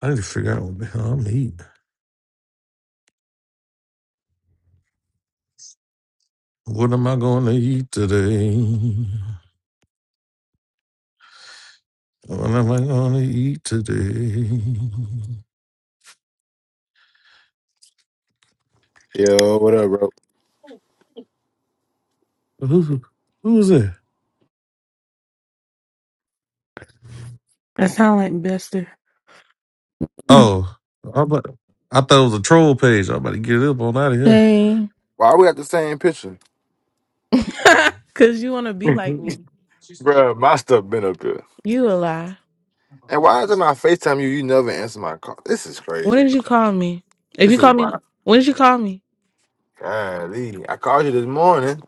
I need to figure out what the hell I'm eating. What am I going to eat today? What am I going to eat today? Yo, what up, bro? Who who was that? That sound like Bester. Oh, I'm about, I thought it was a troll page. I'm about to get up on out of here. Hey, Why we got the same picture? Cause you wanna be like bro? me. my stuff been up here. you a lie. And why is it my FaceTime you? You never answer my call. This is When crazy. did you call me? If This you is call wild. me, when did you call me? Golly. I called you this morning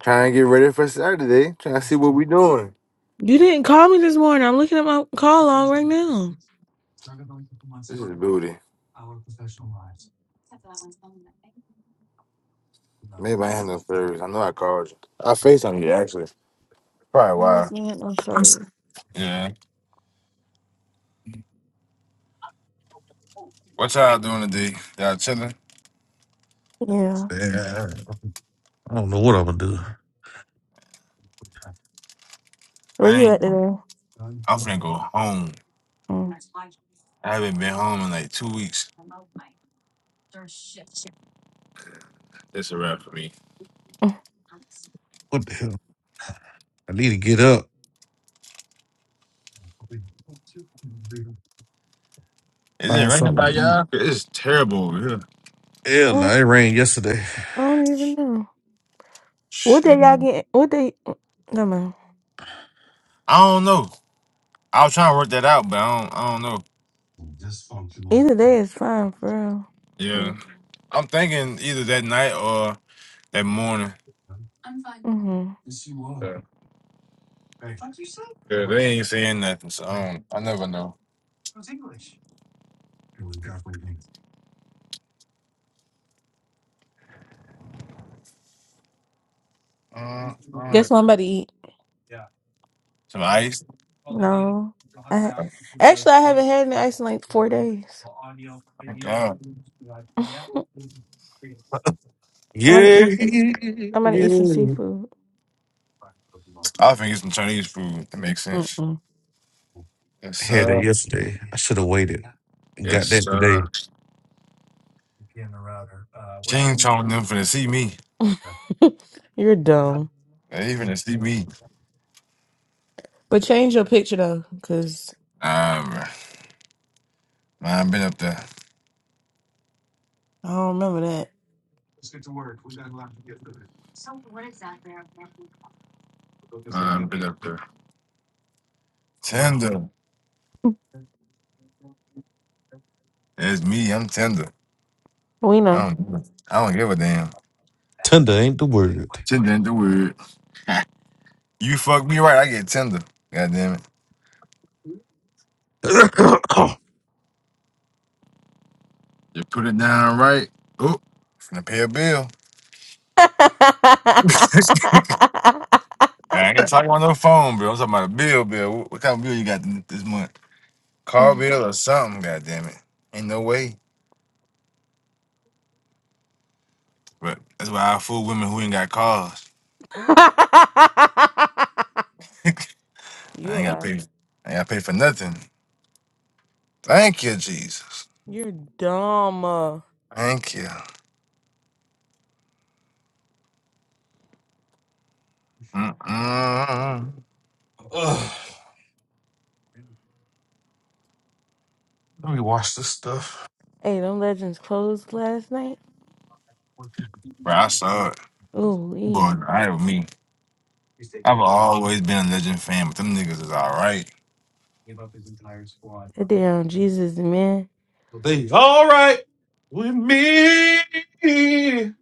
trying to get ready for Saturday, trying to see what we doing. You didn't call me this morning. I'm looking at my call log right now. This is booty. Maybe I have no service. I know I called you. I FaceTime you, actually. Probably You must why. be at no service. Yeah. What y'all doing today? Y'all chilling? Yeah. Yeah. I don't know what I'm going to do. Where I you at ain't. I'm today? finna go home. Mm, I haven't been home in like two weeks. That's a wrap for me. mm, What the hell? I need to get up, Is it find raining something by to eat. y'all? It's terrible over here. Hell no, Oh, it rained yesterday. I don't even know. What day y'all Shoot. get? What day? No man. I don't know. I was trying to work that out, but I don't. I don't know. Either day is fine for real. But Yeah, I'm thinking either that night or that morning. hmm Yeah, Yeah, they ain't saying nothing, so I, don't, I never know. Mm-mm. Guess what I'm about to eat? Some ice. no, I ha- Oh, actually I haven't had any ice in like four days. Thank God. I'm gonna Yeah. eat. Some, Yeah. I'm gonna eat some yeah. seafood. I think it's some Chinese food. That makes sense. Mm-mm. Yes, I Had that sir. yesterday. I should have waited. and Yes, Got that today. sir. She ain't trying them for to see me. You're dumb. They even to see me. But change your picture though, cause Nah, bruh. Nah, I've been up there. I don't remember that. Nah, I've been up there. Tender. It's me. I'm tender. We I know. don't. give a- I don't give a damn. Tender ain't the word. Tender ain't the word. You fuck me right. I get tender. God damn it. That You put it down right. Oh, Finna pay a bill. I ain't talking on no phone, bro. I'm talking about a bill, bill. What, what kind of bill you got th- this month? Car bill or something? God damn it. Ain't no way. But that's why I fool women who ain't got cars. I you a ain't got lie. to pay. I ain't got to pay for nothing. Thank you, Jesus. You're dumb. uh. Thank you. Mm-mm. Ugh. Let me wash this stuff. Hey, them legends closed last night. Bro, I saw it. Ooh, Boy, wee. I with me. I've always been a Legend fan, but them niggas is all right. that damn Jesus man. They all right with me. It's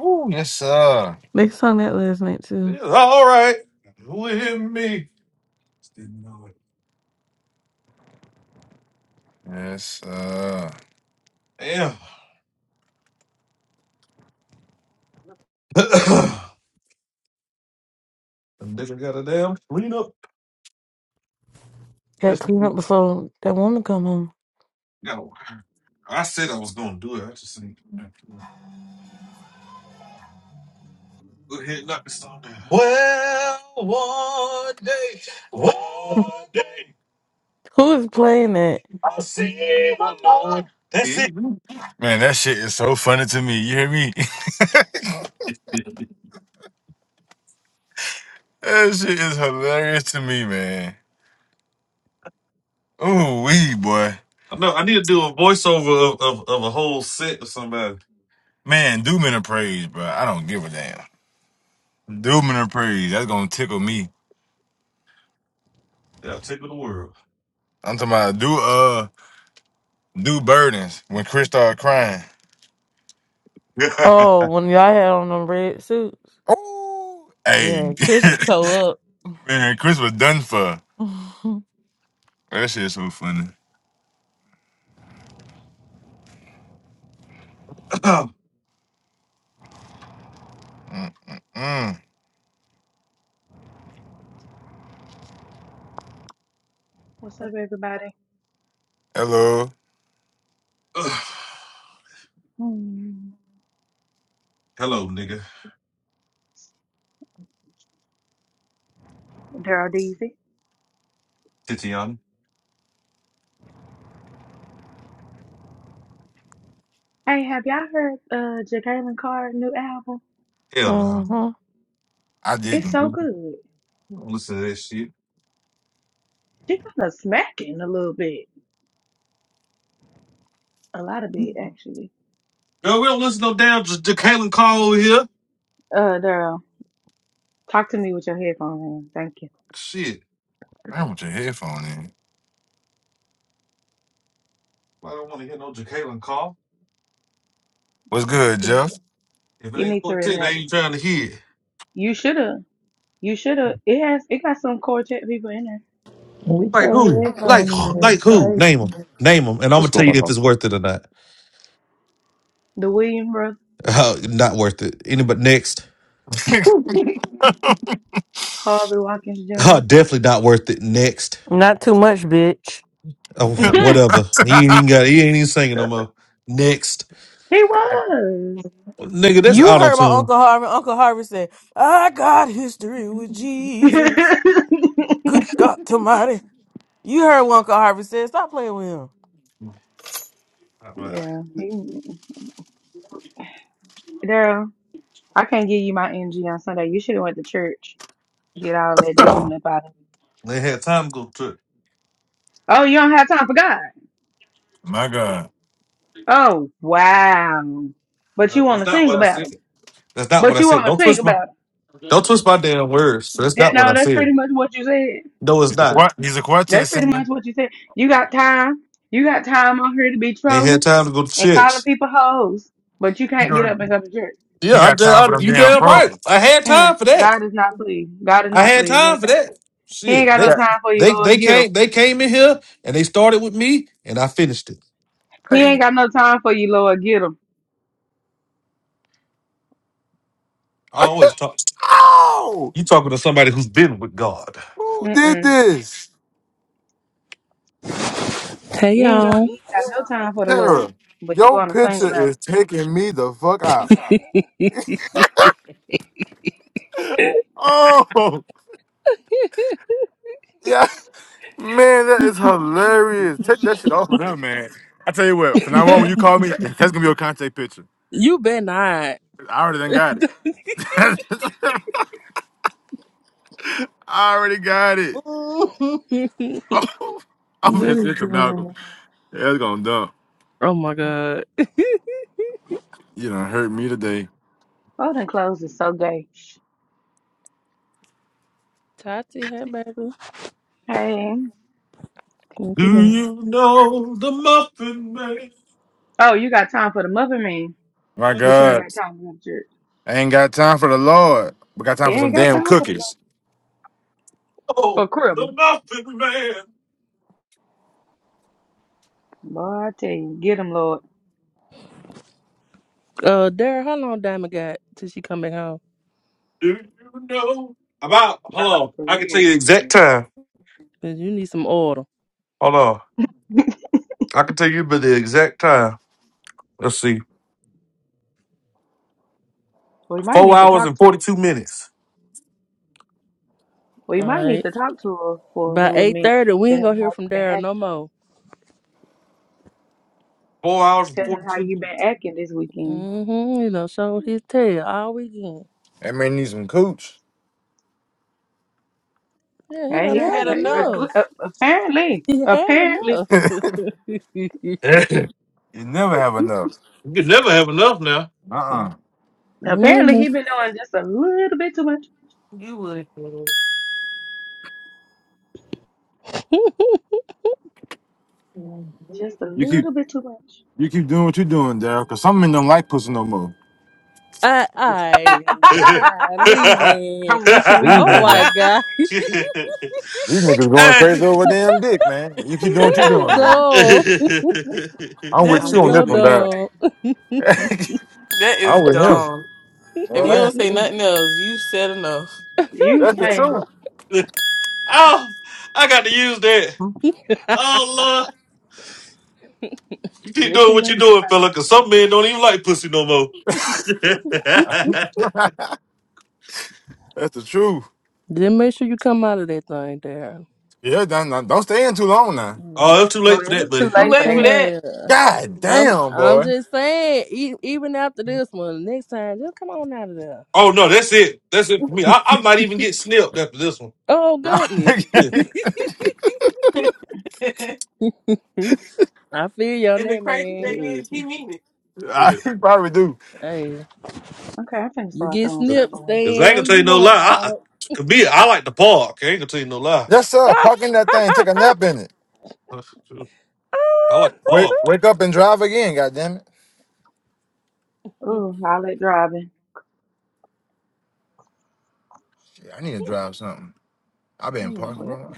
Ooh, yes, sir. They sung that last night too. all right with me. Yes, sir. Damn. the nigga got a damn clean up. Got cleaned up before that woman come home. No, I said I was gonna do it. I just ain't. Go ahead, and knock this song down. Well, one day, one day, Who is playing that? I'll see my Lord. Yeah, That's it. mhm. Man, that shit is so funny to me. You hear me? that shit is hilarious to me, man. Ooh, wee, boy. I know. I need to do a voiceover of, of, of a whole set of somebody. Man, do men a praise, bro. I don't give a damn. Do men a praise. That's gonna tickle me. Yeah, tickle the world. I'm talking about do uh do burdens when Chris started crying. Oh, when y'all had on them red suits. Oh, hey, Yeah, Chris was toe up. man, Chris was done for. That shit's so funny. Mm-mm-mm. What's up, everybody? Hello, Mm, Hello, nigga. Daryl Deasy. Titian. Hey, have y'all heard uh Jacqueline Carr's new album? Hell no. hmm I It's didn't. so We good. don't listen to that shit. She kind of smacking a little bit, a lot of bit actually. Girl, we don't listen to no damn J- Jacqueline Call over here. Uh, Daryl, talk to me with your headphones on. Thank you. Shit. I want your headphone in. I don't want to hear no Jacqueline Call. What's good, You need to. Jeff? If it You ain't need to quartet, they relax. ain't trying to hear. it. You shoulda. You shoulda. It has. It got some quartet people in there. With Like your who? Like headphone in, it's like who? crazy. Name them. Name them, and I'm gonna What's going tell you if on? it's worth it or not. The William brothers, Uh, not worth it. Anybody next? Harvey Watkins Uh, Jr. definitely not worth it. Next. Not too much, bitch. Uh, wh- whatever. He ain't even got. He ain't even singing no more. Next, he was. nigga, that's You auto heard my tune. Uncle Harvey. Uncle Harvey said, I got history with Jesus. Good God Almighty. You heard what Uncle Harvey said. Stop playing with him. yeah, he. Daryl. I can't give you my energy on Sunday. You should have went to church. Get all that demon up out of you. they had time to go to. Oh, you don't have time for God. My God, Oh, wow. But No, you want that's to not sing what I about him. said. That's not what But I you said. want to Don't sing twist my. about Don't twist my damn words. him. That's That, not what no, I that's said. pretty much what you said. No, it's he's a, not. quart- he's a quartet That's pretty singer. much what you said. You got time. You got time on here to be Ain't had trolling time to go to and calling church. people hoes, but you He can't get go, up and go to church. he Yeah, I, got da- time I for them you damn damn right. programs. I had Mm, time for that. God is not pleased. God is I not had pleased. He time ain't for got, time. that. he ain't Shit, got they no Yeah. time for you, they Lord. they Get him. came they came in here and they started with me and I finished it. He ain't Hey, got no time for you, Lord. Get him. I always talk. oh, You talking to somebody who's been with God. who did this, Hey You ain't gonna y'all. you ain't got no time for the Lord, Tara? but you Your wanna sing picture about is taking me the fuck out. Oh, yeah. Man, that is hilarious. Take that shit off of them, man. I tell you what, from now on, when it. you call me, that's gonna be your contact picture. You bet not. I already done got it. I already got it. Good Oh, I'm gonna send it to Malcolm. girl. That's gonna dump. Oh my god. You done hurt me today. oh, them clothes is so gay. Tati, hey baby. Hey. What you Do doing? you know the Muffin Man? Oh, you got time for the muffin man, My but you Muffin, ain't God, got time for the church. I ain't got time for the Lord, but got You time for ain't some got damn time for the Lord. cookies. For oh, crib. the Muffin Man. Boy, I tell you, get him, Lord. Uh Dara, how long Diamond got till she come back home? Do you know about? Hold Nah, on, for I can tell real. you the exact time. Cause you need some order. Hold on, I can tell you but the exact time. Let's see, We might four need to hours talk and to her. forty-two minutes. We might need Alright. to talk to her for a By little eight minute. thirty, we Tell ain't gonna her hear how from you been Dara no acting. more. Four hours and Tell her how forty-two you minutes. been acting this weekend. Mm-hmm. He done showed his tail all weekend. That man needs some cooch. Yeah, he Hey, You done he done had had got paid. enough. enough. Apparently, He had apparently, enough. You never have enough. you can never have enough now. Uh uh apparently, Money. he been doing just a little bit too much. You would. Just a You keep little bit too much. you keep doing what you're doing, Daryl, because some men don't like pussy no I, I, Well, hey. I leave me. I'm with you when you're Oh more. right. my god, These niggas going crazy over damn dick, man. You keep that doing what you doing, man. was dumb. I'm that That's with I'm is you on with so this you one, when stupid. you're dog. right. dumb. That is I'm with him. dumb. All If you right. don't say nothing else, you said enough. You, That's the hey, truth. Oh, I got to use that. Oh, Lord. You keep with doing you what you're when you're doing, right. fella, because man. some men don't even like pussy no more. That's the truth. Then make sure you come out of that thing there. Yeah, don't, don't don't stay in too long now. Yeah. oh, it's too Well, late for that, it's too buddy. Too late You for late for come that. out that. of there. God I'm damn, I'm boy. just saying, e- even after this one, next time, just come on out of there. Oh, no, that's it. That's it for me. I, I might even get snipped after this one. Oh goodness. Yeah, and I feel you on the that crazy man. thing is, he mean it. I yeah. probably do. Hey, Okay, I'm finna you start get throwing stuff snipped, away. stay Because in I ain't going to long as tell you you no want, lie. I, I- to me, I like the park. I ain't going to tell you no lie. Yes, sir. dog. Park in that thing. Take a nap in it. I like the Wake park. wake up and drive again, God damn it. Ooh, all that driving. Shit, I need to drive something. i been Mm. parked What? for a while.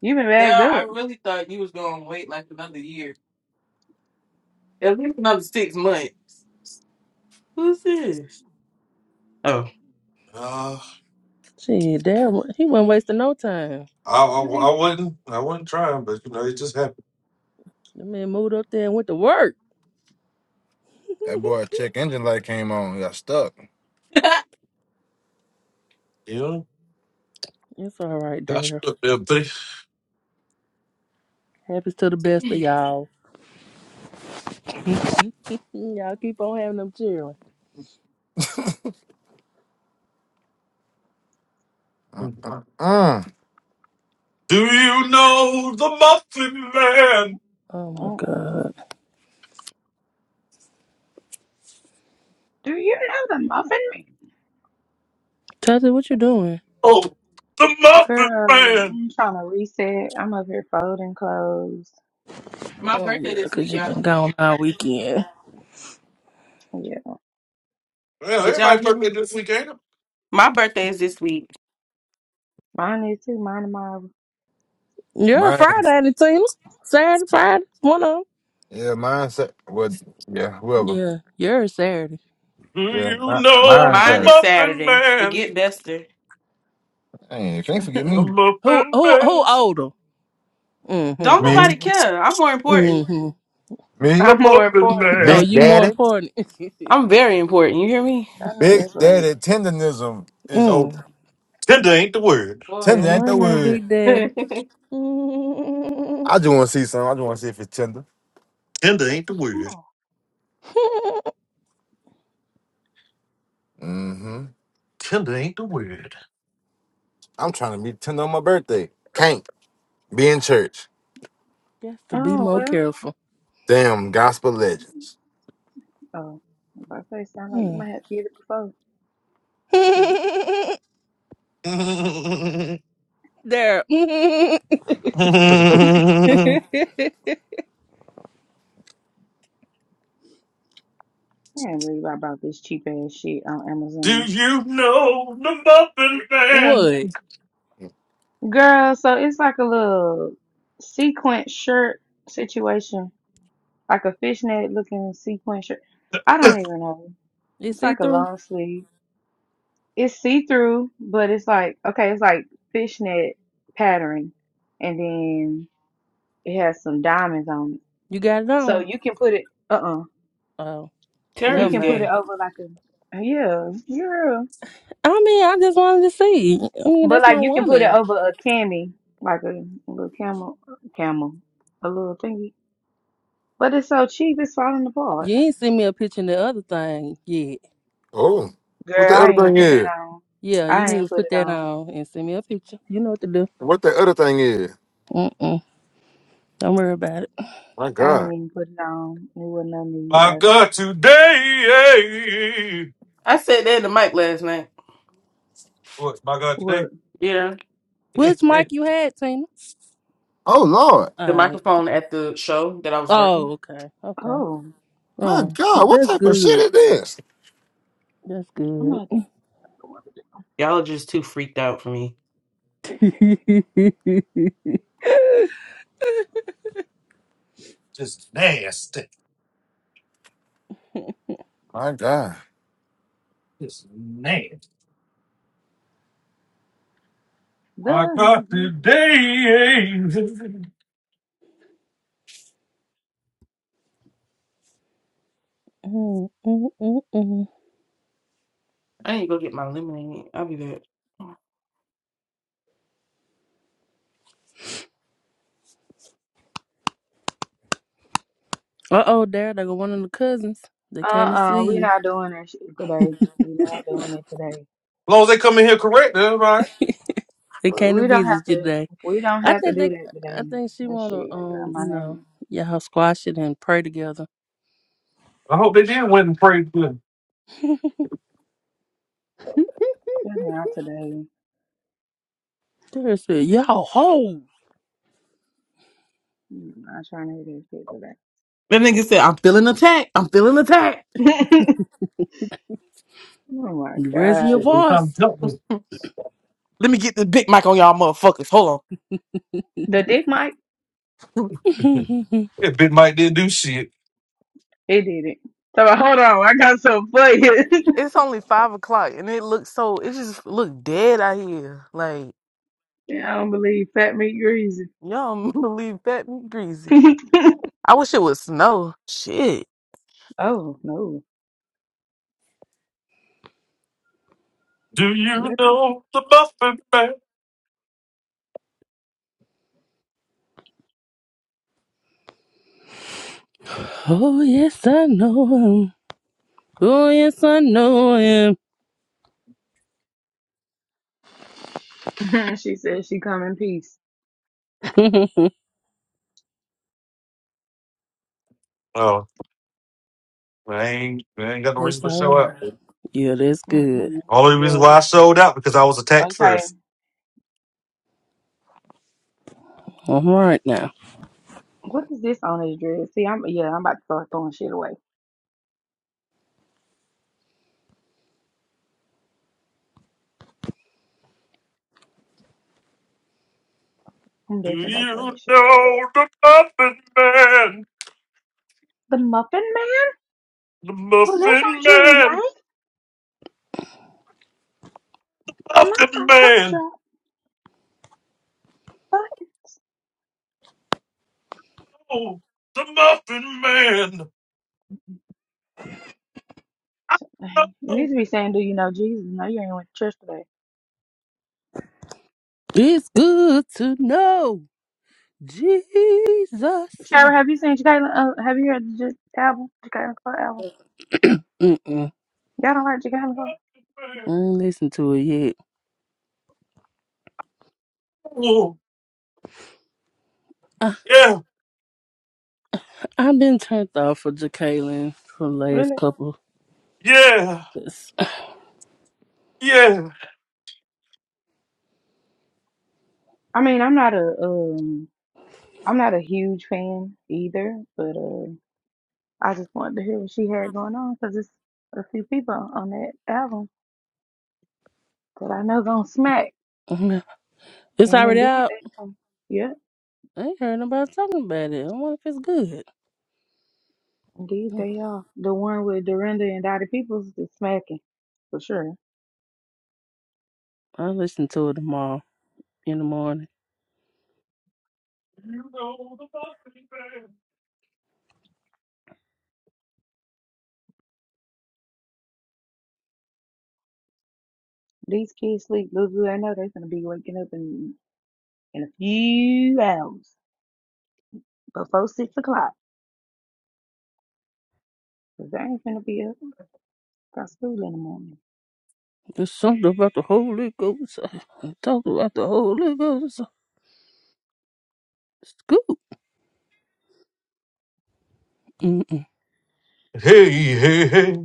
You been There, bagged I up. really thought you was gonna wait like another year, at least another six months. Who's this? Oh, Uh, Gee, damn, he wasn't wasting no time. I, I, I wasn't I wasn't trying, but you know it just happened. The man moved up there and went to work. That boy check engine light came on. Got stuck. You know, it's all right, I there. stood there, buddy. Happens to the best of y'all. Mm, Y'all keep on having them children. Do Uh-uh. you know the Muffin Man? Oh my Mm-mm. God, Do you know the muffin man? Tati, what you doing? Oh, the Muffin Girl, Man. I'm trying to reset. I'm up here folding clothes. my Oh birthday yeah, this cause week, you been y'all. gone all weekend. Yeah, Well, Did y'all everybody's hear him? birthday this week, ain't it? My birthday is this week. mine is too. Mine and mine. You're Man. Friday, ain't it, Tina. Saturday, Friday, one of 'em. Yeah, mindset. Well, yeah, whoever. Yeah, you're Saturday. Do Yeah, you mi- know the Mine mindset. is Muffin Saturday. Man? Forget Bester. Hey, you can't forget The me. Who, Muffin who, who Man. older? Don't Mm-hmm. Me, nobody care. I'm more important. Mm-hmm. hmm me, The I'm more Muffin important. I Oh, know Man. Big you that's more Daddy. right. important. I'm very important. You hear me? I know Big that's right. Daddy tenderism is old. mm. Tender ain't the word. Boy, I'm Tender ain't the wondering, word. Big Daddy. You I just want to see something. I just want to see if it's tender. Tender ain't the word. Oh, Mm-hmm. Tender ain't the word. I'm trying to be tender on my birthday. Can't be in church. have to be oh more well. careful. Damn gospel yeah. legends. Oh, I was about to say, sound like you Mm. might have to get it before. But there. I can't believe I bought this cheap ass shit on Do Amazon. you know the Muffin Man? what? Girl, so it's like a little sequin shirt situation, like a fishnet looking sequin shirt. I don't even know. You It's see like a through? long sleeve. It's see through, but it's like, okay, it's like fishnet pattern. And then it has some diamonds on it. You got it So on? you can put it, uh uh Oh, Tara you never is can put mind. it gay. over like a, yeah, yeah. I mean, I just wanted to see. I mean, But that's like my you can put it woman. over a cami, like a, a little camel, camel, a little thingy. But it's so cheap, it's falling apart. You ain't send me a picture in the other thing yet. Oh, what Girl, the I other ain't even thing put that is? on. Yeah, you I need ain't to put put it that on. on and send me a picture. You know what to do. What the other thing is? Mm-mm. Don't worry about it. My I ain't God. even put it on. It wasn't no need, My baby. God, today. eh? I said that in the mic last night. What, my God, today? What? Yeah, Which mic you had, Tina? Oh Lord. the All right. microphone at the show that I was working. Oh, okay. Okay. Oh, My Oh, well, God. What that's type of shit good. is this? That's I'm good. not. Y'all are just too freaked out for me. uh Just nasty. My God. Just nasty. My God, The today. As I need to go get my lemonade. I'll be back. oh, there they go one of the cousins. They uh came to see uh, we you. not doing that shit today. We not doing it today. long as they come in here correct, that's all right. They came to We don't have visit you to. today. We don't I have to think do they that I today. think she That shit, wanna girl, um, my you know, name. y'all squash it and pray together. I hope they did win and pray for Just not today. There said, Y'all ho I'm not trying to do that shit That nigga said, I'm feeling attacked. I'm feeling attacked. oh my you raising god. your voice. Let me get the big mic on y'all motherfuckers. Hold on. The dick mic? them. If Big Mike didn't do shit. It did it. So hold on, I got so funny. It's only five o'clock and it looks so it just look dead out here. Like, I don't believe fat meat greasy. y'all don't believe that and greasy. I wish it would snow. Shit. oh no. Do you Let know the Buffett man? oh yes I know him. Oh yes I know him. it- she said she come in peace. Oh, I ain't, I ain't got no reason that's to all show out. right. Yeah, that's good. Mhm. Only reason Yeah, why I this, showed out because I was attacked okay. first. All right What is this on his dress? See, I'm yeah, I'm about to start throwing shit away. I'm Do definitely about you to throw know this shit away. the Muffin Man? The Muffin Man The who lives on Muffin Drury Man, Lake? Not Muffin my Man. gumdrop. But Oh, the Muffin Man. it Oh, needs to be saying, Do you know Jesus? No, you ain't went to church today. It's good to know Jesus. Uh, Shara, have you seen Jacqueline? Uh, have you heard the J- album, Jacqueline Cole album? Mm-mm. Y'all don't like Jacqueline Cole, I man. ain't listen to it yet. Oh, I, yeah, I've been turned off for Jacqueline for the last really? couple. yeah, It's, yeah. I mean, I'm not a um, I'm not a huge fan either, but uh, I just wanted to hear what she had going on because it's a few people on that album that I know gonna smack, it's and already indeed out. they are. Yeah, I ain't heard nobody talking about it. I wonder if it's good. indeed they are. The one with Dorinda and Dottie Peoples is smacking for sure. I'll listen to it tomorrow in the morning. These kids sleep little do they know they're gonna be waking up in in a few hours before six o'clock. 'Cause I ain't finna be up. Got school in the morning. There's something about the Holy Ghost. I'm talking about the Holy Ghost. It's good. Mm-mm. Hey, hey, hey.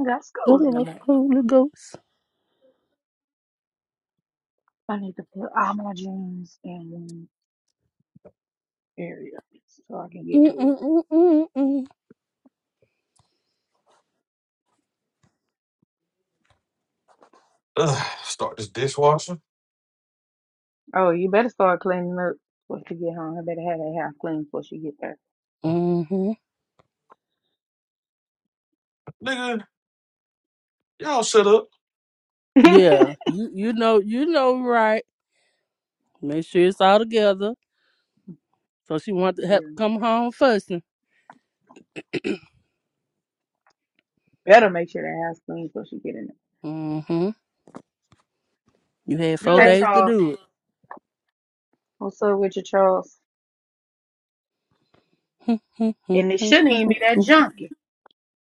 I got school Something in the about the morning. Holy Ghost. I need to put all my jeans in one area so I can get to it. Mm-mm-mm-mm-mm. Ugh, start this dishwasher. Oh, you better start cleaning up before she get home. I better have that house clean before she get there. Nigga, y'all shut up. Yeah, you you know you know right. Make sure it's all together. So she wanted to have yeah. come home fussing. Better make sure that house clean before she get in Mm-hmm. You had four there. Yeah. Hey days to Charles, do what's up with you, Charles? it. And it shouldn't even be that junky.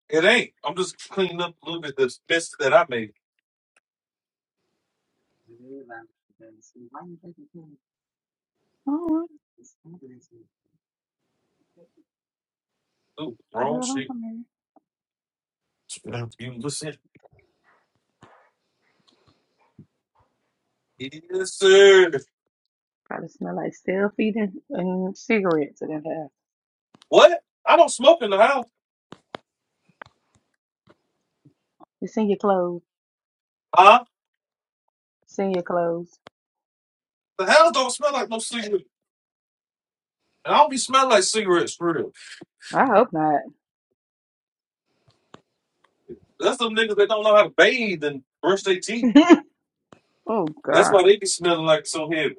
It ain't. I'm just cleaning up a little bit of the mess that I made. Oh, Ooh, wrong girl, I'm shit. from here. You listen. Yes, sir. Probably smell like stale feet and, and cigarettes in that house. What? I don't smoke in the house. It's in your clothes. huh? Senior clothes. The hell don't smell like no cigarette. And I don't be smelling like cigarettes for real. I hope not. That's them niggas that don't know how to bathe and brush their teeth. oh That's God, why they be smelling like so heavy.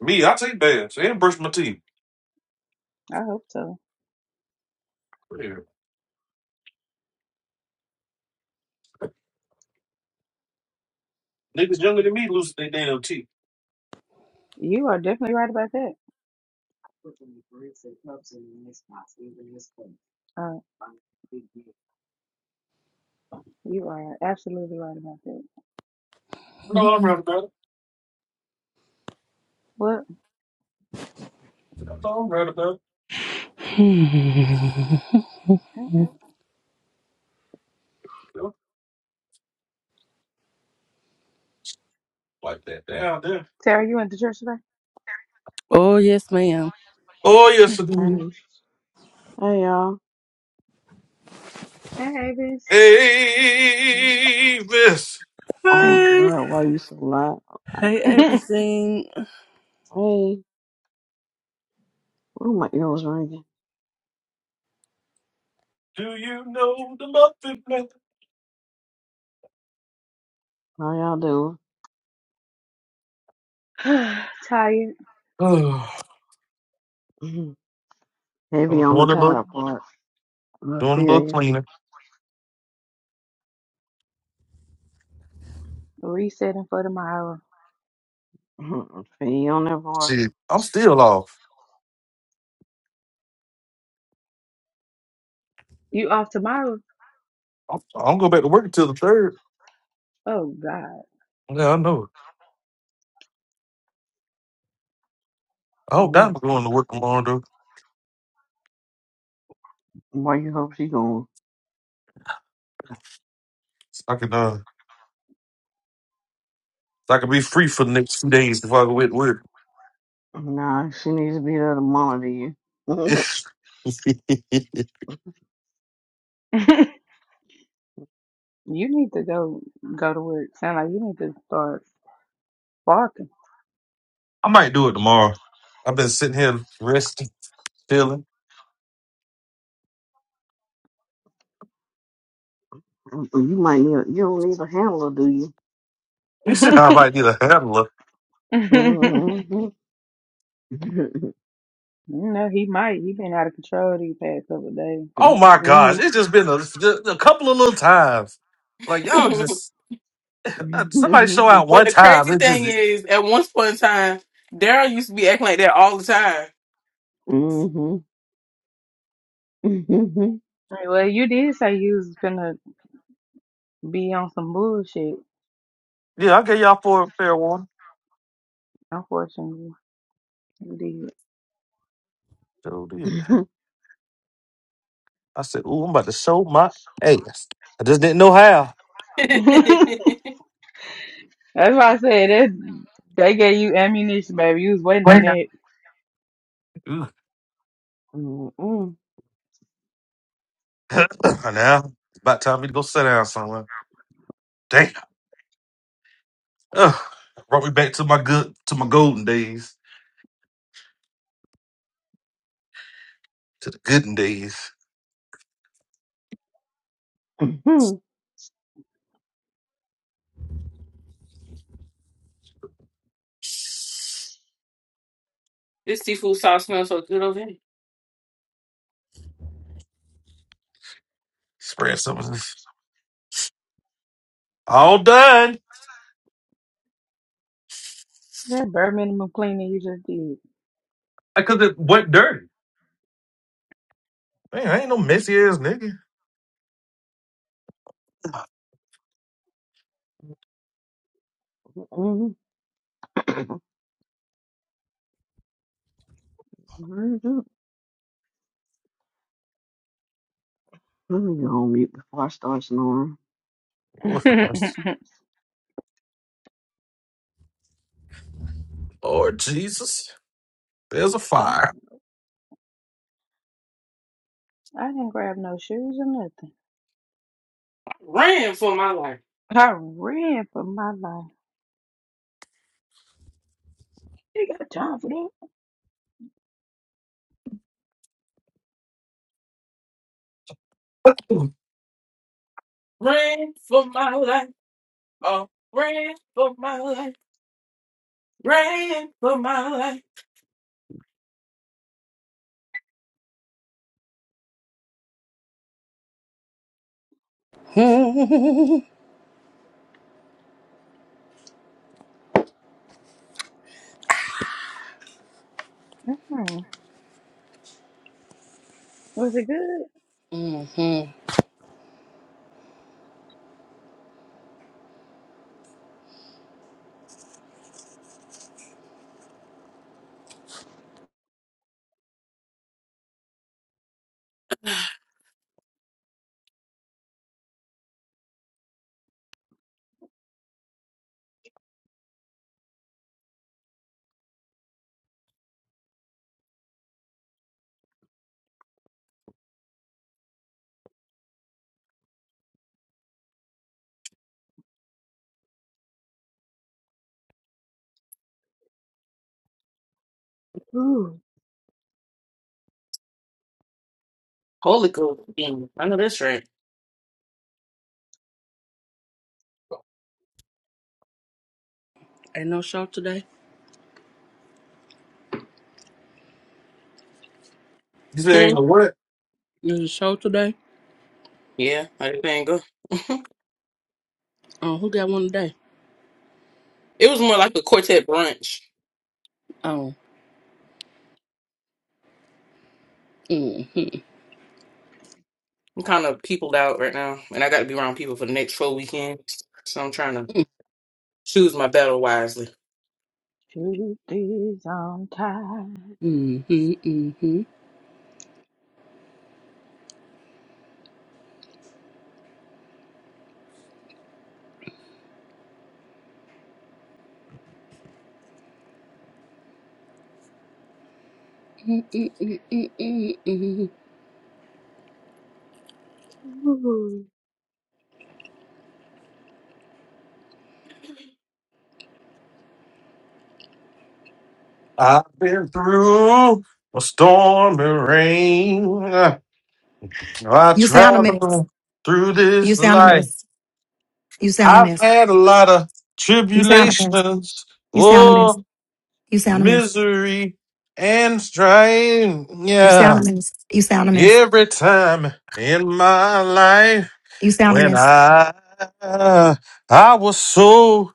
Me, I take baths and brush my teeth. I hope so. Yeah. Niggas younger than me lose their damn teeth. You are definitely right about that. Uh, you are absolutely right about that. No, I'm right about it. What? No, I'm right about it. You know, Like that down there. Tara? you went to church today? oh yes, ma'am. Oh yes, I do. Hey, hey y'all. Hey, Avis. Avis. Oh Mm. Hey, God, why you so loud? hey, Hey, hey, everything. oh my ear was ringing. Do you know the muffin man? How y'all doing? Tired. Mhm. Oh, Heavy I'm on the doing a Tired. little, tire part. I doing a feel little you. cleaner. Resetting for tomorrow. Mhm. feel you on that part. Shit, I'm still off. You off tomorrow? I'm, I'm go back to work until the third. Oh God. Yeah, I know. I hope that I'm Mhm. going to work tomorrow though. Why you hope she going? So I can uh so I can be free for the next two days if I go to work. Nah, she needs to be there to monitor you. I Mhm. you need to go go to work. Sound like you need to start barking. might do it tomorrow. I've been sitting here resting, chilling. you might need. A, you don't need a handler, do you? You said I might need a handler. Mhm. no, he might. He been out of control these past couple of days. Oh my gosh, it's just been a, a couple of little times. Like y'all but just uh, somebody show Mhm. out one the time. crazy It thing just is, at one point in time, Daryl used to be acting like that all the Mhm. Mhm. Like, well, you did say you was gonna be on some bullshit. yeah, I gave y'all four fair one. Unfortunately, you So did I said, ooh, I'm about to show my ass. I just didn't know how. time. did. That's why I said that they gave you ammunition, baby. You was waiting on that. Mm-mm. now it's about time me to go sit down somewhere. Damn. Ugh. Brought me back to my good to my golden days. To the gooden days. Hmm. mm this seafood sauce smells so good over here. Spread some of this. All done. That bare minimum cleaning you just I cause it went dirty. Man, I ain't no messy ass nigga. Mm-mm. Very good. Let me go on mute before I start snoring. did. Lord, Christ. Lord Jesus. There's a oh, fire. I didn't grab no shoes or nothing. I ran for my life. I ran for my life. You got time for that. Rain for my life. Oh, rain for my life. Rain for my life. mm-hmm. Mm-hmm. Was it good? Holy Ghost. Mm, I know that's right. Ain't no show today. You saying Hmm. what? There's a show today. Yeah, I didn't think go. Oh, who got one today? it was more like a quartet brunch. Oh. Mm. I'm kind of peopled out right now, and I got to be around people for the next four weekends. So I'm trying to Mm-hmm, choose my battle wisely. Truth is on time. mm-hmm, mm-hmm, mm-hmm, mm-hmm. I've been through a storm and rain. I You sound a mess. traveled through You this sound a life. mess. You sound a I've mess. had a lot of You sound a mess. tribulations. You sound a Oh. mess. You sound a mess. misery and strain, You sound Yeah, a mess. You sound a mess. every time in my life You sound a when mess. I I was so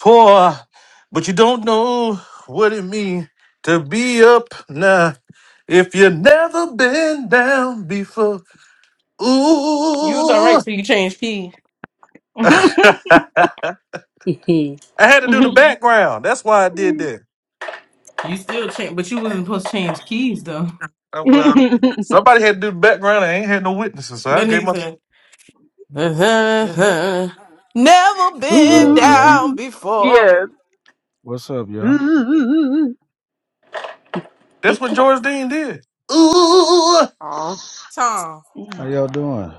poor, but you don't know what it means to be up now if you never been down before. You was all Ooh, right, so you changed keys. I mm-hmm. had to do the Ooh. background. That's why I did that. You still change, but you wasn't supposed to change keys though. Oh, well, somebody had to do the background. I ain't had no witnesses, so I That gave myself. nigga said, Mhm. "Never What been up, y'all? down Ooh, before, yeah. What's up, y'all? Ooh. That's what George Dean did. Ooh, Oh, Tom." How Mm, y'all doing?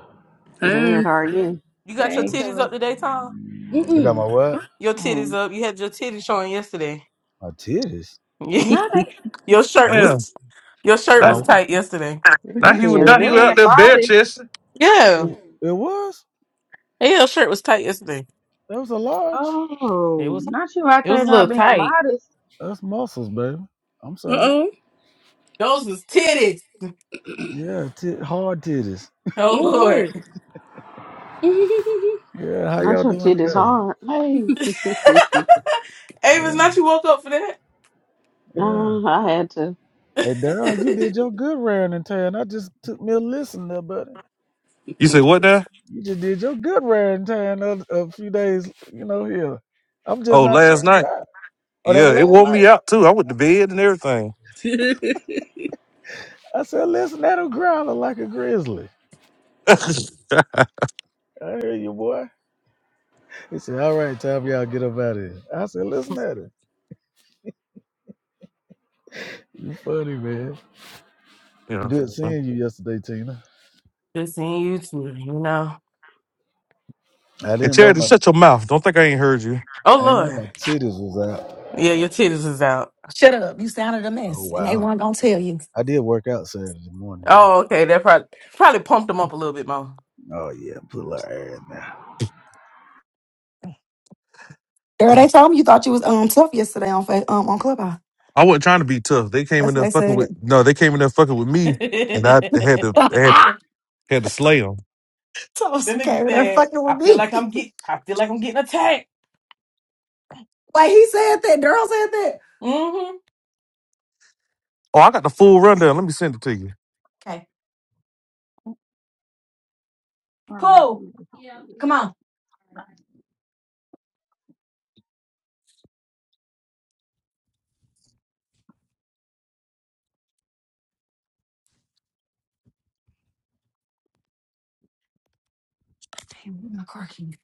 good. Um, How are you? You got your Hey, What's titties up Joe. today, Tom? I got my mm-mm. what? Your titties Oh, up. You had your titties showing yesterday. My titties. not that, your shirt what? damn! was your shirt That was Well, Good, tight yesterday. now not he was It you not he not Charity. was out being there was. bare modest. chesting. It, Yeah. it was. Yeah, your shirt was tight yesterday. That was a large. It Oh, was not you out it was a there not little being tight. modest. That's muscles, baby. I'm sorry. Uh-oh. Those was titties. Yeah, tit hard titties. Oh Oh. Lord. Yeah, how Not y'all your doing titties today? hard. Hey, Ava's Yeah, not you woke up for that? yeah. uh, I had to. Hey, Daryl, you did your good rearing and tearing. I just took me a listen there, buddy. You say what now? You just did your good rearing and tearing a, a few days, you know, here. I'm just Oh, not last checking it night. out. Oh, that Yeah, was it last wore night. me out too. I went to bed and everything. I said, listen, that'll growler like a grizzly. I hear you, boy. He said, all right, time for y'all get up out of here. I said, listen at it. You funny, man. yeah. Good And seeing you yesterday, Tina. Good seeing you too, you know. I didn't know Charity, my shut your mouth. Don't think I ain't heard you. Oh I didn't know Lord. my titties was out. Yeah, your titties is out. Shut up. You sounded a Oh mess, and they wow. weren't gonna tell you. I did work out Saturday morning Oh, though. okay. That probably probably pumped them up a little bit more. Oh yeah, put a little air in there. Girl, they told me you thought you was um tough yesterday on Fa- um on Clubhouse. I wasn't trying to be tough. They came in That's what there they fucking with said. no. They came in there fucking with me, and I had to had had to slay them. That Toast nigga came in there said, fucking I with feel me. like I'm get I feel like I'm getting attacked. Wait, he said that. Daryl said that. Mm-hmm. Oh, I got the full rundown. Let me send it to you. Okay, Oh, my pull. goodness. Yeah. Come on. Damn, where's my car key?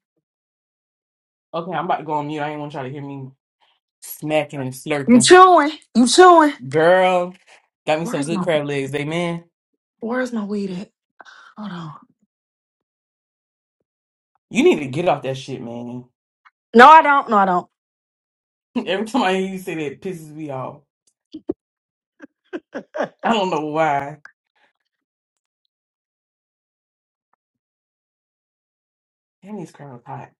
Okay, I'm about to go on mute. I ain't want y'all to hear me smacking and You slurping. chewing? You chewing? Girl, got me some Where's good my crab legs, they man. Where's my weed at? Hold on. You need to get off that shit, man. No, I don't. No, I don't. Every time I hear you say that, it pisses me off. I don't know why. Damn, these crabs hot.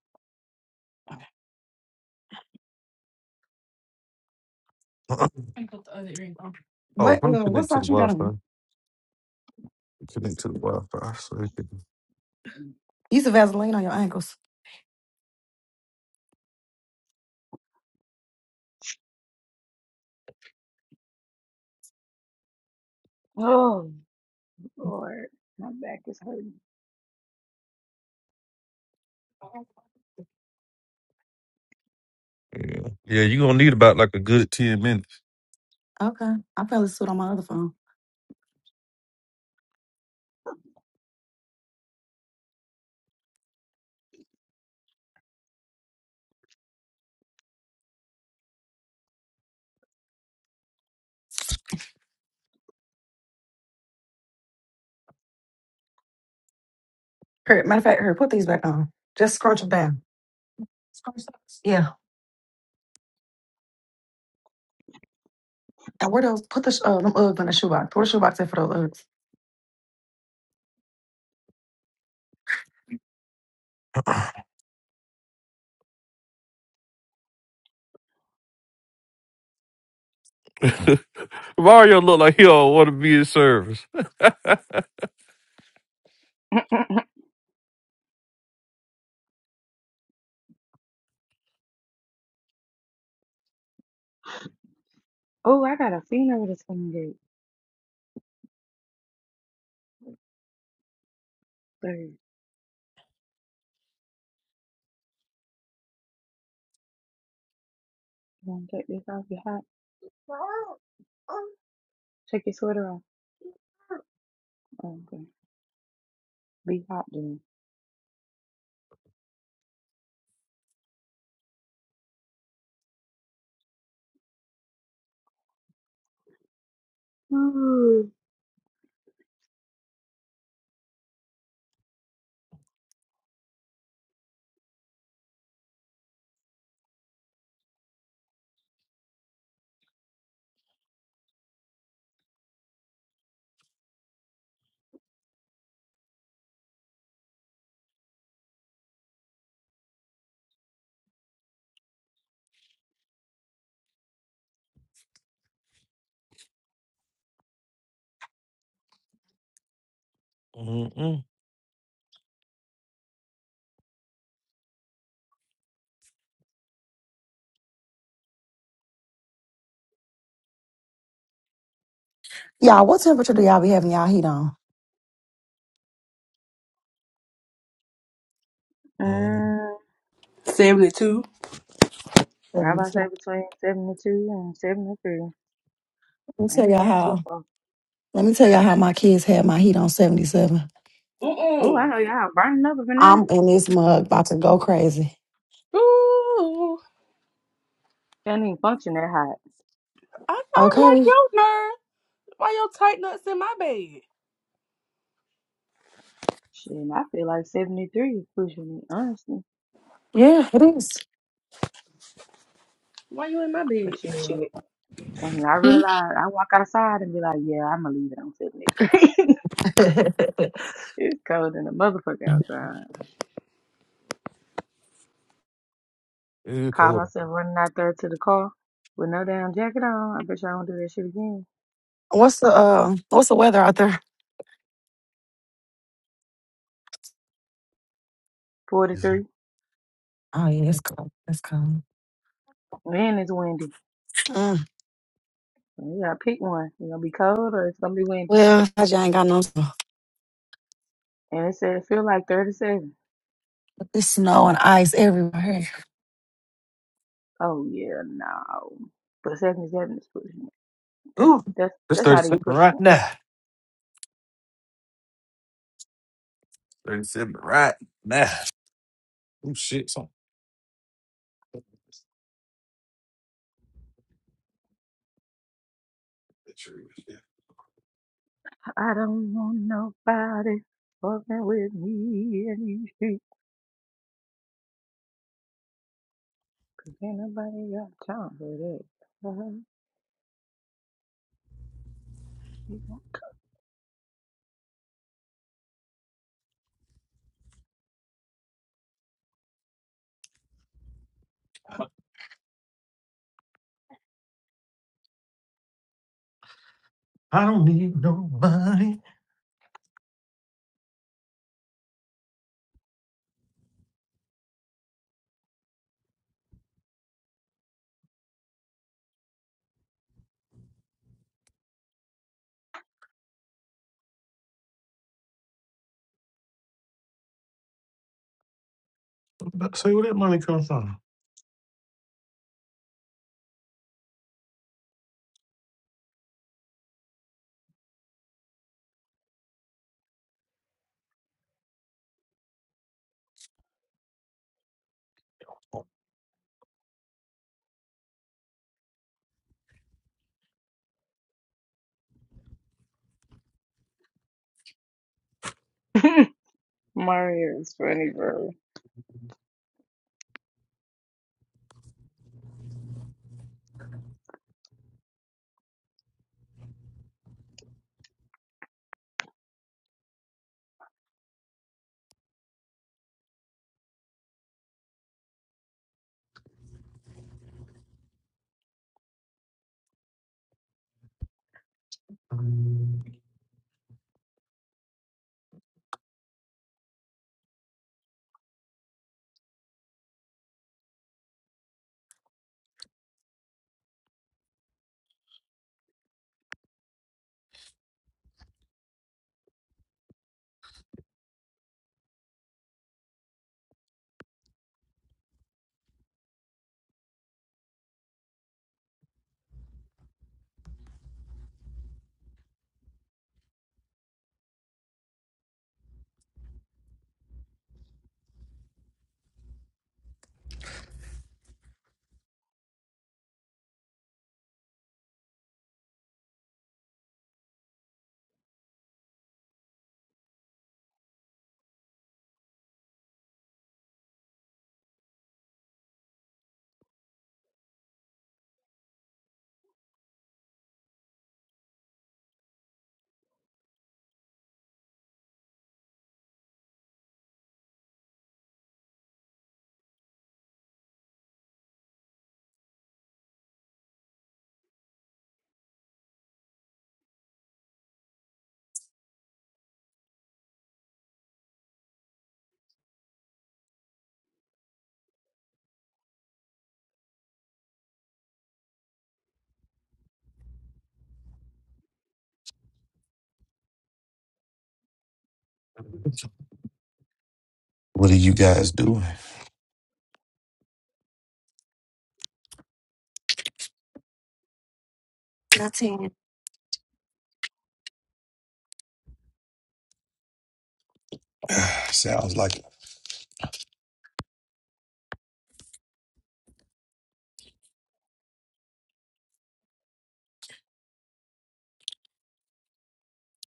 Okay. I put the other earring on. oh, What? let me Uh, what connect to the socks you got Wi-Fi. on? Connect to the Wi-Fi. So it can, Use a Vaseline on your ankles. Oh, Lord, my back is hurting. yeah, yeah. You gonna need about like a good ten minutes. Okay. I probably this suit on my other phone. Her, matter of fact, her, put these back on. Just scrunch them down. Scrunch those? Yeah. And where those? Put the sh- uh, them Uggs in the shoebox. Put the shoebox in for those Uggs. Mario look like he don't want to be in service. oh, I got a fever that's coming to get third. You wanna take this off? You hot? Take your sweater off. Oh, okay. Be hot then. Mm-mm. Y'all, what temperature do y'all be having y'all heat on? Mm. Mm, 72. I was about to say Seventy-seven. between 72 and 73. Let me I tell ain't y'all going too how. far. Let me tell y'all how my kids had my heat on 77. Oh, I Mm-mm. know y'all burning up up in there. I'm in this mug about to go crazy. Ooh. Can't even function that hot. I don't like Okay. your nerve. Why your tight nuts in my bed? Shit, I feel like 73 is pushing it, honestly. Yeah, it is. Why you in my bed? But shit, and I realize I walk outside and be like, yeah, I'm gonna leave it on 73. it's cold in the motherfucker outside. It's Call cold. myself running out there to the car with no damn jacket on. I bet y'all don't do that shit again. what's the uh what's the weather out there? 43. Oh yeah, it's cold. It's cold. Man, it's windy. Mm, You gotta pick one. It's gonna be cold or it's gonna be windy. well, I just ain't got no snow. And it said it feel like 37. It's snow and ice everywhere. Oh yeah, no. But seventy seven is pushing it. That's Ooh, that's it's that's not even thirty-seven pushing right it. now. 37 right now. Oh shit, something. I don't want nobody fucking with me in these streets. Cause ain't nobody got time for that. I'm about to say where that money come from. Uh-huh. Mario is funny, bro.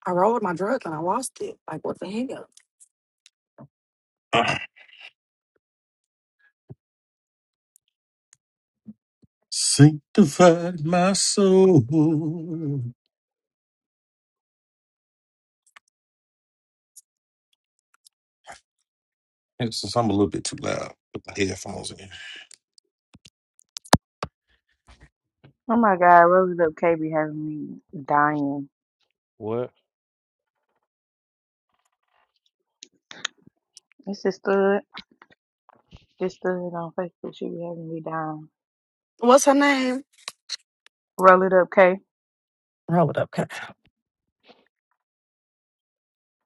I rolled my drug and I lost it. Like, what the hell? Sanctified my soul. It's just, I'm a little bit too loud. Put my headphones in. Oh my god, Rosie Up K be having me dying. It's just stood, just stood on Facebook. She be having me dying. What's her name? Roll it up, K. Roll it up, cut.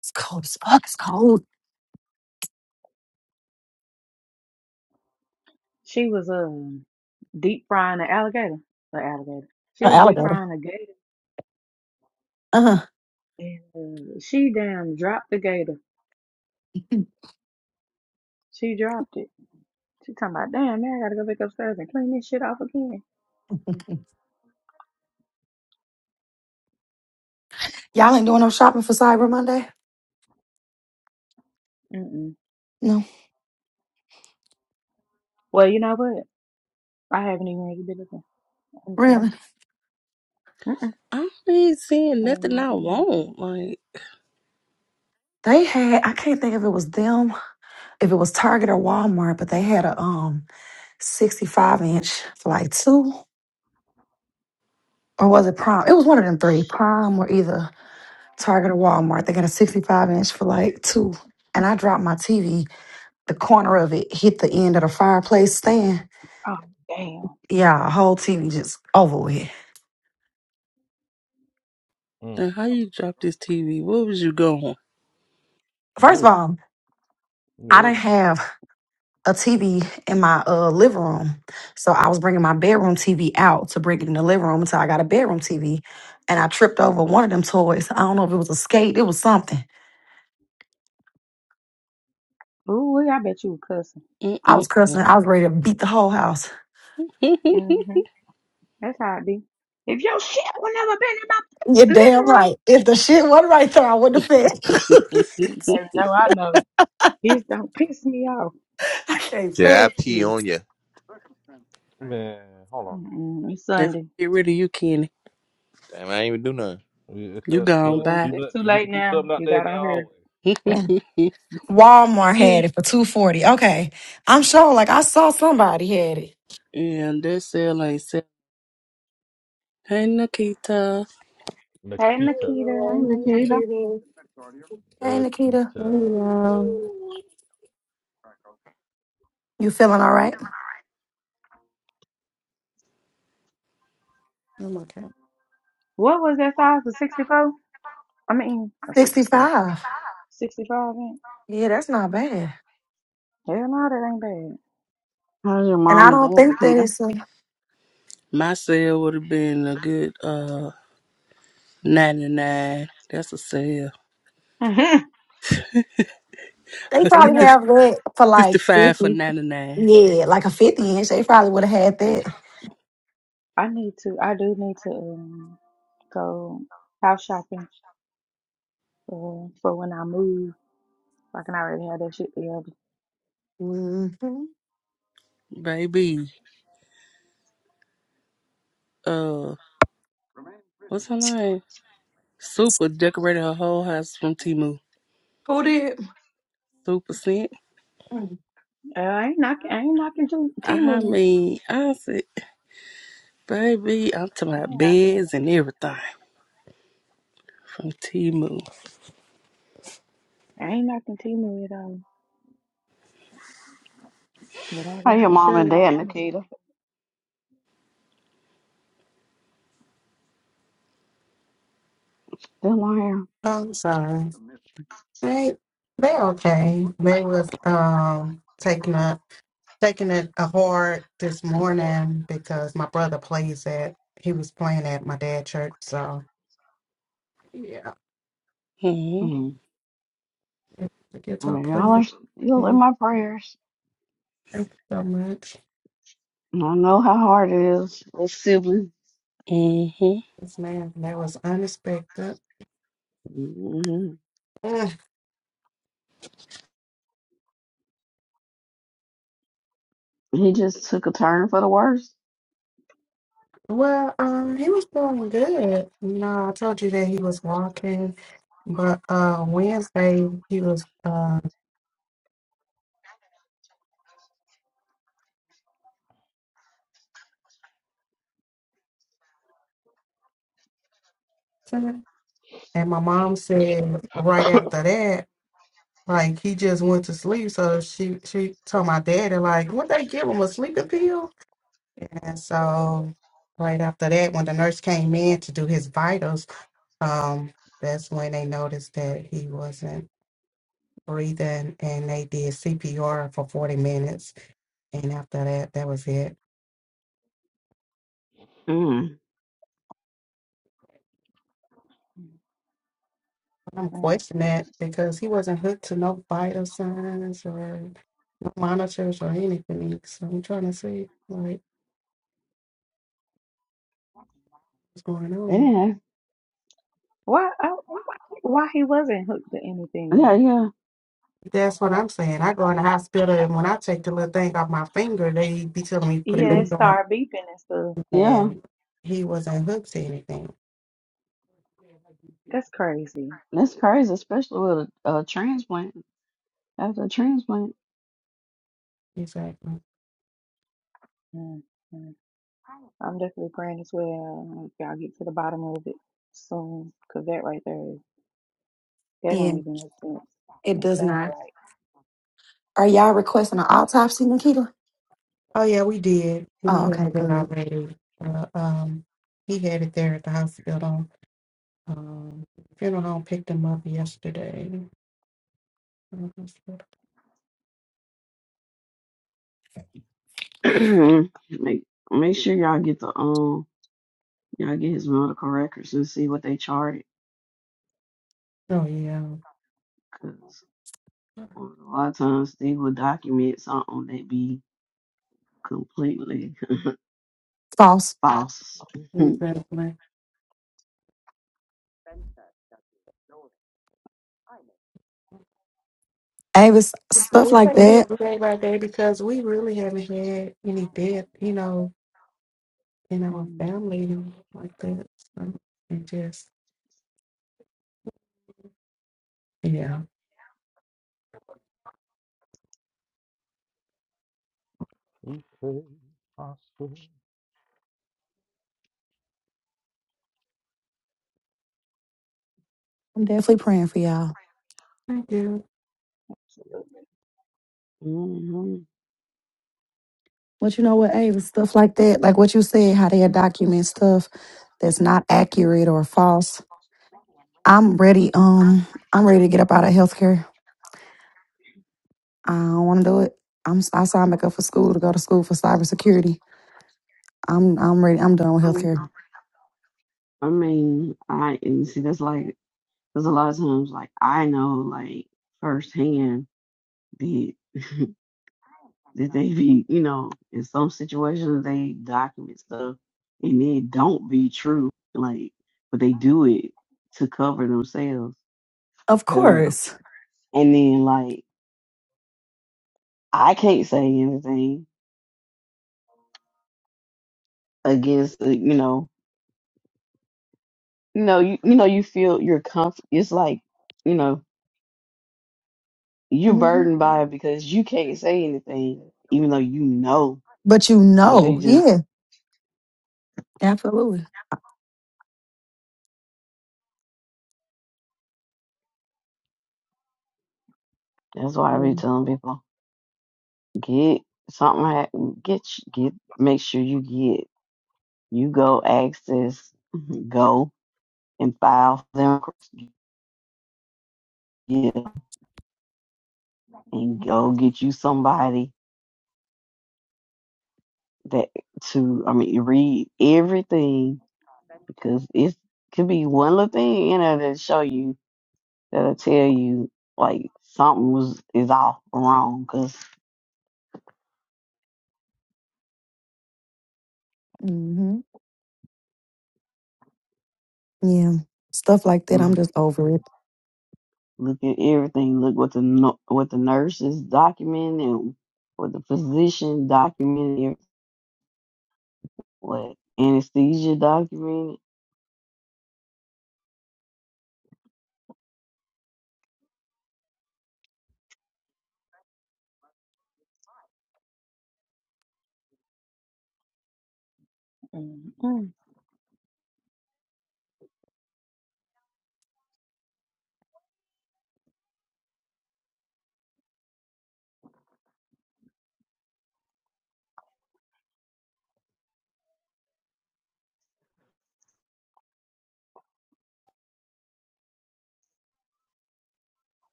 It's cold as fuck. It's cold. She was um deep frying an alligator. An alligator. She An was deep alligator. frying a gator Uh And uh, she damn dropped the gator. huh. She dropped it. She talking about, damn, man, I gotta go back upstairs and clean this shit off again. Y'all ain't doing no shopping for Cyber Monday? Mm-mm. No, Well, you know what? I haven't even really been looking, honestly. really. Mm-mm. I ain't seeing I ain't nothing not I been. want. Like, They had. I can't think if it was them, if it was Target or Walmart, but they had a um sixty-five inch for like two, or was it Prime? It was one of them three, Prime or either Target or Walmart. They got a sixty-five inch for like two, and I dropped my TV. The corner of it hit the end of the fireplace stand Oh, damn. Yeah, whole TV just over with. Mm, now how you drop this TV? Where was you going? First of look, all, I didn't no, have a TV in my uh, living room. So I was bringing my bedroom TV out to bring it in the living room until I got a bedroom TV. And I tripped over one of them toys. I don't know if it was a skate, it was something. Ooh, wee, I bet you were cussing. I Mm-mm-mm. was cussing. I was ready to beat the whole house. if Mm-hmm. That's how it be. If your shit would never been in my You're living damn room, right. If the shit wasn't right there, I wouldn't have fed. I baby, no, I know. This don't piss me off. I can't Yeah, stand I pee on this. you. man, hold on. Mm-mm. It's Sunday. get rid of you, Kenny, Damn, I ain't even do nothing. You- It's you up, gone. do Well, Bye. do it's nothing. too You can late do now. something out You there got now, on here. always. and Walmart Hey, had it for two forty. Okay, I'm sure. Like I saw somebody had it. that cell ain't cell. Hey, Nikita. Hey, Nikita, Hey, Nikita. Nikita. Hey, Nikita. Nikita. you Oh, You feeling all right? I'm okay. What was that size for 64? I mean, a 65. 65. 65 ain't. Yeah, that's not bad. Hell no, that ain't How's your And mom I and don't dad, think that Nikita? it's a, My sale would have been a good uh 99. That's a sale. bad. they you probably know, have that for like 65 for 50. 99. Yeah, like a 50 inch. They probably would have had that. I need to, I do need to um, go house shopping uh, for when I move. so I can already have that shit together. hmm Baby, uh, what's her name? Super decorated her whole house from Timu. Who did? Super scent. Mm. Uh, I ain't knocking, I ain't knocking Ju- I Temu now. mean, I said, baby, I'm talking I about ain't knocking it. beds and everything from Timu. I ain't knocking Temu at all. But I How got, your I mom sure and got dad, an Amazon. Nikita? Still on here. I'm sorry. They they okay. They was um taking a taking it a hard this morning because my brother plays at he was playing at my dad church. So yeah, Mm-hmm. Mm. the guitar Y'all are playing. still in Thank my prayers. you so much. I don't know how hard it is with siblings. Mm-hmm. Yes, man, that was unexpected. hmm Mm. He just took a turn for the worse. Well, um, he was doing good. You know, I told you that he was walking, but uh, Wednesday he was uh. And my mom said right after that, like he just went to sleep. So she she told my daddy like, would they give him a sleeping pill? And so right after that, when the nurse came in to do his vitals, um, that's when they noticed that he wasn't breathing, and they did CPR for forty minutes. And after that, that was it. Mm. I'm Mm. questioning that because he wasn't hooked to no vital signs or no monitors or anything. So I'm trying to see, like. what's going on. Yeah, Why, oh, why, why he wasn't hooked to anything? yeah, yeah, That's what I'm saying. I go in the hospital, and when I take the little thing off my finger, they be telling me to put it Yeah, it back Mhm. on. started beeping and stuff. yeah. And he wasn't hooked to anything. That's crazy. That's crazy, especially with a, a transplant. After a transplant, Exactly. Mm. I'm definitely praying as well. um, Y'all get to the bottom of it soon, cause that right there, is- that Yeah, don't even make sense. it It does sound not. right. Are y'all requesting an autopsy, Nikita? Oh yeah, we did. We Oh, had okay, it good. already. Uh, um, he had it there at the hospital. Um, funeral home picked him up yesterday. make make sure y'all get the um y'all get his medical records and see what they charted, Oh yeah, because a lot of times they will document something that be completely False. false. exactly. Avis, So stuff we like take that. it day by day because we really haven't had any death. You know, in our Mm, family and like that. So, and just, yeah. You- I'm definitely praying for y'all. Thank you. absolutely. hmm But you know what, Abe, it's stuff like that, like what you said, how they document stuff that's not accurate or false. I'm ready. Um, I'm ready to get up out of healthcare. I don't want to do it. I'm. I signed back up for school to go to school for cybersecurity. I'm. I'm ready. I'm done with healthcare. I mean, I and see that's like there's a lot of times like I know like firsthand the that they be you know in some situations they document stuff and it don't be true like but they do it to cover themselves Of because course. and then like I can't say anything against uh, you know you know you you know you feel you're comf it's like you know you're hmm burdened by it because you can't say anything even though you know. But you But they know, just yeah, absolutely. that's why I be telling people get something ha- get sh- get make sure you get you go access go and file for them yeah, and go get you somebody that to I mean read everything because it could be one little thing in there that show you that'll tell you like something was is all wrong because hmm Yeah. Stuff like that. I'm just over it. Look at everything. Look what the nu- what the nurses documented, and what the physician documented, what anesthesia documented. Mm, mm.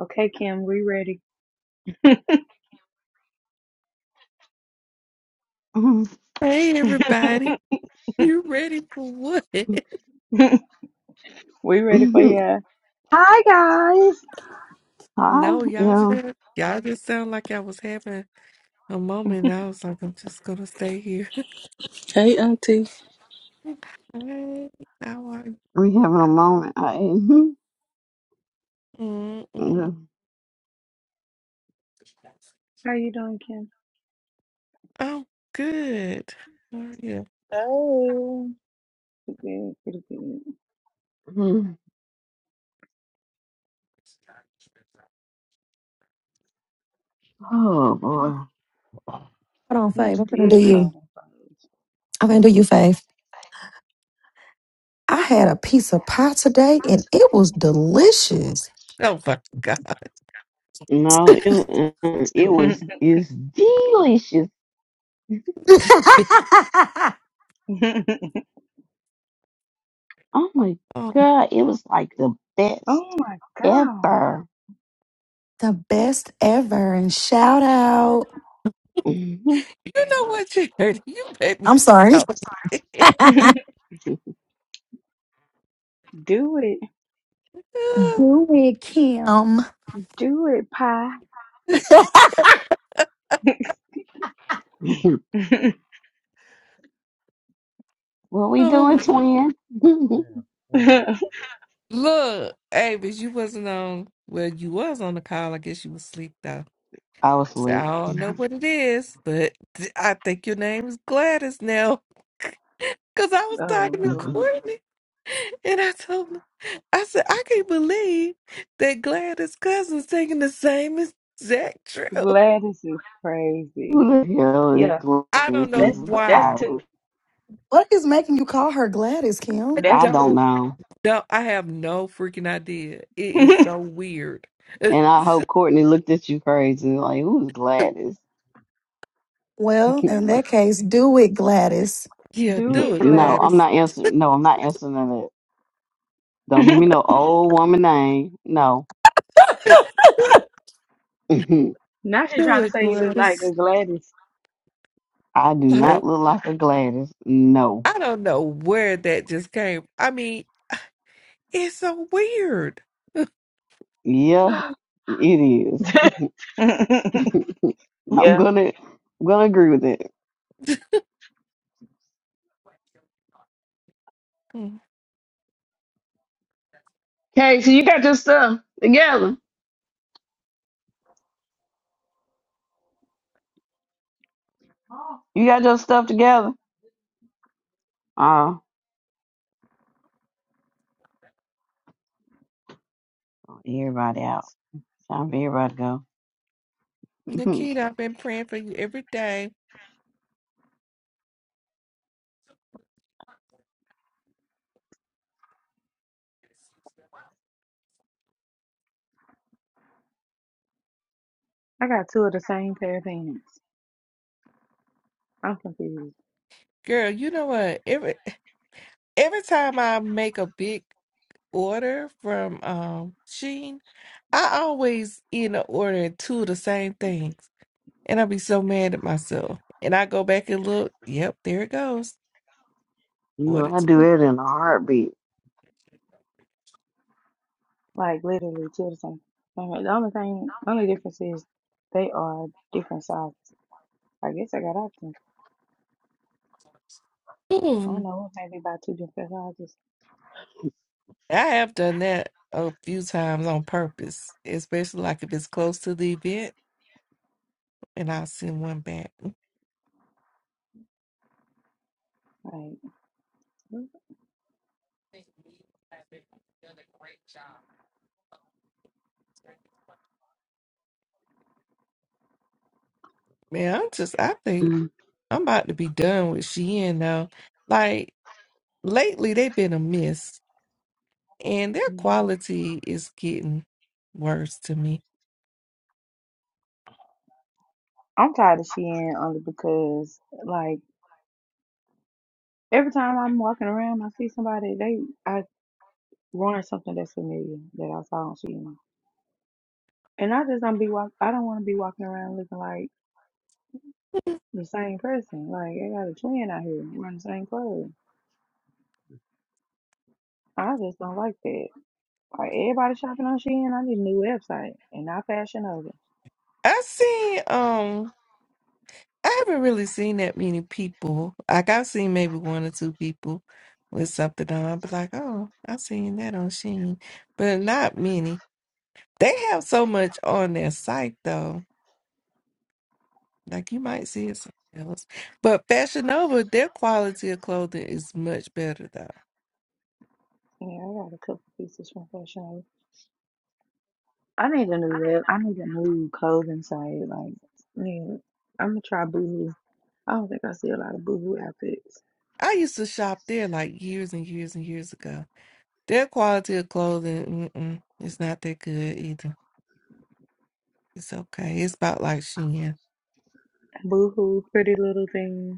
Okay, Kim, we ready. Hey everybody, you ready for what? we ready for ya. Hi guys. Hi, No, y'all just yeah, y'all just sound like I was having a moment. I was like, I'm just gonna stay here. Hey, auntie. Hey, how are you? we having a moment. I, Mm-mm. mhm, How you doing, Kim? Oh, good. How are you? Pretty good. Pretty good. yeah. Mm, oh boy, Hold on, I'm Fave. I'm gonna do still you. falling for I'm gonna my do you, Fave. I had a piece of pie today and it was delicious. Oh my God. no, it wa- it was it's delicious. it. Oh my Oh, god, it was like the best oh my ever. god. The best ever. And shout out. you know what you heard? You made me I'm sorry. so. do it. Do it, Kim. Do it, pie. what we oh doing, my. twin? Damn, I ain't gonna oh do that. Look, Avis, you wasn't on. Well, you was on the call. I guess you was asleep though. I was So I like, don't know what it is, but th- I think your name is Gladys now. Cause I was talking to who lord. Courtney and I told her, I said, I can't believe that Gladys' cousin's taking the same exact trip. Gladys is crazy. the hell Yeah, is I wearing this don't know that's season that's why. two. What is making you call her Gladys, I Kim? I That's don't two. don't know. know. I have no freaking idea. It is so weird. And I hope Courtney looked at you crazy, like, who's Gladys? Well, in that case, do it, Gladys. yeah, Do do it, it, no, I'm Gladys. Gladys. not answering. No, I'm not answering that. Don't give me no old woman name. No. I now she's Do trying to it, say you look like Gladys. a Gladys. do not Like, look like a Gladys. No. I don't know where that just came. I mean, it's so weird. Yeah, Like, it is. I'm yeah, gonna I'm gonna agree with it. Mm. Okay, so you got your stuff together. You got your stuff together. Uh everybody out. Time for everybody to go. Mhm. Nikita, I've been praying for you every day. I got two of the same pair of pants. I'm confused. Girl, you know what? Every every time I make a big order from um Shein, I always end up ordering two of the same things. And I be so mad at myself. And I go back and look, yep, there it goes. You know, Ordered I do two. it in a heartbeat. Like literally two of the same. I mean, The only thing, the only difference is they are different sizes. I guess I got options. I don't Mm. know, maybe about two different sizes. I have done that a few times on purpose, especially like if it's close to the event and I'll send one back. Like, Man, I'm just, I think Mm, I'm about to be done with Shein now. Like, lately they've been a miss, and their mm. quality is getting worse to me. I'm tired of Shein only because, like. Every time I'm walking around, I see somebody, they I wearing something that's familiar that I saw on Shein, and I just don't be walk. I don't want to be walking around looking like the same person. Like I got a twin out here wearing the same clothes. I just don't like that. Like everybody shopping on Shein, I need a new website and not Fashion Nova. I seen, um, I haven't really seen that many people. Like, I've seen maybe one or two people with something on, but like, oh, i seen that on Shein, but not many. They have so much on their site, though. Like you might see it somewhere else. But Fashion Nova, their quality of clothing is much better though. Yeah, I got a couple pieces from Fashion Nova. I need a new web. I need a new clothing site. Like, yeah, I'm gonna try Boohoo. I don't think I see a lot of Boohoo outfits. I used to shop there like years and years and years ago. Their quality of clothing, mm-mm, it's not that good either. It's okay. It's about like Shein. Boohoo, Pretty Little Thing.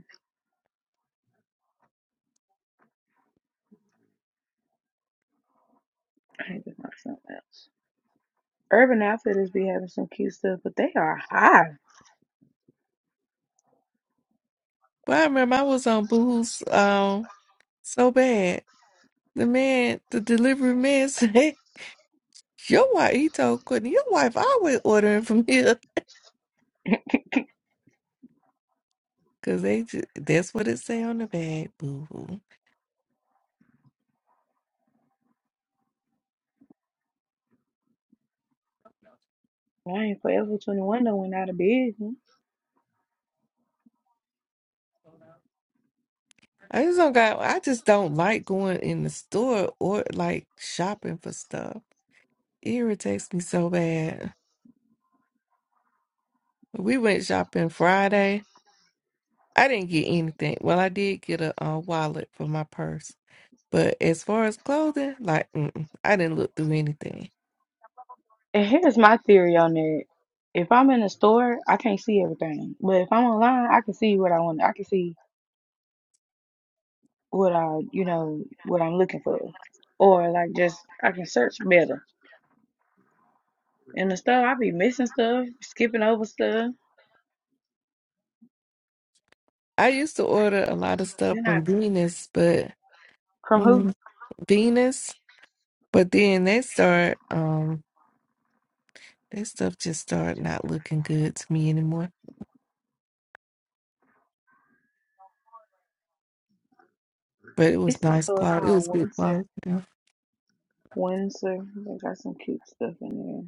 I need to find something else. Urban Outfitters be having some cute stuff, but they are high. But I remember I was on Boo's um so bad. The man, the delivery man said, "Your wife," he told Courtney, "Your wife always ordering from here because they just, that's what it say on the bag, Boo." I ain't forever 21 done went out of business. I just don't got. I just don't like going in the store or like shopping for stuff. It irritates me so bad. We went shopping Friday. I didn't get anything. Well, I did get a uh, wallet for my purse, but as far as clothing, like mm-mm, I didn't look through anything. And here's my theory on that. If I'm in a store, I can't see everything. But if I'm online, I can see what I want. I can see what I, you know, what I'm looking for. Or like just, I can search better. In the store, I be missing stuff, skipping over stuff. I used to order a lot of stuff Then I, from Venus, but from who? mm, Venus, but then they start um their stuff just start not looking good to me anymore. But it was It's a nice store cloud. It was called good Windsor. cloud. Yeah. Windsor. They got some cute stuff in there.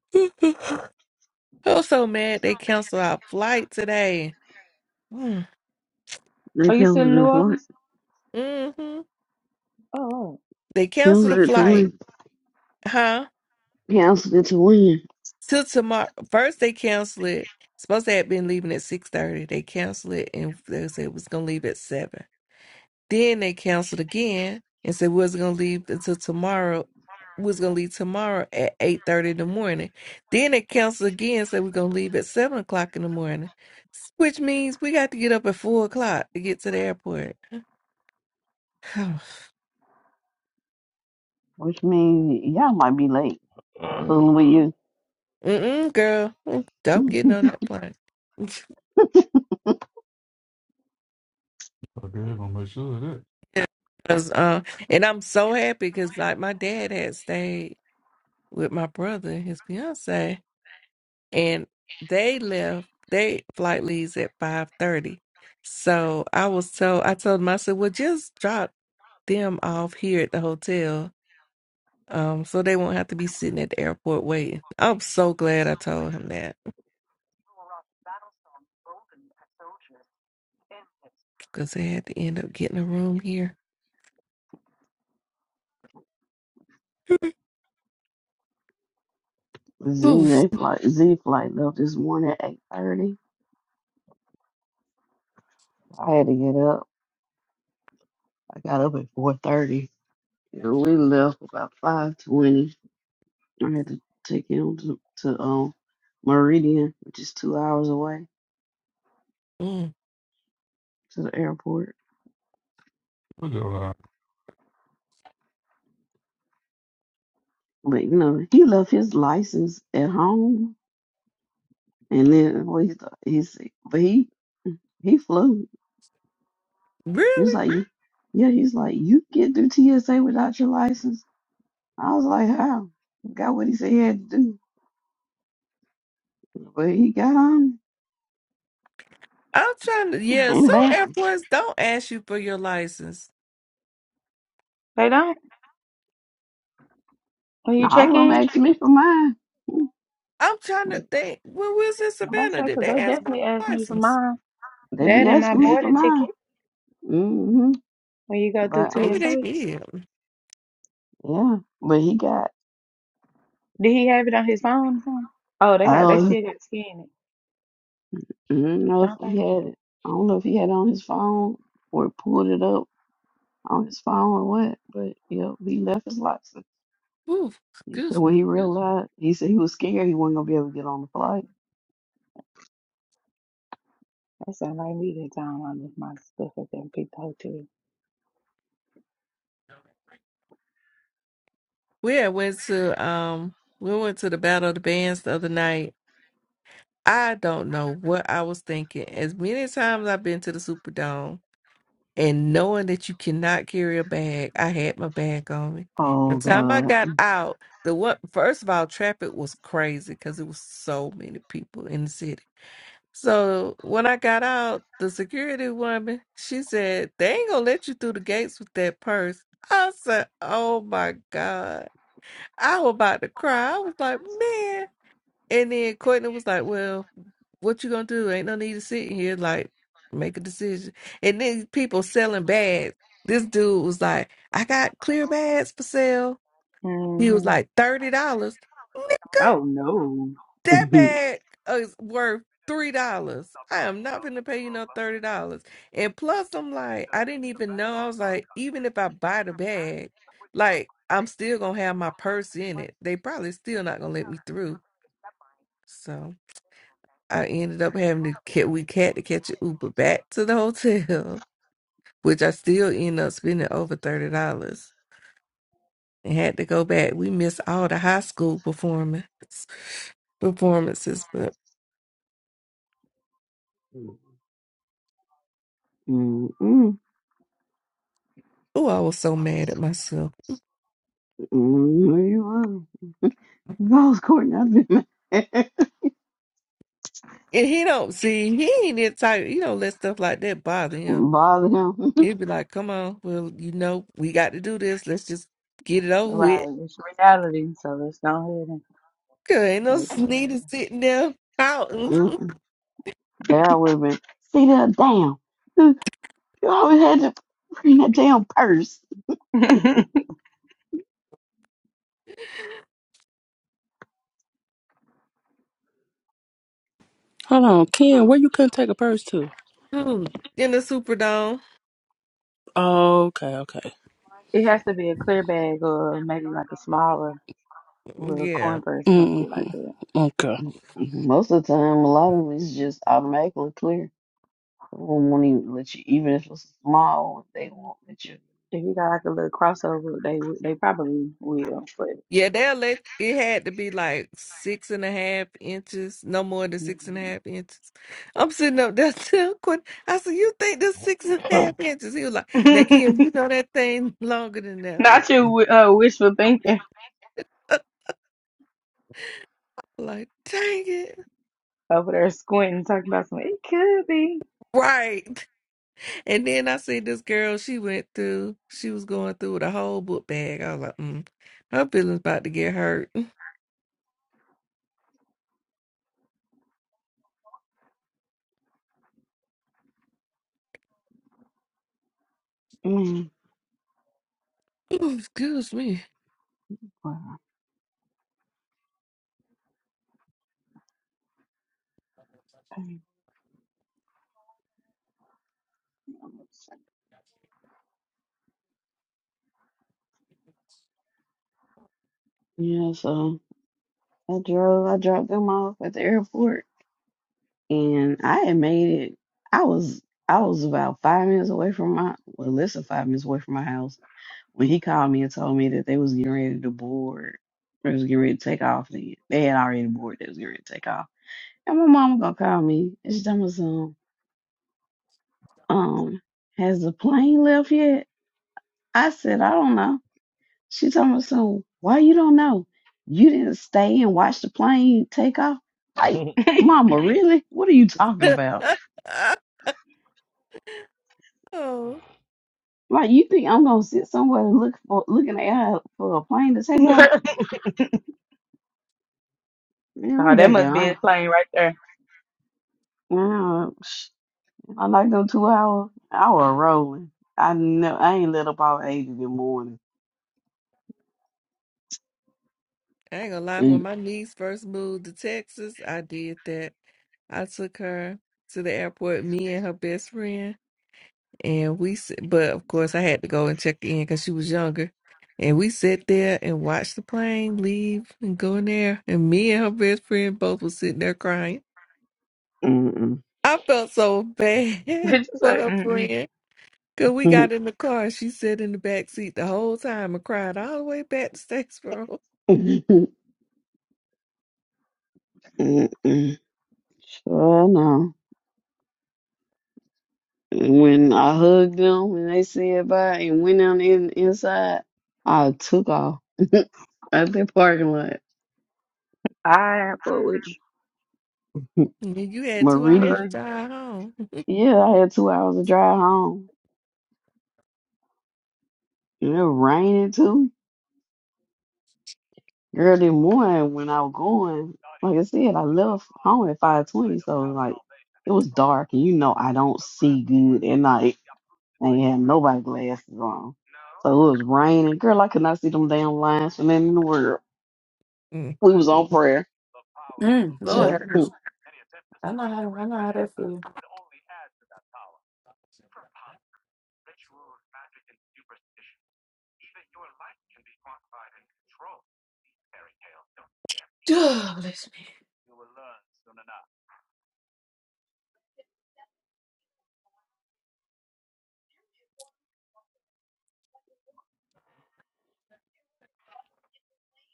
I was so mad they canceled our flight today. They Are you still in New canceled it Orleans? for Mm-hmm. Oh, They canceled the canceled it to flight, win. huh? Canceled it to win, Till tomorrow. First they canceled it. Supposed to have been leaving at six thirty. They canceled it and they said it was gonna leave at seven. Then they canceled again and said we was gonna leave until tomorrow. We was gonna leave tomorrow at eight thirty in the morning. Then they canceled again and said we're gonna leave at seven o'clock in the morning, s- which means we got to get up at four o'clock to get to the airport. which means y'all might be late. Fooling with you. Mm-mm, girl, Mm, I'm getting on that plane. Okay, I'm gonna make sure of that. 'Cause, uh, and I'm so happy because like my dad had stayed with my brother and his fiance. and they left they flight leaves at 5.30 so i was told i told them i said well just drop them off here at the hotel um so they won't have to be sitting at the airport waiting i'm so glad i told him that because they had to end up getting a room here Z Oof. they flight Z flight left this morning at eight thirty. I had to get up. I got up at four thirty, and we left about five twenty. I had to take him to to um Meridian, which is two hours away, Mm. to the airport. Look at that. But you know, he left his license at home And then what he thought, he but he he flew. He was really like, "You- yeah, he's like, you can get through TSA without your license. I was like, how? Got what he said he had to do. But he got on i'm trying to yeah and some back. airports don't ask you for your license they don't. When you check I- All of them in, asking me for mine. i'm trying to think when we was in I'm about to savannah say, did 'cause they they ask my definitely asked me for license mine. They be That and my asking me for boarding mine. ticket hmm when you go through But maybe um, they TSA. did yeah, but he got. Did he have it on his phone or something? Oh, they I got, they don't, still got to scan it, I don't know if don't he they? had it. I don't know if he had it on his phone or pulled it up on his phone or what. But yeah, he left his license. Ooh, He said excuse when me. he realized, he said he was scared he wasn't gonna be able to get on the flight. That sound like me that time I left my stuff at that big hotel. We had went to um we went to the Battle of the Bands the other night. I don't know what I was thinking. As many times I've been to the Superdome and knowing that you cannot carry a bag, I had my bag on me. The Oh time I God. got out, the what first of all, traffic was crazy because it was so many people in the city. So when I got out, the security woman, she said, They ain't gonna let you through the gates with that purse. I said, Oh my God. I was about to cry. I was like, man. And then Courtney was like, well, what you gonna do? Ain't no need to sit here like make a decision. And then people selling bags. This dude was like, I got clear bags for sale. He was hmm like thirty dollars. nigga." Oh, no. That bag is worth three dollars. I am not gonna pay you no thirty dollars. And plus, I'm like, I didn't even know. I was like, even if I buy the bag, like I'm still gonna have my purse in it. They probably still not gonna let me through. So I ended up having to cat we had to catch an Uber back to the hotel, which I still end up spending over thirty dollars. And had to go back. We missed all the high school performance performances, but Mm-mm, mm-mm, oh, I was so mad at myself. mm-mm. Ghost Courtney, I've been mad. And he don't see he ain't that type. He don't let stuff like that bother him. bother him. He'd be like, "Come on, well, you know, we got to do this. Let's just get it over Right. with." It's reality, so let's go ahead 'Cause ain't no Like, sneaky sitting there pouting Mm-mm. There I would have been. See that damn. You always had to bring that damn purse. yeah. Hold on. Ken, where you couldn't take a purse to? in the Superdome. Okay, okay. it has to be a clear bag or maybe like a smaller little Yeah, coin purse or something like that. Mm-hmm. Okay. Most of the time, a lot of it's just automatically clear. They won't even let you, even if it's small, they won't let you. If you got like a little crossover, they would- they probably will. But yeah. They'll let it had to be like six and a half inches, no more than six and a Mhm. half inches. I'm sitting up there still quit. I said, "You think this six and a half inches?" He was like, "Now, Kim, you know that thing longer than that." I'm like, not you "Mm." wi- uh, wishful thinking like, dang it. over there squinting, talking about something. It could be. Right. And then I see this girl, she went through, she was going through with a whole book bag. I was like, mm, her feelings about to get hurt. Mm, Ooh, excuse me. wow. Yeah, so. I drove. I dropped them off at the airport, and I had made it. I was I was about five minutes away from my well, less than five minutes away from my house when he called me and told me that they was getting ready to board. They was getting ready to take off. Then they had already boarded. They was getting ready to take off. And my mom gonna call me. And she told me some. Um, has the plane left yet? I said I don't know. She told me, so why you don't know? You didn't stay and watch the plane take off? Like, mama, really? What are you talking about? oh, Like, you think I'm gonna sit somewhere and look for looking at her for a plane to take off? oh, Man, I'm that back at must be his home. plane right there. Man, I like them two hours. I was rolling. I know I ain't let up all eight in the morning. I ain't gonna lie, when my niece first moved to Texas, I did that. I took her to the airport, me and her best friend, and we, s- but of course I had to go and check in because she was younger. And we sat there and watched the plane leave and go in there. And me and her best friend both was sitting there crying. mm I felt so bad It's just for like, her mm-mm. friend. Cause we Mm-mm. got in the car and she sat in the back seat the whole time and cried all the way back to Statesboro. Mm-mm. Sure no. When I hugged them and they said bye and went down in inside, I took off at the parking lot. I fuck with you. And then you had But two hours really, to Love drive home. yeah, I had two hours to drive home. And it was raining too. Early morning when I was going, like I said, I left home at five twenty, so like it was dark and you know I don't see good at night. And had nobody glasses on. So it was raining. Girl, I could not see them damn lines from in the world. Mm, We was on prayer. you. Mm, mm. Lord, Sure. have mercy. I know how I know how that feels. Oh, listen,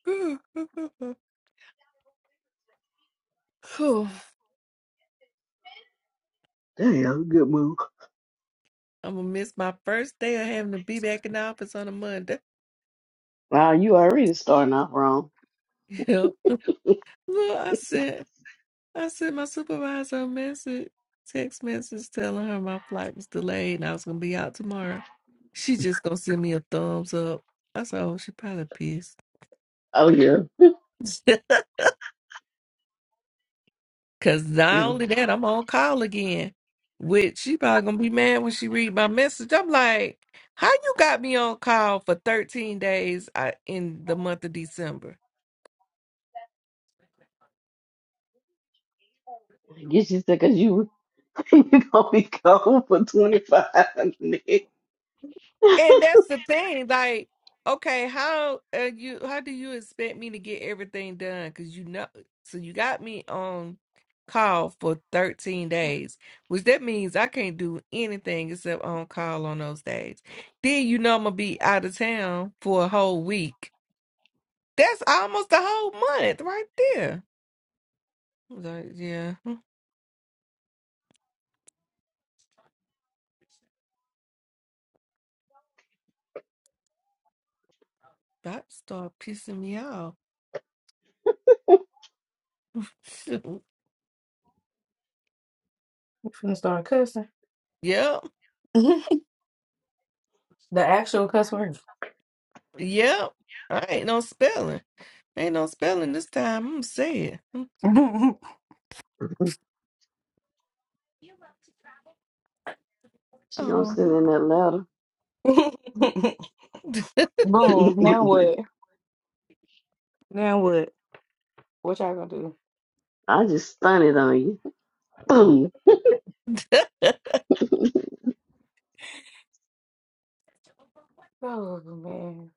Whew. Damn, good move. I'm gonna miss my first day of having to be back in the office on a Monday. Wow, you already starting off wrong. Yep. Well, I said. I sent my supervisor a message, text message telling her my flight was delayed and I was gonna be out tomorrow. She just gonna send me a thumbs up. I said, oh, she probably pissed. Oh yeah. Cause not Yeah. only that, I'm on call again. Which she probably gonna be mad when she read my message. I'm like, how you got me on call for 13 days uh, in the month of December? Get you because you you gonna be gone for twenty five minutes. And that's the thing, like, okay, how uh, you how do you expect me to get everything done? Because you know, so you got me on call for 13 days, which that means I can't do anything except on call on those days. Then you know I'm gonna be out of town for a whole week. That's almost a whole month right there. I was Like, yeah, hmm, that start pissing me off. I'm finna start cussing. yep, The actual cuss word. yep. I ain't no spelling. Ain't no spelling this time. I'm gonna say it. Mm. Boom. She gonna Oh, send in that letter. Now what? Now what? What y'all gonna do? I just stunned on you. Boom. Oh man.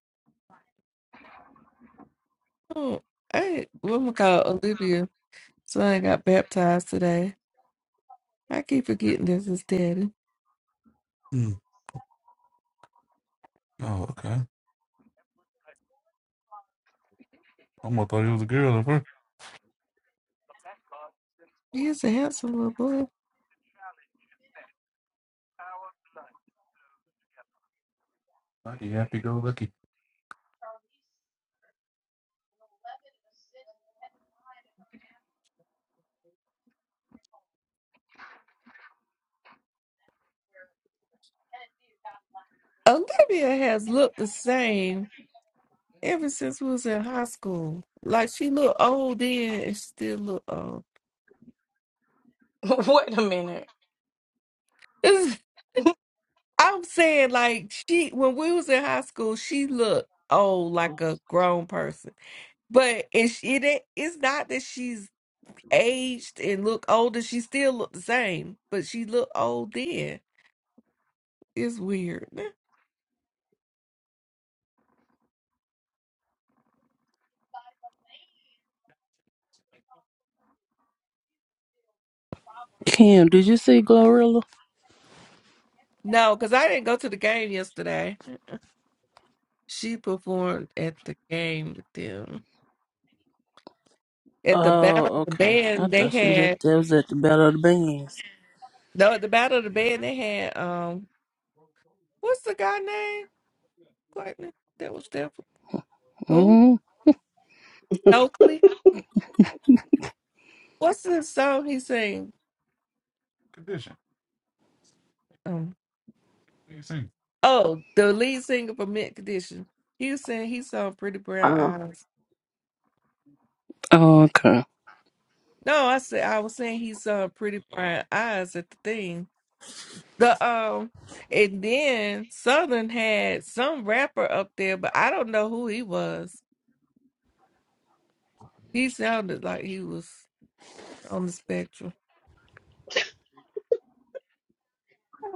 oh, hey, what am I call Olivia? Son got baptized today. I keep forgetting this is daddy. Okay. He is a handsome little boy. Olivia has looked the same ever since we was in high school. Like she looked old then, and she still look old. Wait a minute. This- I'm saying, like she when we was in high school, she looked old Wow. like a grown person. But and she, it ain't- it's not that she's aged and look older. She still look the same, but she look old then. It's weird. Kim, did you see Glorilla? No, because I didn't go to the game yesterday. She performed at the game with them. At the Battle Oh, of the okay. I Band, they thought she was at had that was at the Battle of the Bands. no. At the Battle of the Band, they had um. What's the guy name? Courtney, that was there. For, who? Mm-hmm. Stokely. What's the song he sing? Condition. What you saying? Oh, the lead singer for Mint Condition. He was saying he saw Pretty Brown How Eyes. Oh, okay. No, I said I was saying he saw Pretty Brown Eyes at the thing. The um, and then Southern had some rapper up there, but I don't know who he was. He sounded like he was on the spectrum.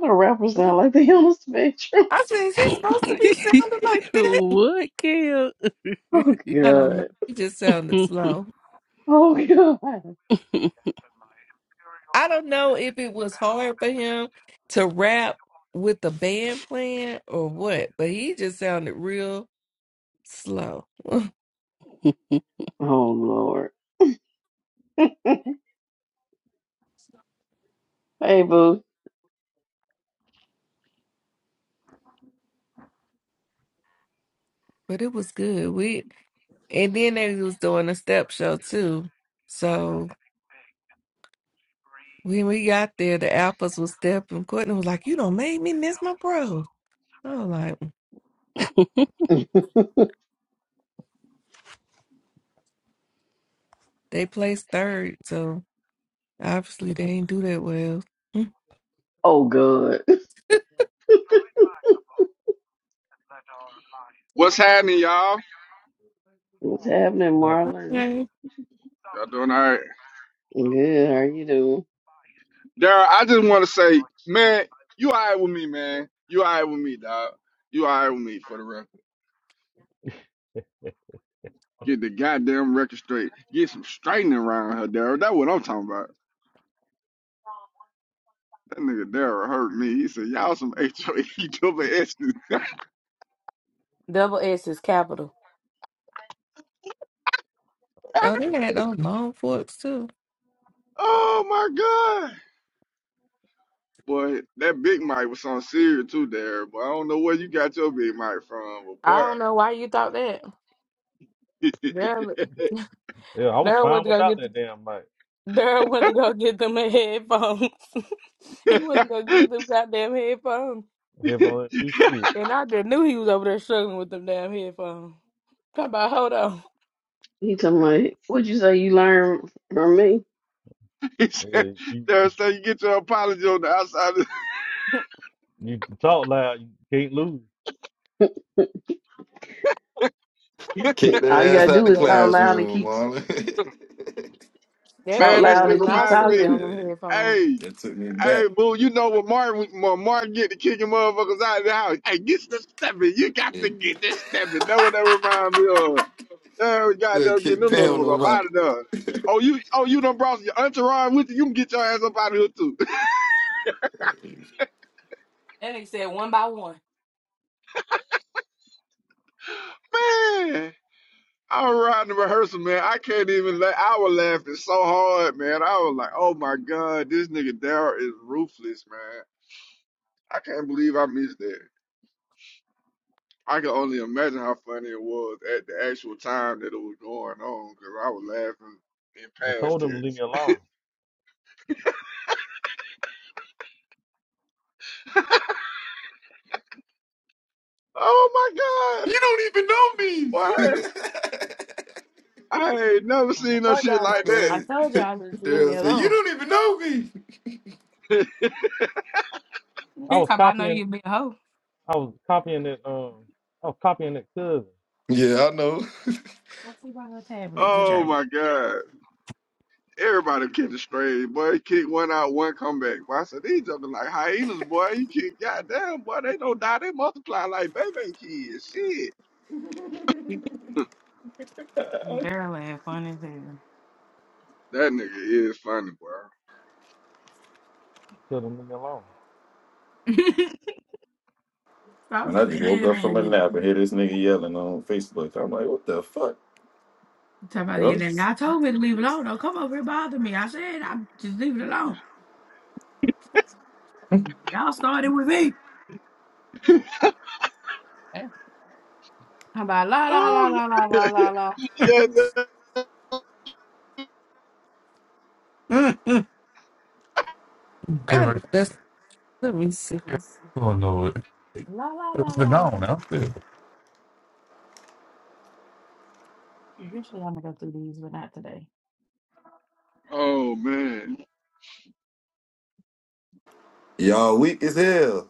do rappers sound like they on the spectrum? I said, is he supposed to be sounding like that? what, Kale? Oh I don't know. god. He just sounded slow. Oh god. I don't know if it was hard for him to rap with the band playing or what, but he just sounded real slow. Oh Lord. Hey boo. But it was good. We and then they was doing a step show too. So when we got there, the alphas was stepping. Courtney was like, "You don't make me miss my bro." I was like, "Mm, "They placed third, so obviously they ain't do that well." Oh god. What's happening, y'all? What's happening, Marlon? Okay. Y'all doing all right? Good, how you doing? Daryl, I just want to say, man, you all right with me, man. You all right with me, dog. You all right with me for the record. Get the goddamn record straight. Get some straightening around her, Daryl. That's what I'm talking about. That nigga Daryl hurt me. He said, y'all some H-O-E-double-S. Double S is capital. Oh, they had those long forks too. oh, my God. Boy, that Big Mike was on serious too, Daryl. But I don't know where you got your Big Mike from, I but don't know why you thought that. Daryl, Yeah, I was Daryl went fine to go without get that damn mic. Daryl went to go get them a headphones. he was gonna get them goddamn headphones. If I didn't do boy. shit, And I just knew he was over there struggling with them damn headphones. Talk about hold on. He talking about what you say you learned from me. He said, yeah, you. "There's no, you get your apology on the outside." You can talk loud, you can't lose. Kick All you their ass gotta That out do the is PA talk loud and classroom, keep Marlon. that talk Man, PA that loud shit was and keep not reminds sweet me. on talking. Hey, them headphones. Hey, that took me hey, back. boo, you know when Martin when Martin get to kicking motherfuckers out of the house. Hey, get the stepping. You got Yeah, to get this stepping. That what that reminds me of. Yeah, we got yeah, to get kick them Pam motherfuckers on up my. out of there. Oh, you oh you done brought your entourage with you. You can get your ass up out of here too. man, I was riding the rehearsal, man. I can't even la I was laughing so hard, man. I was like, oh my God, this nigga Daryl is ruthless, man. I can't believe I missed that. I can only imagine how funny it was at the actual time that it was going on because I was laughing in I past told him to leave me tense. alone. Oh my God. You don't even know me. Boy, I ain't, never Oh, seen I no told shit y'all, like I Man, told y'all to leave me Daryl said, "You alone. don't even know me." that. I He was talking about, I know copying, you be a hoe. I was copying that, um, I was copying that cousin. Yeah, I know. What's he on the tablet? Good oh job. my God. Everybody kicking straight, boy. Kick one out, one comeback. Boy, I said, these jumping like hyenas, boy. You kick, goddamn, boy. They don't die. They multiply like baby kids. Shit. Barely had fun as hell. That nigga is funny, bro. Told him to leave me alone, And so I just sad, woke up from ain't a it? nap and hear this nigga yelling on Facebook. I'm like, "What the fuck, Talking about bro? it, and y'all told me to leave it alone. Don't come over here bother me. I said, I'm just leave it alone. Y'all started with me. Yeah. How about la la la Oh, la la la la la. yeah. that- Mm. I that's let me see. Oh not La la la It's been la la gone. la. I'm still. Eventually, I'm gonna go through these, but not today. Oh, man. Y'all weak as hell."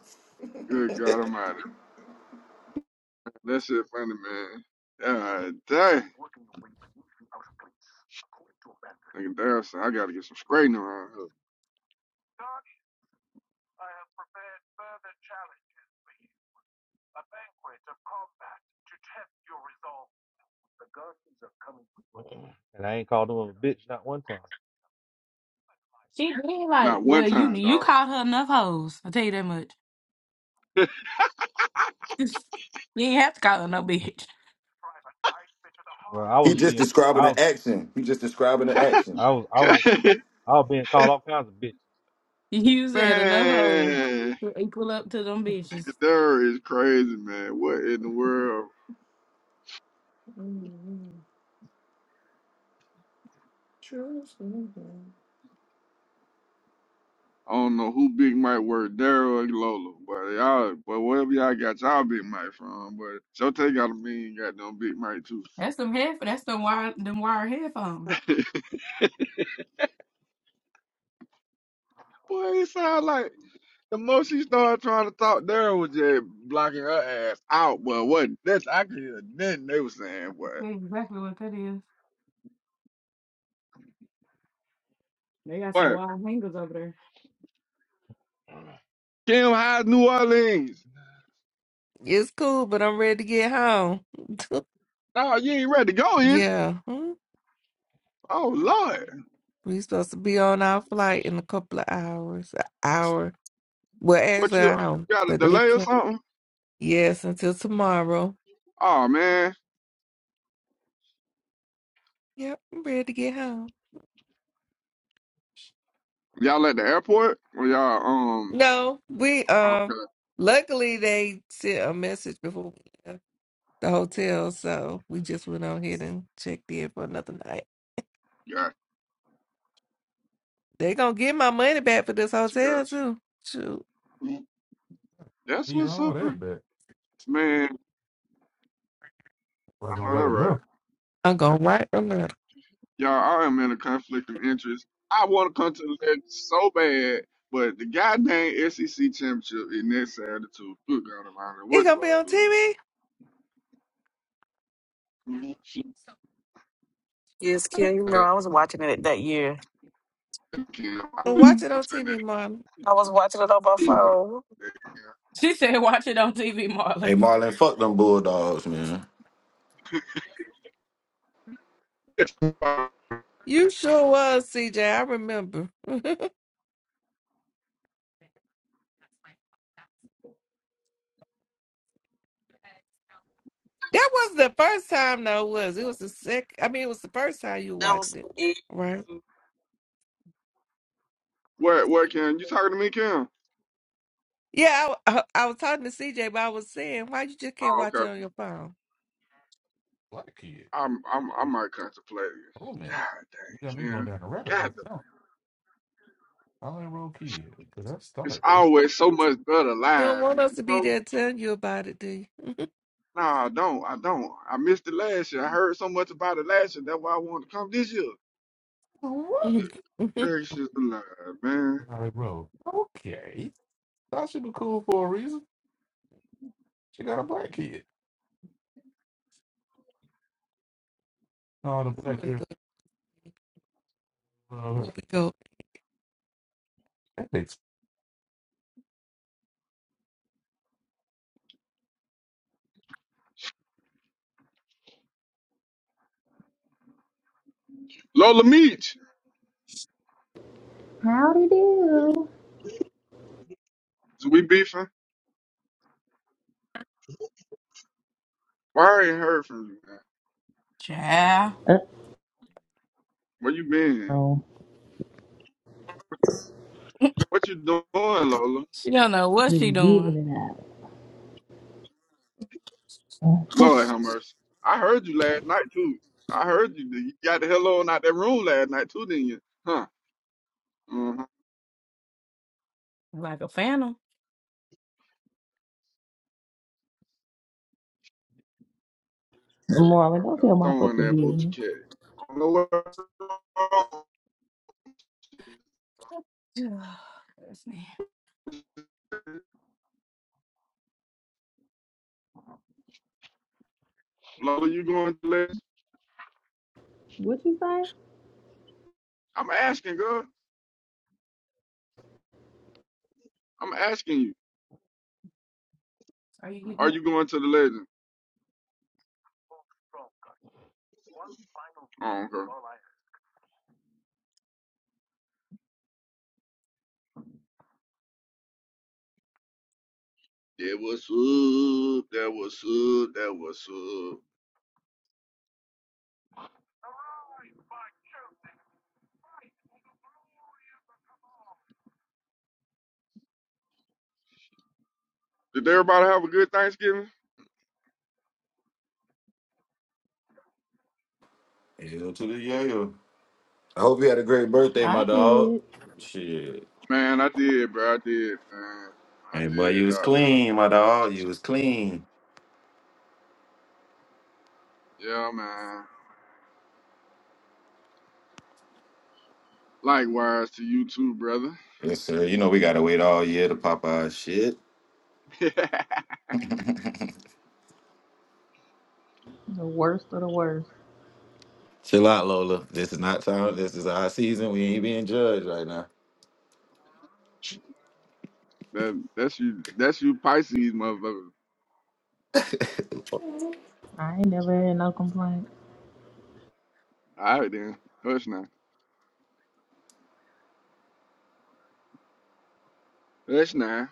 Good God Almighty. That shit funny, man. God dang. Nigga, damn, son, I gotta get some straightening around here. and I ain't called him a bitch not one time. She did like, Not one Well, you time, you dog. called her enough hoes. I will tell you that much. You ain't have to call her no bitch. Well, I He was just being, describing I, an was- action. He just describing an action. I was, I was, I was being called all kinds of bitches. You said enough hoes man, to equal up to them bitches. Daryl is crazy, man. What in the world? Hey, I don't know who Big Mike were, Daryl or Lola, but y'all, but wherever y'all got y'all Big Mike from, but Shote got a mean goddamn Big Mike too. That's them head. That's them wire. Them wire headphones. Boy, it sound like the more she started trying to talk, Daryl was just blocking her ass out. But what? That's I could hear nothing they was saying. what? That's exactly what that is. They got some what? wire hangers over there. Kim High New Orleans. It's cool, but I'm ready to get home. Oh, you ain't ready to go, is you? yeah. hmm. Oh Lord, We supposed to be on our flight in a couple of hours. An hour. Well, what actually, you, an hour. you got a But they delay or can not something? Yes, until tomorrow. Oh man, Yep, I'm ready to get home. y'all at the airport? or y'all um. No, we um Okay, luckily they sent a message before we left the hotel, so we just went on here and checked in for another night. got They gonna get my money back for this you, hotel got too. Shoot. you. That's Need what's all up, bro. that back. man. I'm not I gonna know that let 'em right. know. I'm gonna write a letter. Y'all, I am in a conflict of interest. I want to come to the ledge so bad, but the goddamn SEC championship is next Saturday too. Good God Almighty, It what gonna do be I on TV? do? Yes, Kim, you remember I was watching it that year. Kim, I Well, knew you Watch it were on gonna say that. TV, Mom. I was watching it on my You were gonna phone. say She said, watch it on TV, Marla. Marlon, fuck them bulldogs, man. that, Kim. You sure was, CJ. I remember. that was the first time, though. Was it was the second? I mean, it was the first time you That watched was it, it. right? What? What? Kim, you talking to me, Kim? Yeah, I, I, I was talking to CJ, but I was saying, why you just can't Oh, watch it okay. on your phone? Black kid. I'm. I'm. I might contemplate Oh man, it. God You got me dang, going Kim. down the rabbit God, hole. the- No, I only roll kid. Cause that it's start. That's always so much better You don't live. want You us to be know? there telling you about it, do you? Nah, I don't. I don't. I missed it last year. I heard so much about it last year. That's why I wanted to come this year. what? Good gracious alive, man. Valley Road. Okay. Thought she would be cool for a reason. She got a black kid. Oh, the black kid. There we girl go. That makes. Lola Meach, Howdy do. is we beefing? Why I ain't heard from you, man? Child, Uh Where you been? oh. What you doing, Lola? She don't know what she Just doing. giving it out. Lord have mercy. I heard you last night too. I heard you. You got the hell on out that room last night too, didn't you? Huh? Uh-huh. Like a phantom. Marlon, don't I'm tell my throwing fucking that booty, business. you I don't know what- That's me. Lola, you going to the legend? What you say? I'm asking, girl. I'm asking you. Are you getting Are you going to the legend? Oh, okay. That was up. That was up. That was up. Did everybody have a good Thanksgiving? Hell to the yeah. I hope you had a great birthday, my I dog. did Shit. Man, I did, bro. I did, man. I Hey, boy, did, you was doctor. clean, my dog. You was clean. Yeah, man. Likewise to you too, brother. Yes, sir. You know we gotta wait all year to pop our shit. that, the worst of the worst. Chill out, Lola. This is not time. This is our season. We ain't being judged right now. that's you. That's you, Pisces, motherfucker. I ain't never had no complaints. All right then. Hush now. Hush now.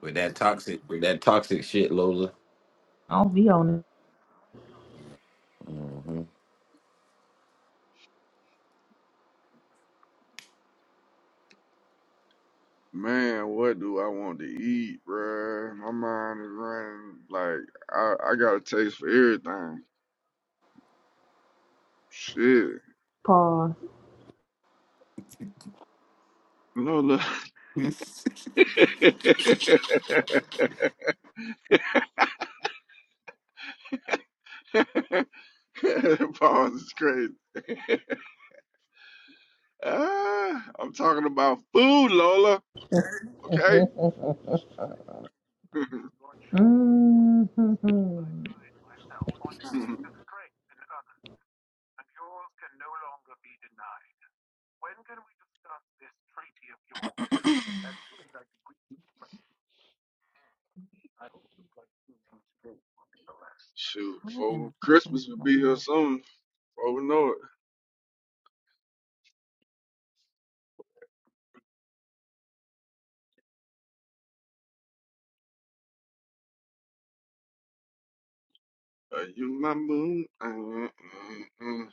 With that toxic, with that toxic shit, Lola. I don't be on it. hmm Man, what do I want to eat, bruh? My mind is running like I, I got a taste for everything. Shit. Pause. No, look. Pause is crazy. Ah, I'm talking about food, Lola. Okay. Mhm. up? Shoot, What in for the fuck is Christmas will going be here on? soon. Before we know it. Are you my moon? Mm, mm, mm.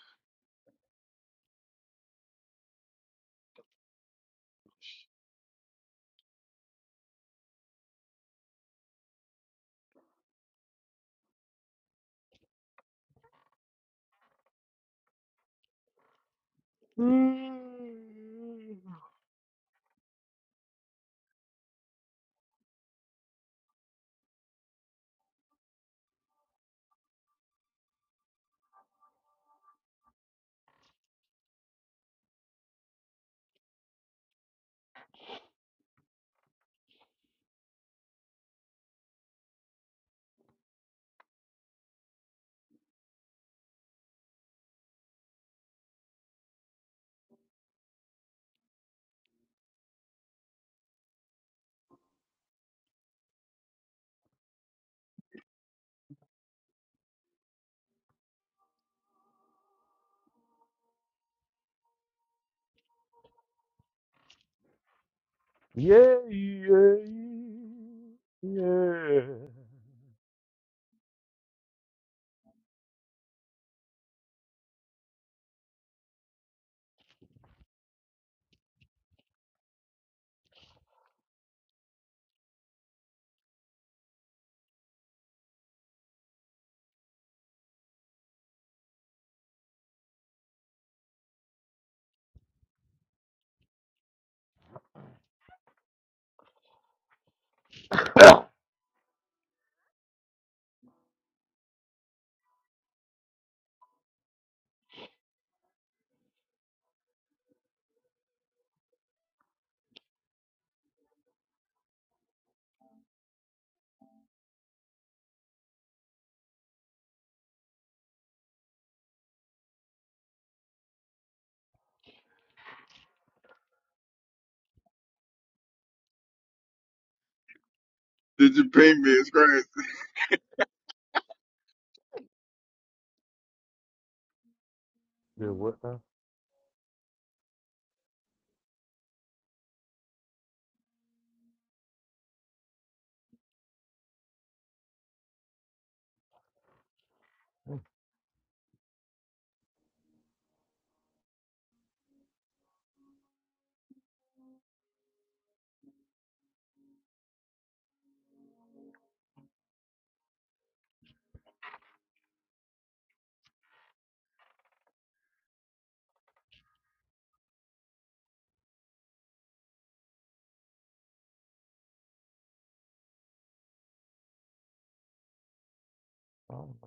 Did you pay me? It's crazy.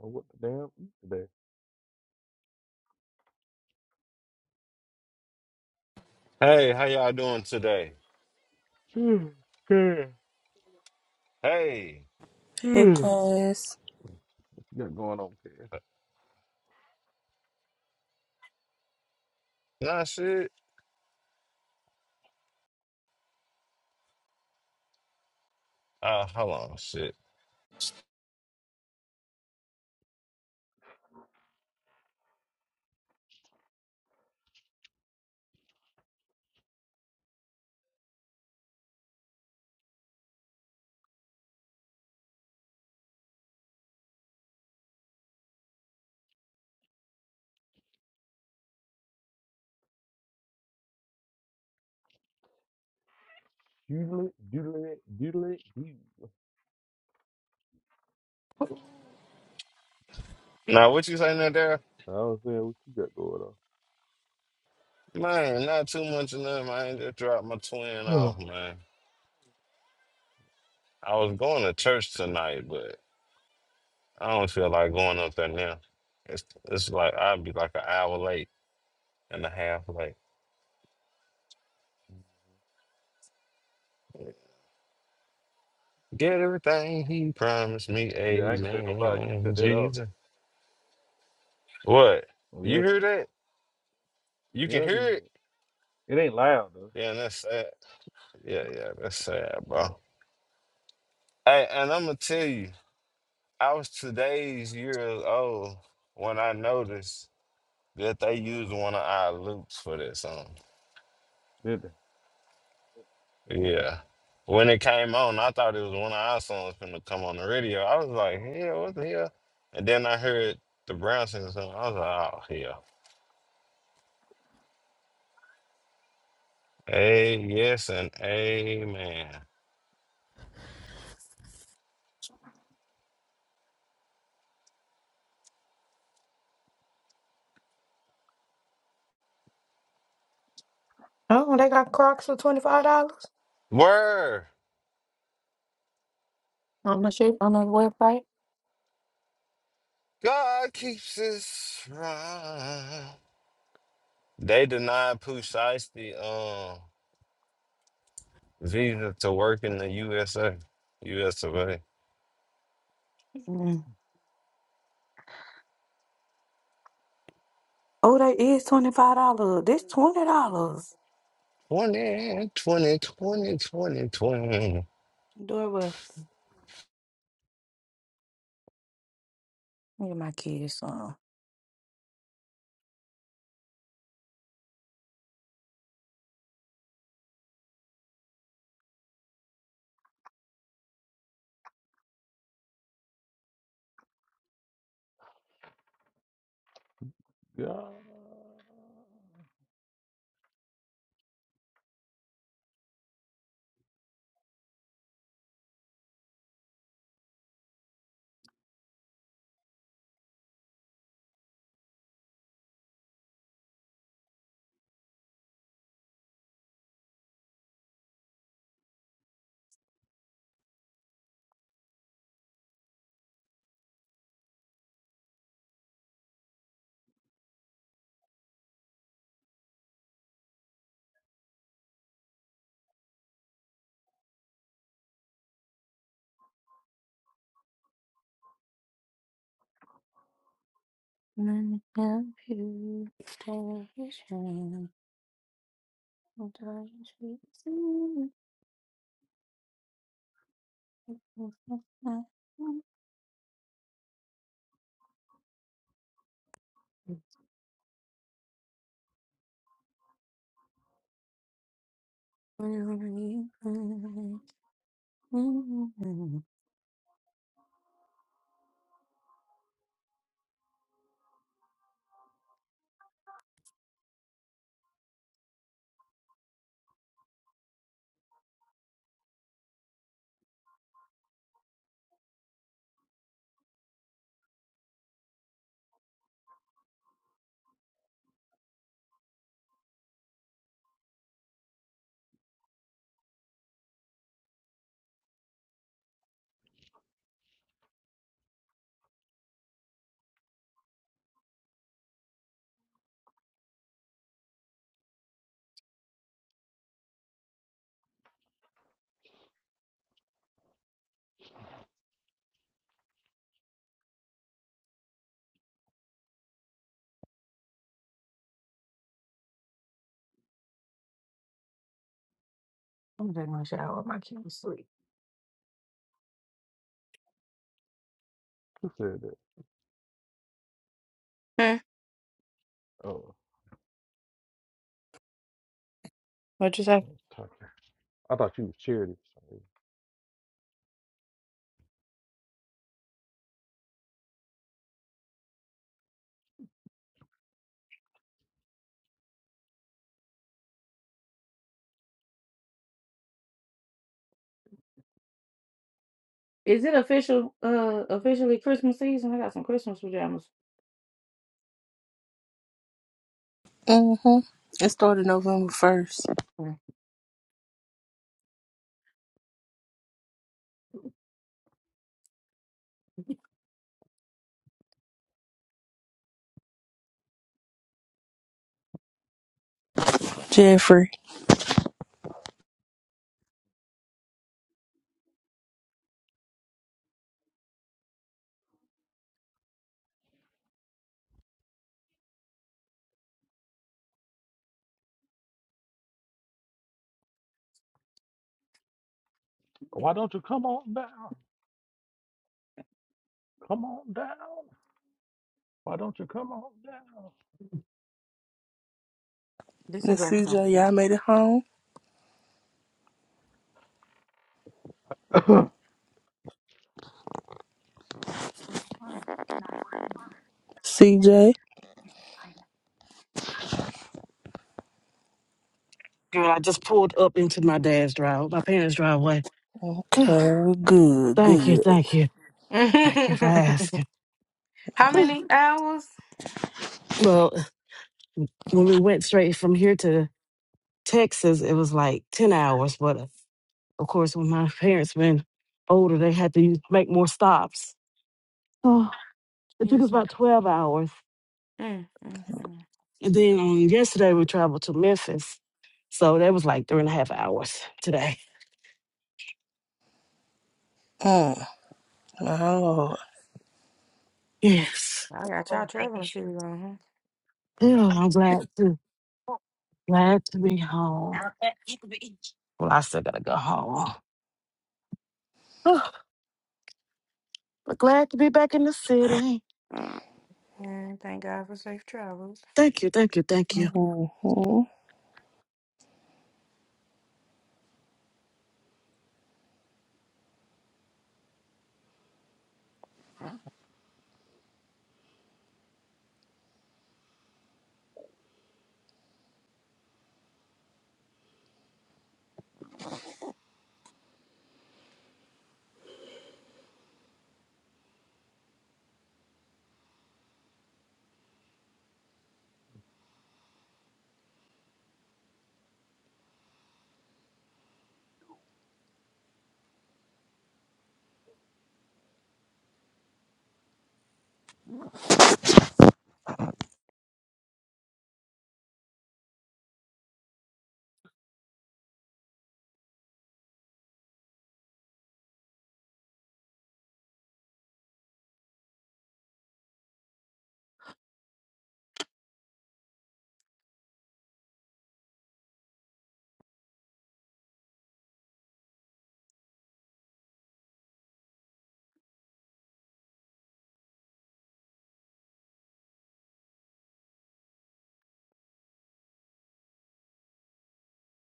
Oh, what the damn is that? Hey, how y'all doing today? Hey, hey, Cass. What you got going on, Cass? nah, shit. Uh, hold on, shit. Doodle it, doodle it, doodle it, doodle. Now, what you saying there? I was saying, what you got going Man, not too much of them. I ain't just dropped my twin on? off, man. I was going to church tonight, but I don't feel like going up there now. It's it's like I'd be like an hour late and a half late. Get everything he promised me, yeah, I ain't gonna say no lie. You can amen, cut that off. Jesus. What? Oh, yeah, You hear that? You yeah, can I can hear hear it? it. It ain't loud though. Yeah, that's sad. Yeah, yeah, that's sad, bro. Hey, and I'm gonna tell you. I was today's years old when I noticed that they used one of our loops for that song. Yeah, did they? Yeah. When it came on, I thought it was one of our songs finna come on the radio. I was like, hell, what the hell? And then I heard the Brown singing song. I was like, oh, hell. A yes and amen. Oh, they got Crocs for twenty five dollars Word. on the shit on the website. God keeps us right. They denied Pooh Shiesty. Um, visa to work in the USA, US of A. Mm. Oh, they is twenty five dollars. This twenty dollars. 20, twenty, twenty, twenty, twenty. Dora Weston. Look at my kids song. Yeah. None of you television. I'm taking my shower while my kids sleep. Who said that? Hmm? Oh, What you I say? was talking. I thought you was charity. Sorry. Is it official? Uh, officially Christmas season. I got some Christmas pajamas. Mm-hmm. It started November 1st. Hmm. Jeffrey. Why don't you come on down? Come on down. Why don't you come on This is a And great song. CJ, y'all made it home? down? CJ? Girl, I just pulled up into my dad's drive, my parents' driveway. Okay, good, thank you, good. thank you, thank you for asking. How many hours? well, when we went straight from here to Texas, it was like 10 hours. But uh, of course, when my parents been older, they had to make more stops. Oh, it took us Jesus. about 12 hours. Mm, mm, mm. And then on yesterday we traveled to Memphis. So that was like three and a half hours today. Mm, my lord. Yes. I got Oh y'all baby. traveling series on. Huh? Yeah, I'm glad to glad to be home. Well, I still gotta go home. Oh, but glad to be back in the city. Travel. Thank you, thank you, thank you. Mm-hmm.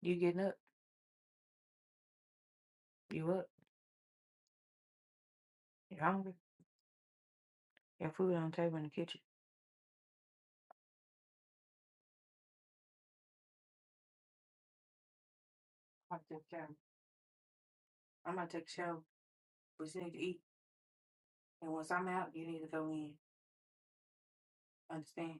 You getting up? You up? You hungry? Got food on the table in the kitchen. I'm gonna take care. I'm gonna take a shower. We just need to eat. And once I'm out, you need to go in. Understand?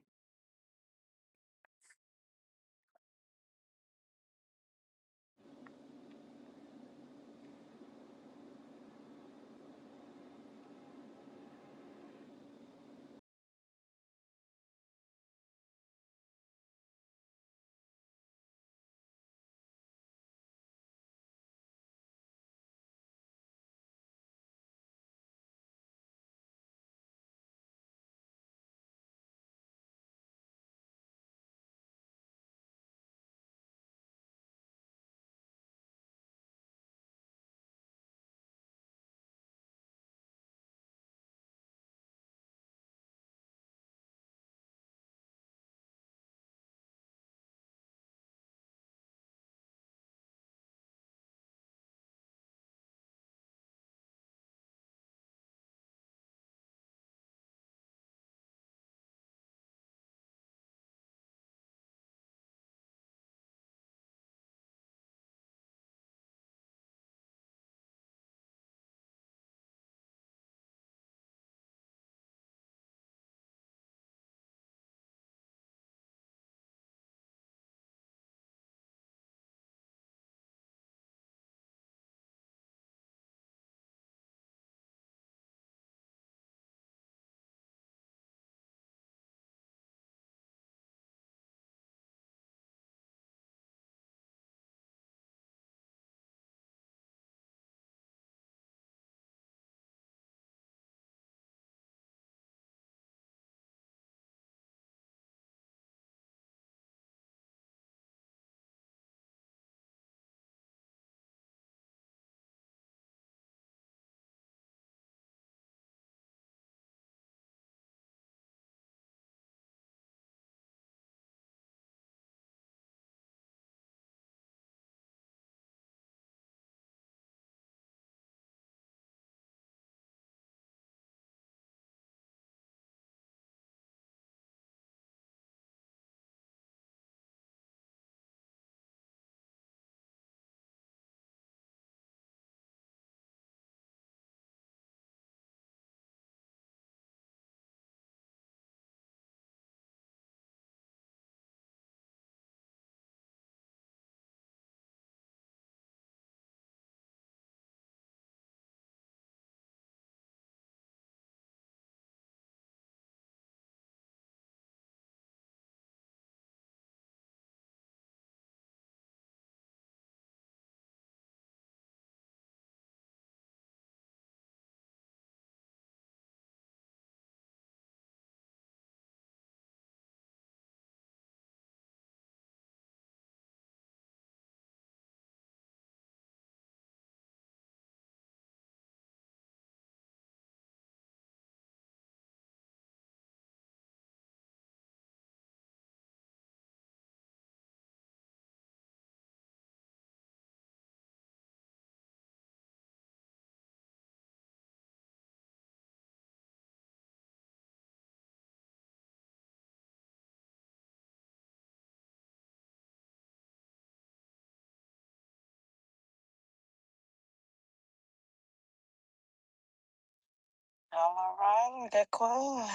All right, that quiet.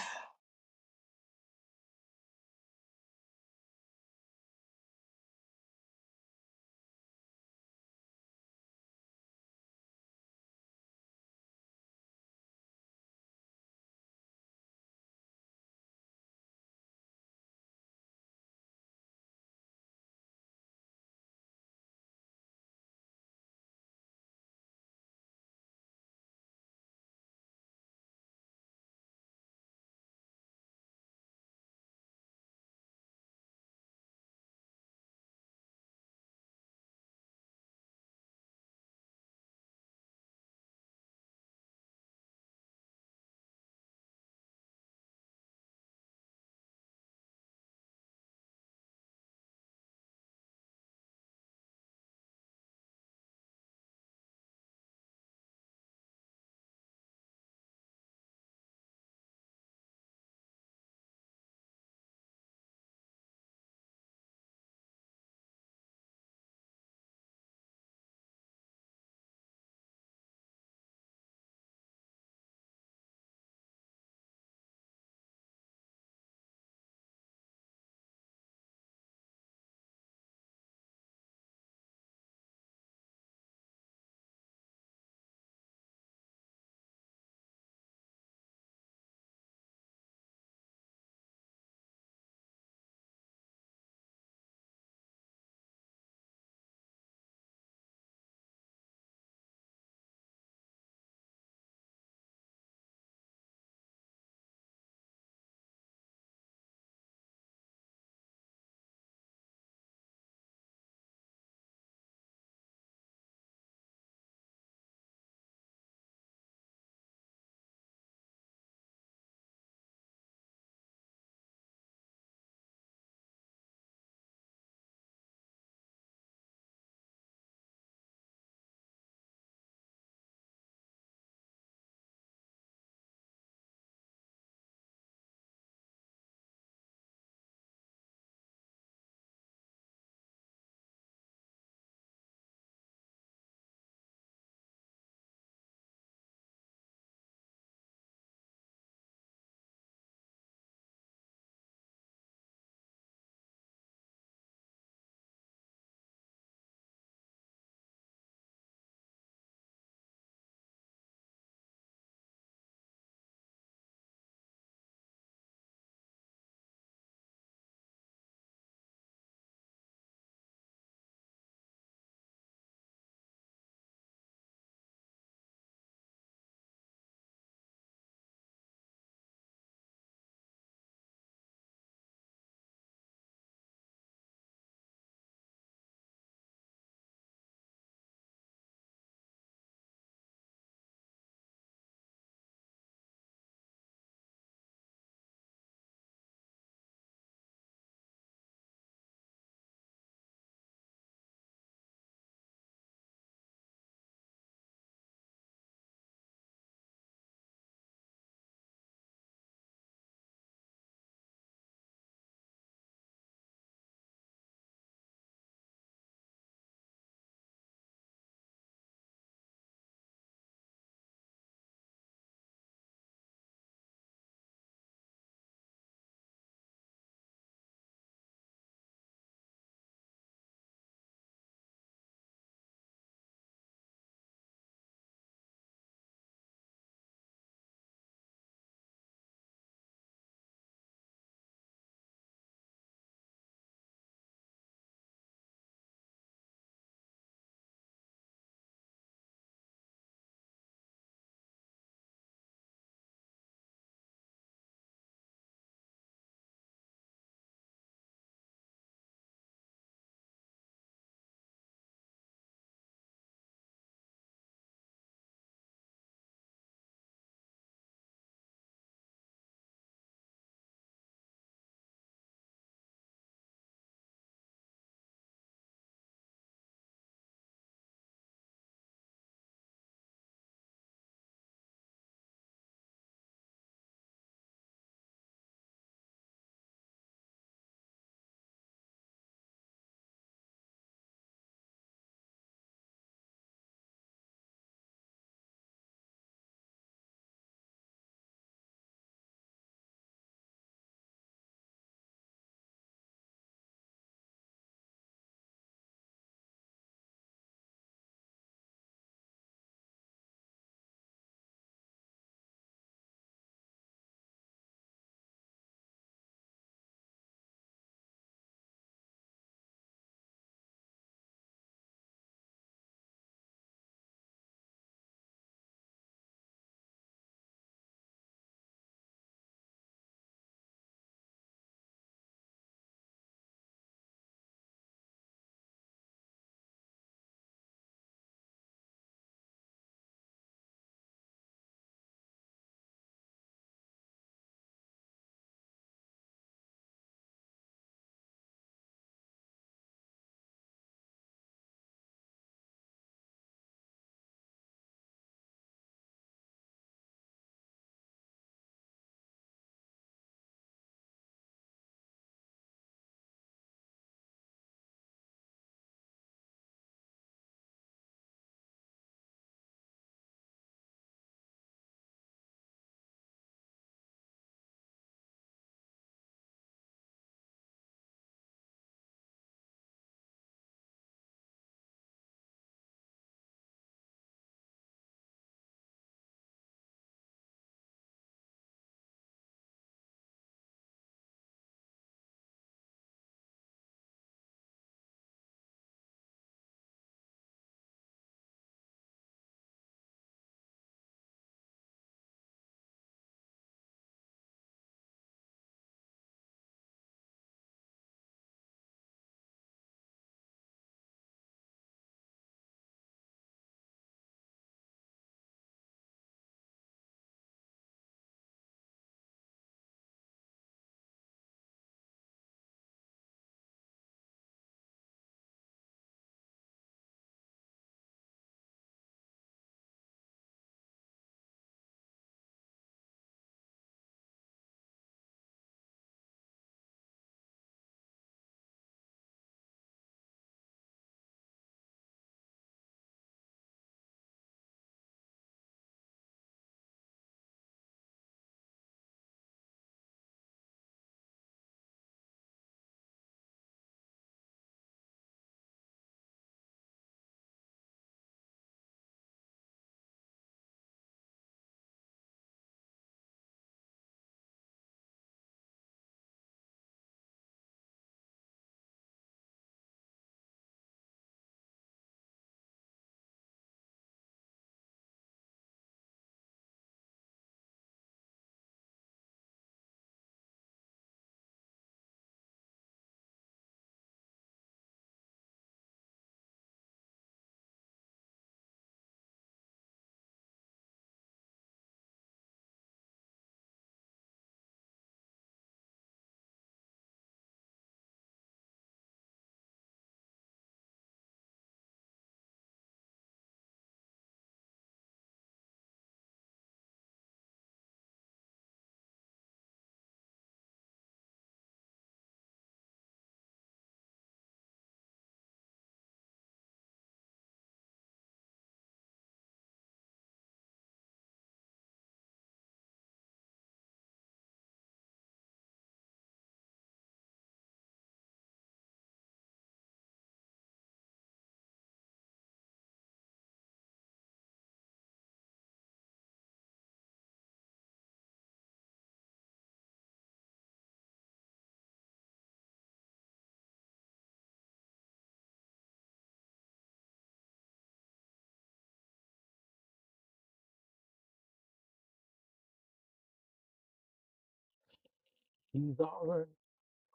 He's all right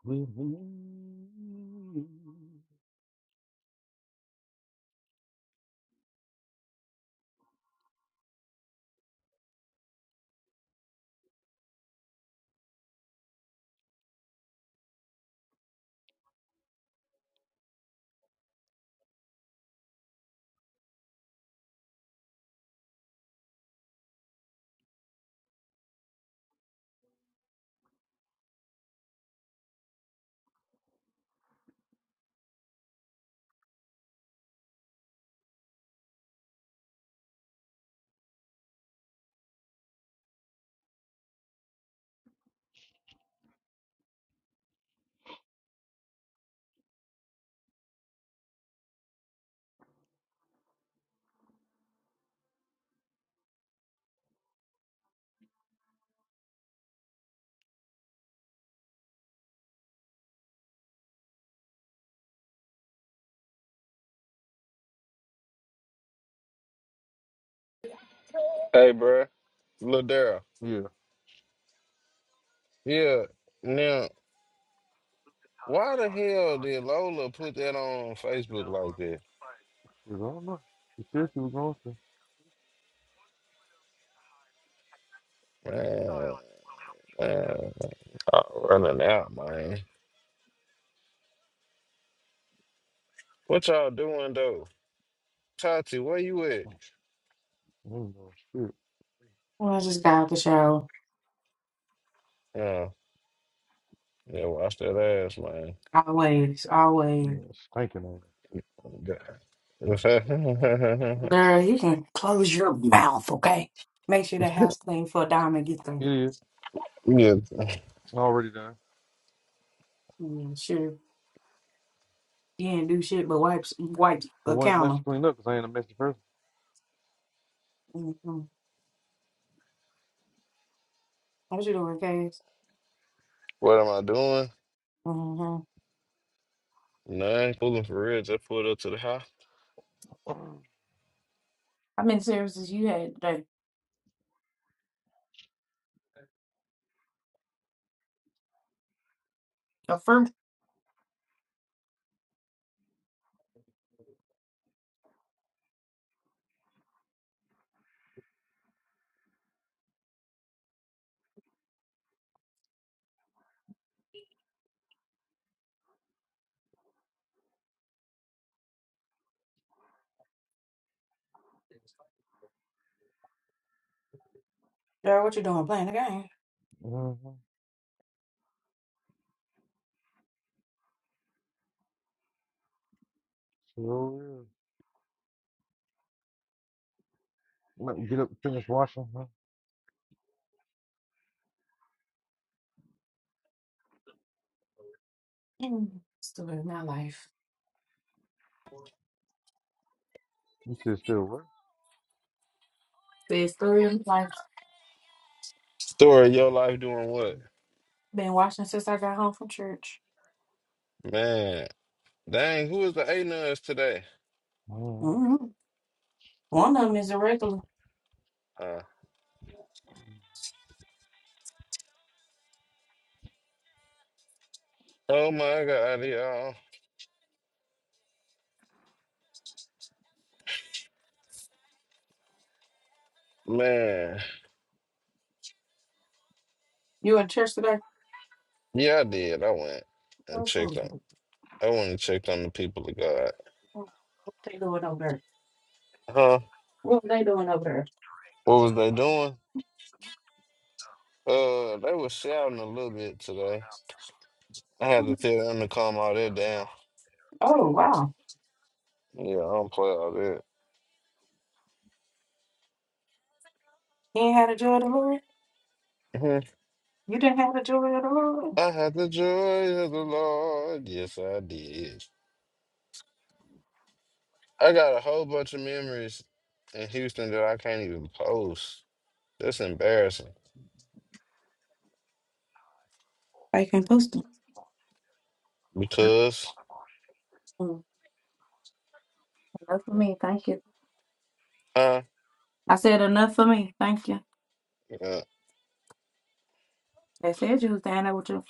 with me. Hey, bruh. Lil Daryl. Yeah, Yeah. Now, why the hell did Lola put that on Facebook like that? she's all right. She said she was going to. Man, man, I'm running out, man. What y'all doing though? Tati, where you at? I don't know. Shit. Well, I just got out the shower. Yeah, yeah, watch that ass, man. Always, Yeah, always. it's stinking on God. Girl, you can close your mouth, okay? Make sure the house clean for a dime and get there. her. It is. yeah. Already done. Mm, sure. You ain't do shit but wipes, wipe It the wasn't much counter. to clean up because I ain't a messy person. Mm-hmm. What you doing, Cass? What am I doing? Mm-hmm. No, I ain't fooling for real. Just pulled up to the house. How many services you had today? Girl, what you doing? Playing the game. Mm-hmm. So, yeah. Let me get up and finish washing. Huh? Mm. Story of my life. You said still work. The story of my life. Story of your life doing what? Been watching since I got home from church. Man, dang, who is the A nuns today? Mm-hmm. hmm One of them is a regular. Uh, oh my God, y'all. Man, You in church today? yeah, I did. I went and What's checked on. the- I went and checked on the people of God. What they doing over there? Huh? What they doing over What was they doing? Uh, they were shouting a little bit today. I had there? to tell them to calm all that down. Oh, wow. Yeah, I don't play all that. You ain't had a joy of the Lord? Mhm. You didn't have a joy of the Lord? I had the joy of the Lord. Yes, I did. I got a whole bunch of memories in Houston that I can't even post. That's embarrassing. I can post them. Because, Mm, Enough for me, thank you. huh? I said enough for me, thank you. Yeah. They said you was down there with your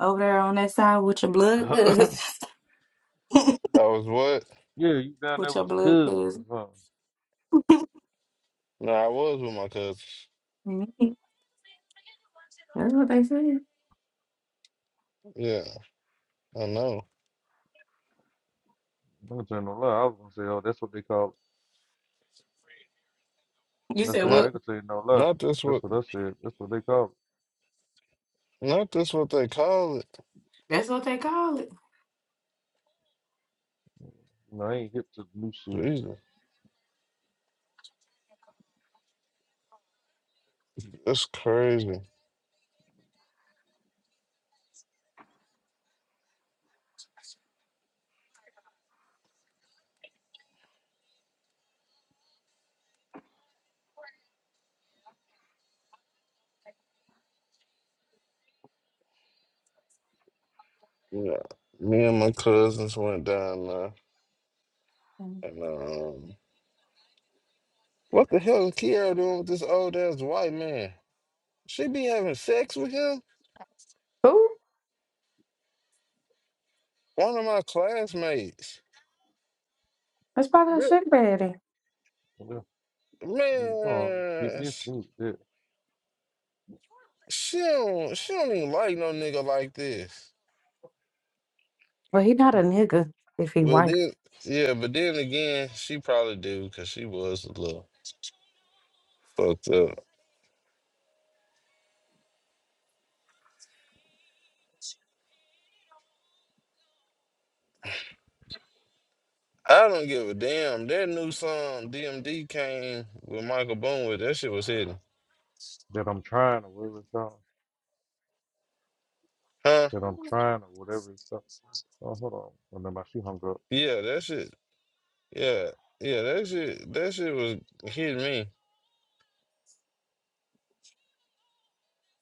over there on that side with your blood goods, I was what? Yeah, you down there with with your your blood cousins goods. or something. No, I was with my cousins. Mhm. That's what they said. Yeah, I know. I ain't gonna tell you no lie. I was gonna say, oh, that's what they call You it. I said said, I Not, what? ain't gonna tell you no lie. not this That's what, what I said. That's what they call it. not this what they call it. That's what they call it. You know, I ain't hip to the new shit. Jesus, that's crazy. Yeah, me and my cousins went down there, Mm. and um, what the hell is Kiara doing with this old ass white man? She be having sex with him? Who? One of my classmates. That's probably a sick baddie. So, Yeah, you know, I keep Man, missing it, that, she don't she don't even like no nigga like this. Well, he not a nigga if he But white. then yeah, but then again, she probably do because she was a little fucked up. I don't give a damn. That new song DMD came with Michael Boone with that shit was hitting. that I'm trying or whatever it's called. Huh? That I'm trying or whatever it's called. Oh, hold on. And then my shoe hung up. Yeah, that shit. Yeah. Yeah, that shit that shit was hitting me.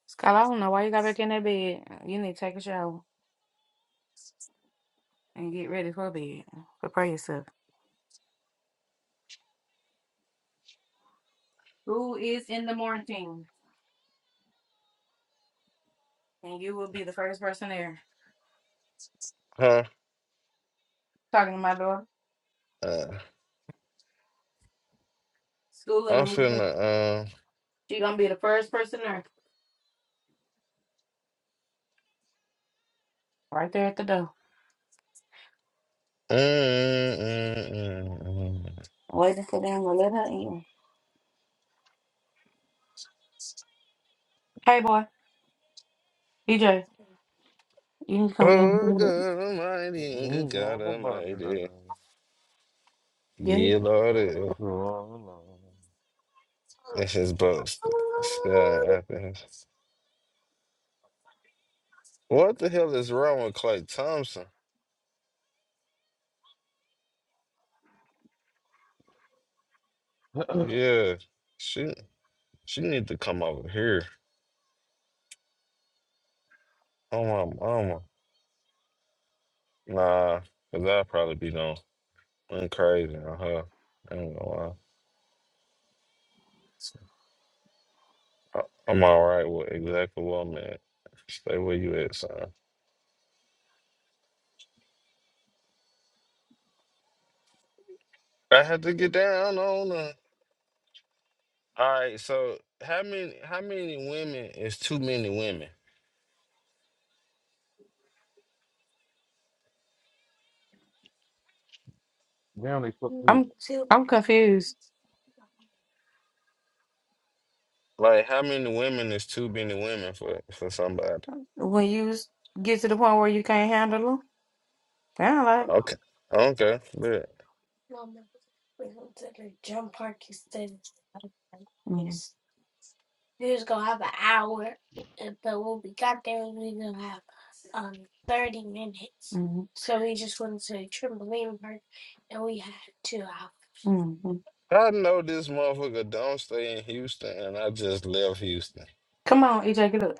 Scott, I don't know why you got back in that bed. You need to take a shower and get ready for bed. Prepare yourself. Who is in the morning? And you will be the first person there. Huh? Talking to my daughter. Uh, schooling I'm them. finna uh, She gonna be the first person there, right there at the door, mm, mm, mm, mm. mm, mm. waiting for them to let her in. Hey, boy, DJ, you need to come get Oh, him. God Almighty, good God Mm-hmm, I'm not here right Now Almighty. Yeah, Yeah, Lord. So, uh, That's his boast. What the hell is wrong with Clay Thompson? Yeah, she she need to come over here. Oh my mama. Nah, cause I'll probably be gone. I'm crazy on her. I ain't gonna lie. I- I'm all right with exactly what I'm at. Stay where you at, son. I had to get down on her. All right, so how many how many women is too many women? Now they fuck me I'm I'm confused. Like how many women is too many women for for somebody? When you s- get to the point where you can't handle them, sound like Okay, okay, good. yes. Mhm. Mhm. I know this motherfucker don't stay in Houston, and I just left Houston. Come on, EJ, get up.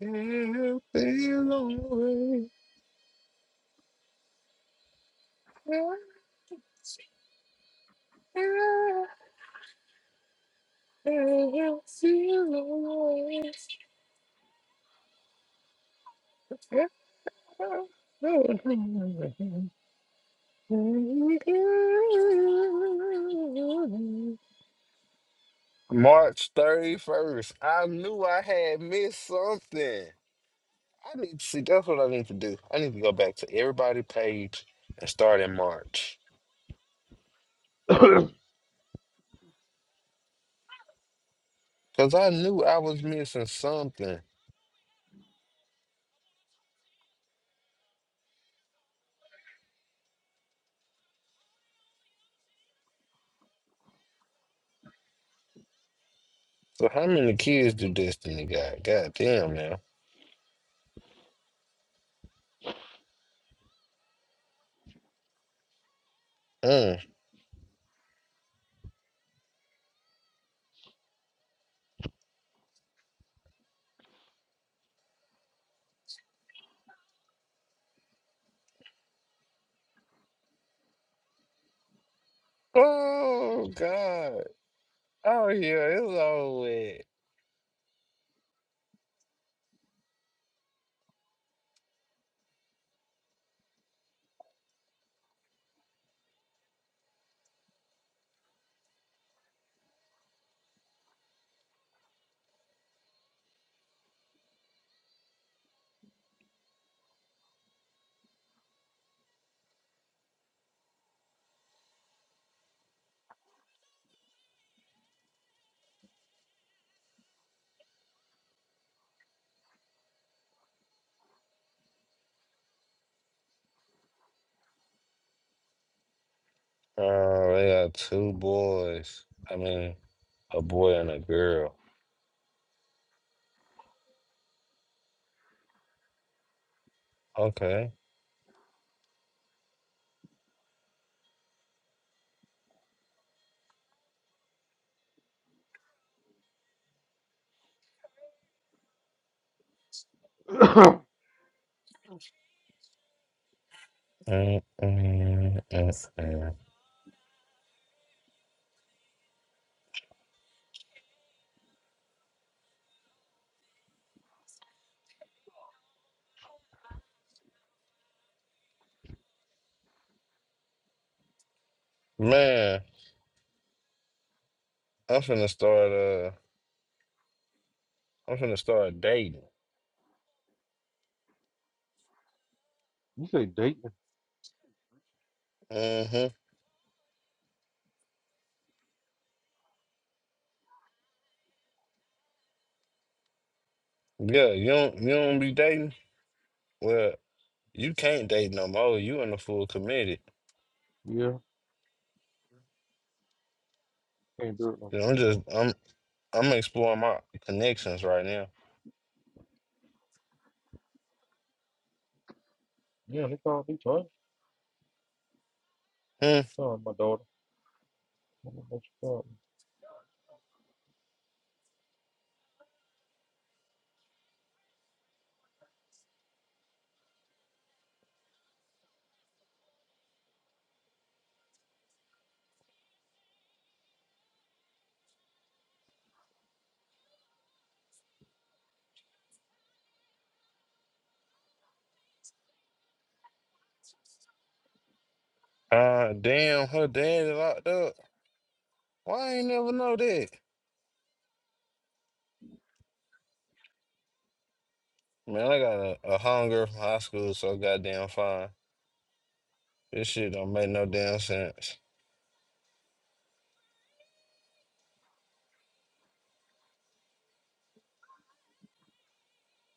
Feel the way, feel the way. March 31st. I knew I had missed something. I need to see. That's what I need to do. I need to go back to everybody page and start in March. Because I knew I was missing something. So how many kids do Destiny got? God damn now. Mm. Oh God. Oh yeah, it's over with. Oh, they got two boys. I mean, a boy and a girl. Okay. up. Mm, mm, mm, mm. mm. Man. I'm finna start. Uh, I'm finna start dating. you say dating? Mm-hmm. Yeah, you don't. You don't be dating. Well, you can't date no more. You in the full committed. Yeah, can't do it no more. You know, I'm just. I'm. I'm exploring my connections right now. Yeah, they called. me twice. Hmm. Sorry, my daughter. I don't know what you call Uh, damn. Her dad is locked up. Why I ain't never know that? Man, I got a, a hunger from high school, so goddamn fine. This shit don't make no damn sense.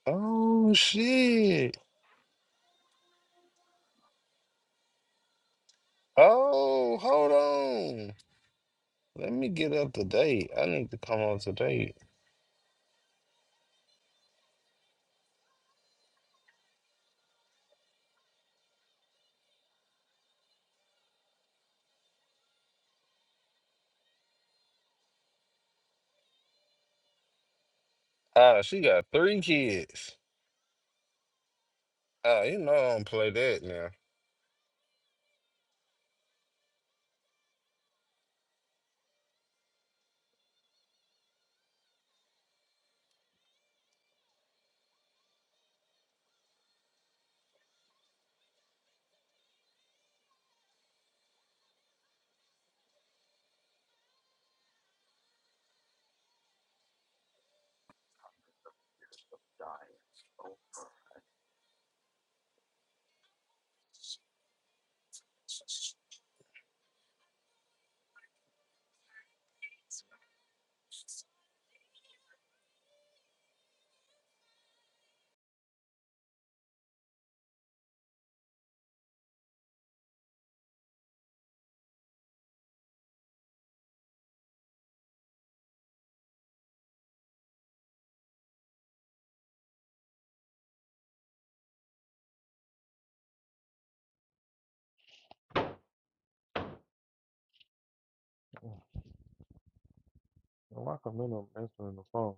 Oh shit. Oh, hold on. Let me get up to date. I need to come up to date. Ah, she got three kids. Ah, you know I don't play that now. Mm. Well, Why Camino answering the phone?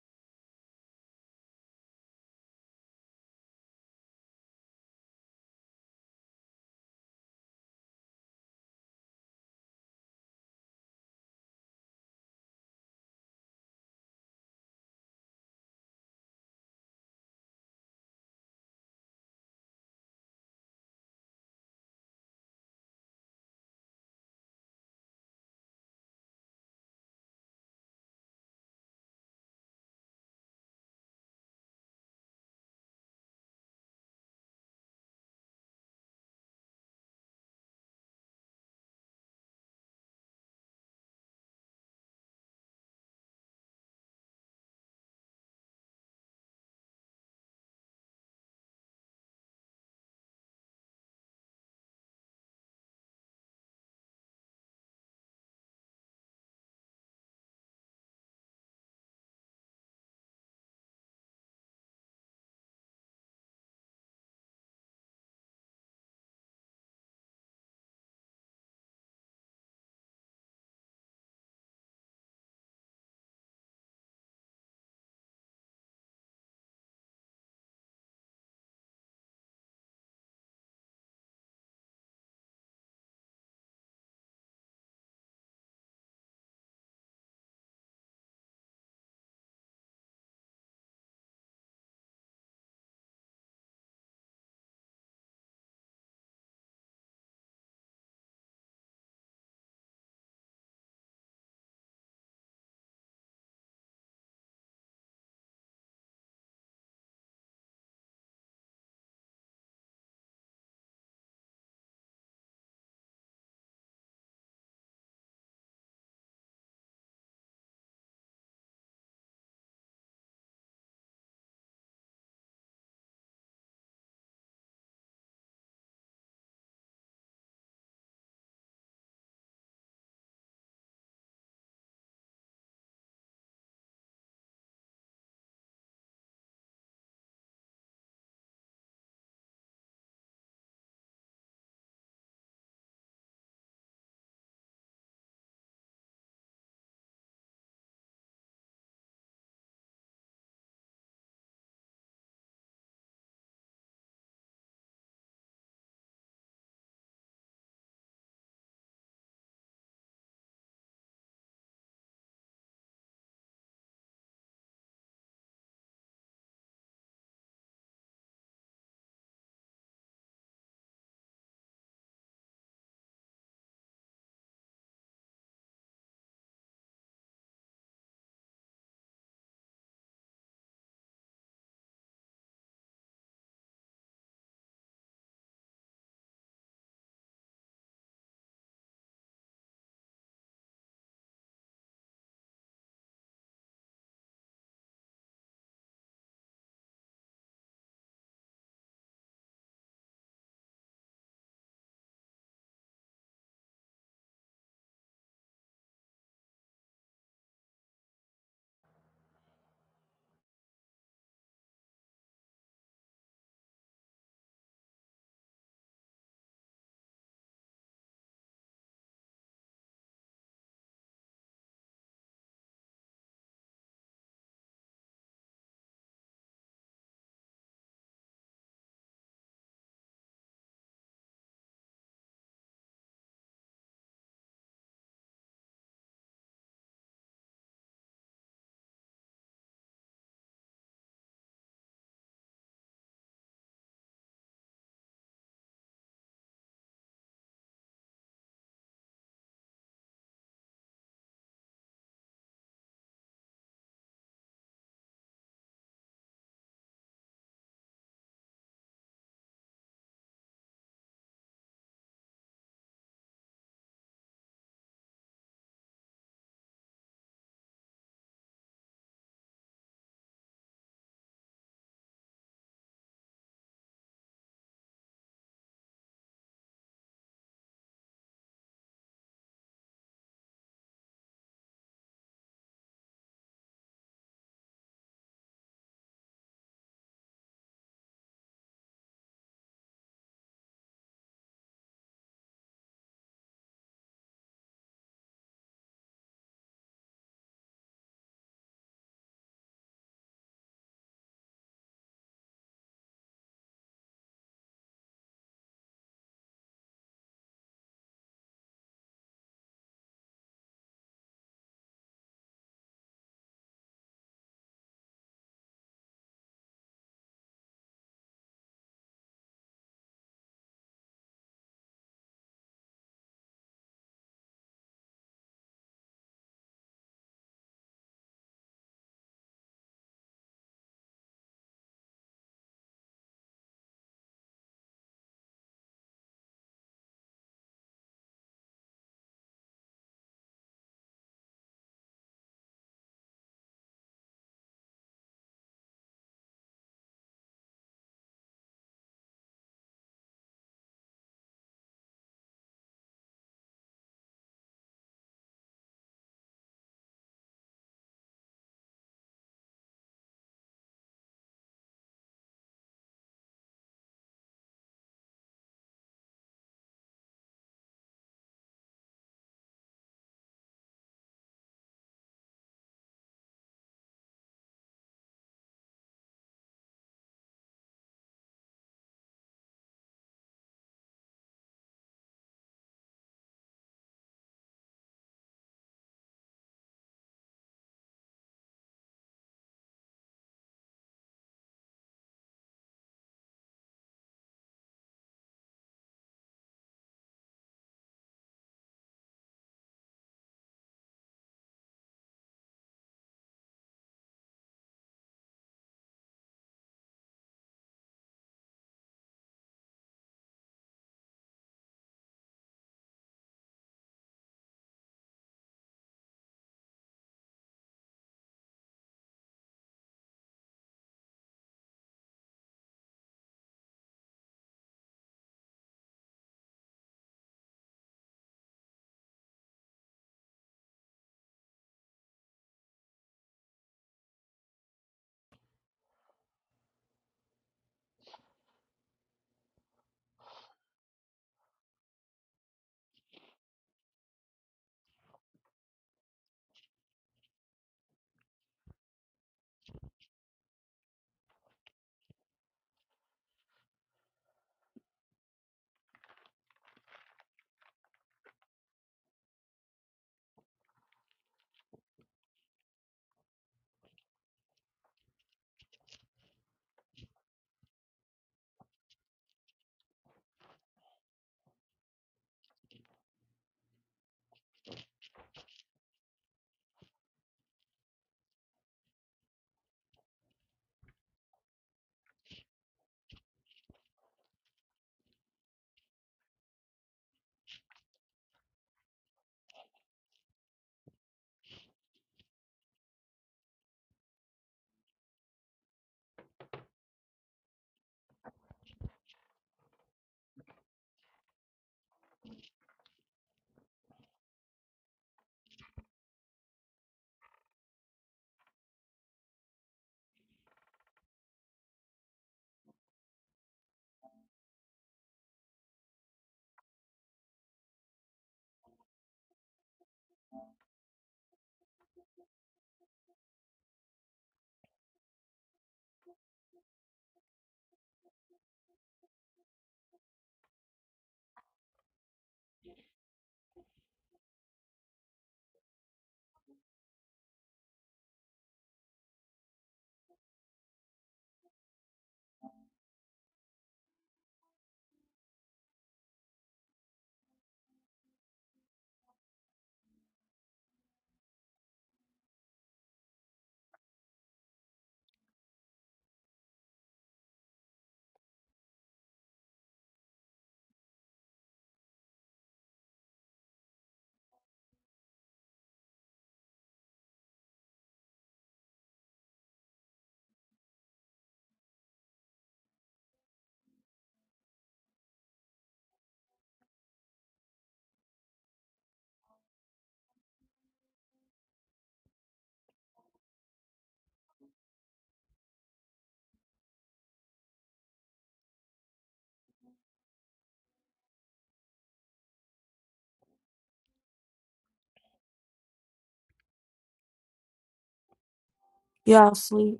Y'all sleep.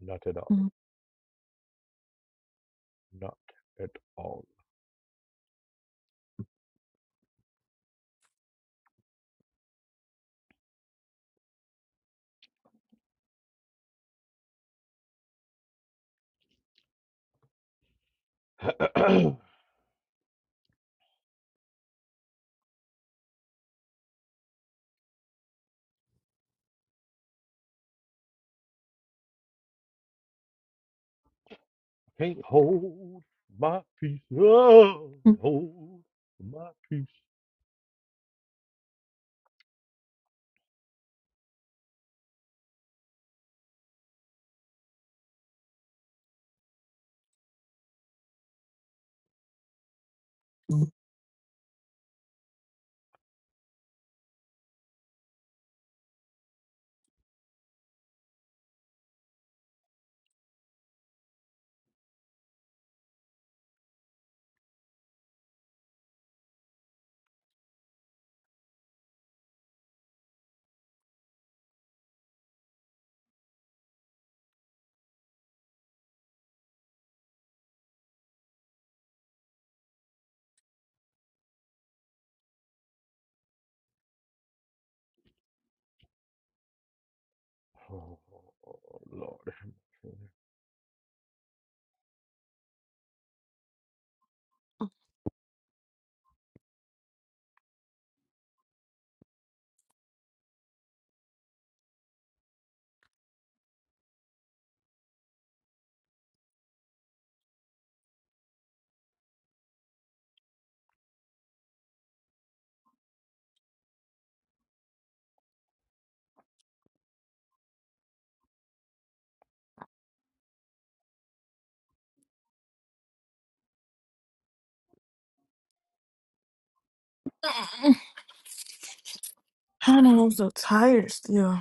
Not at all. Not at all. I Can't hold my peace. Oh, hold my peace. Mm. Mm. Mm. Oh, Lord. I know I'm so tired still.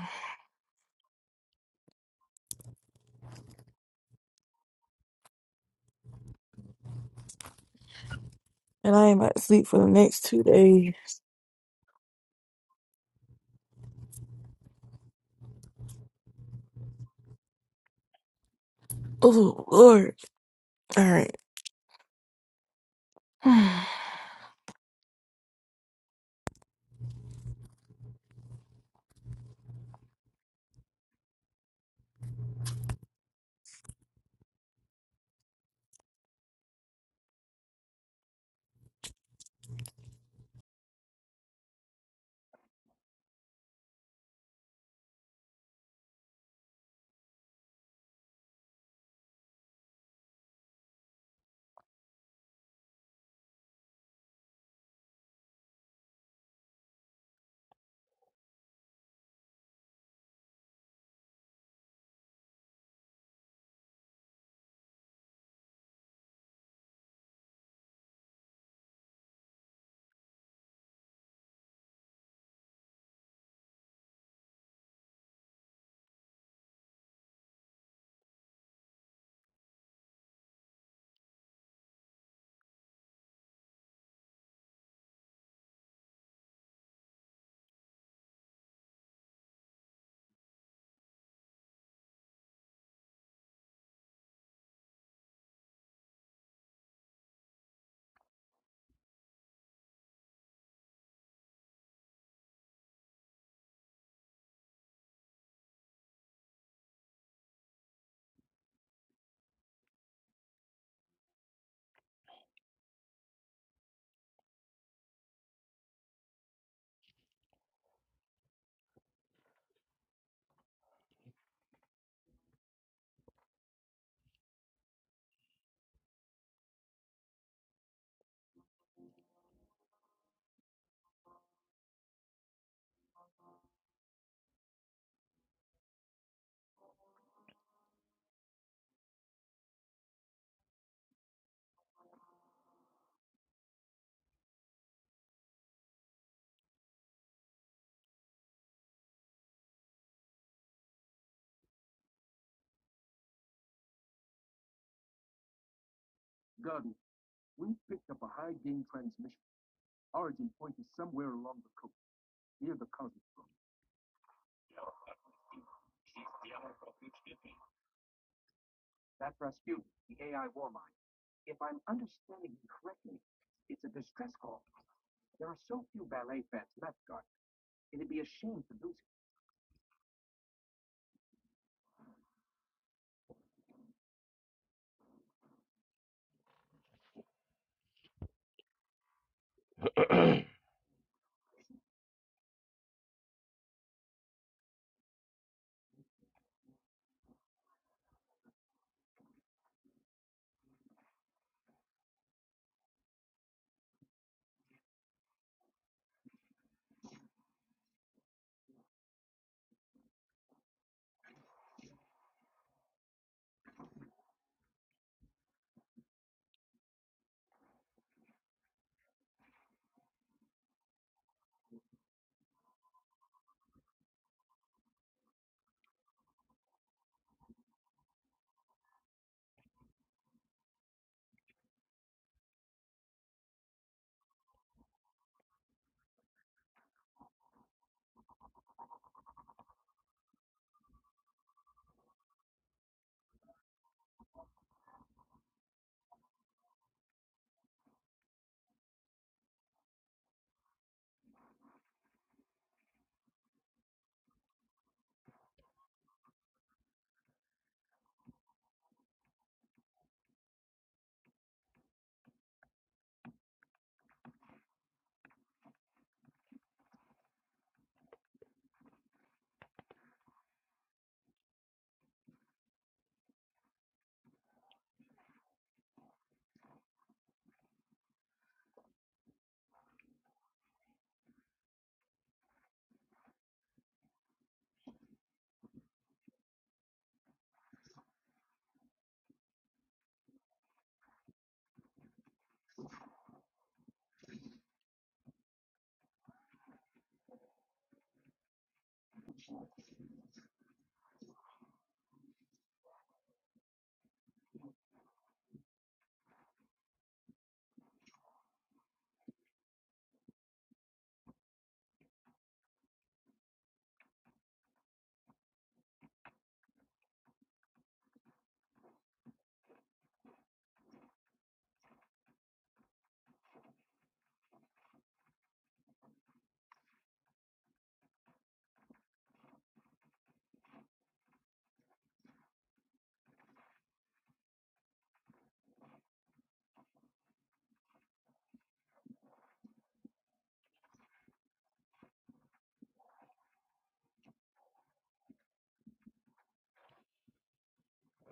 And I ain't about to sleep for the next two days. Oh, Lord. All right.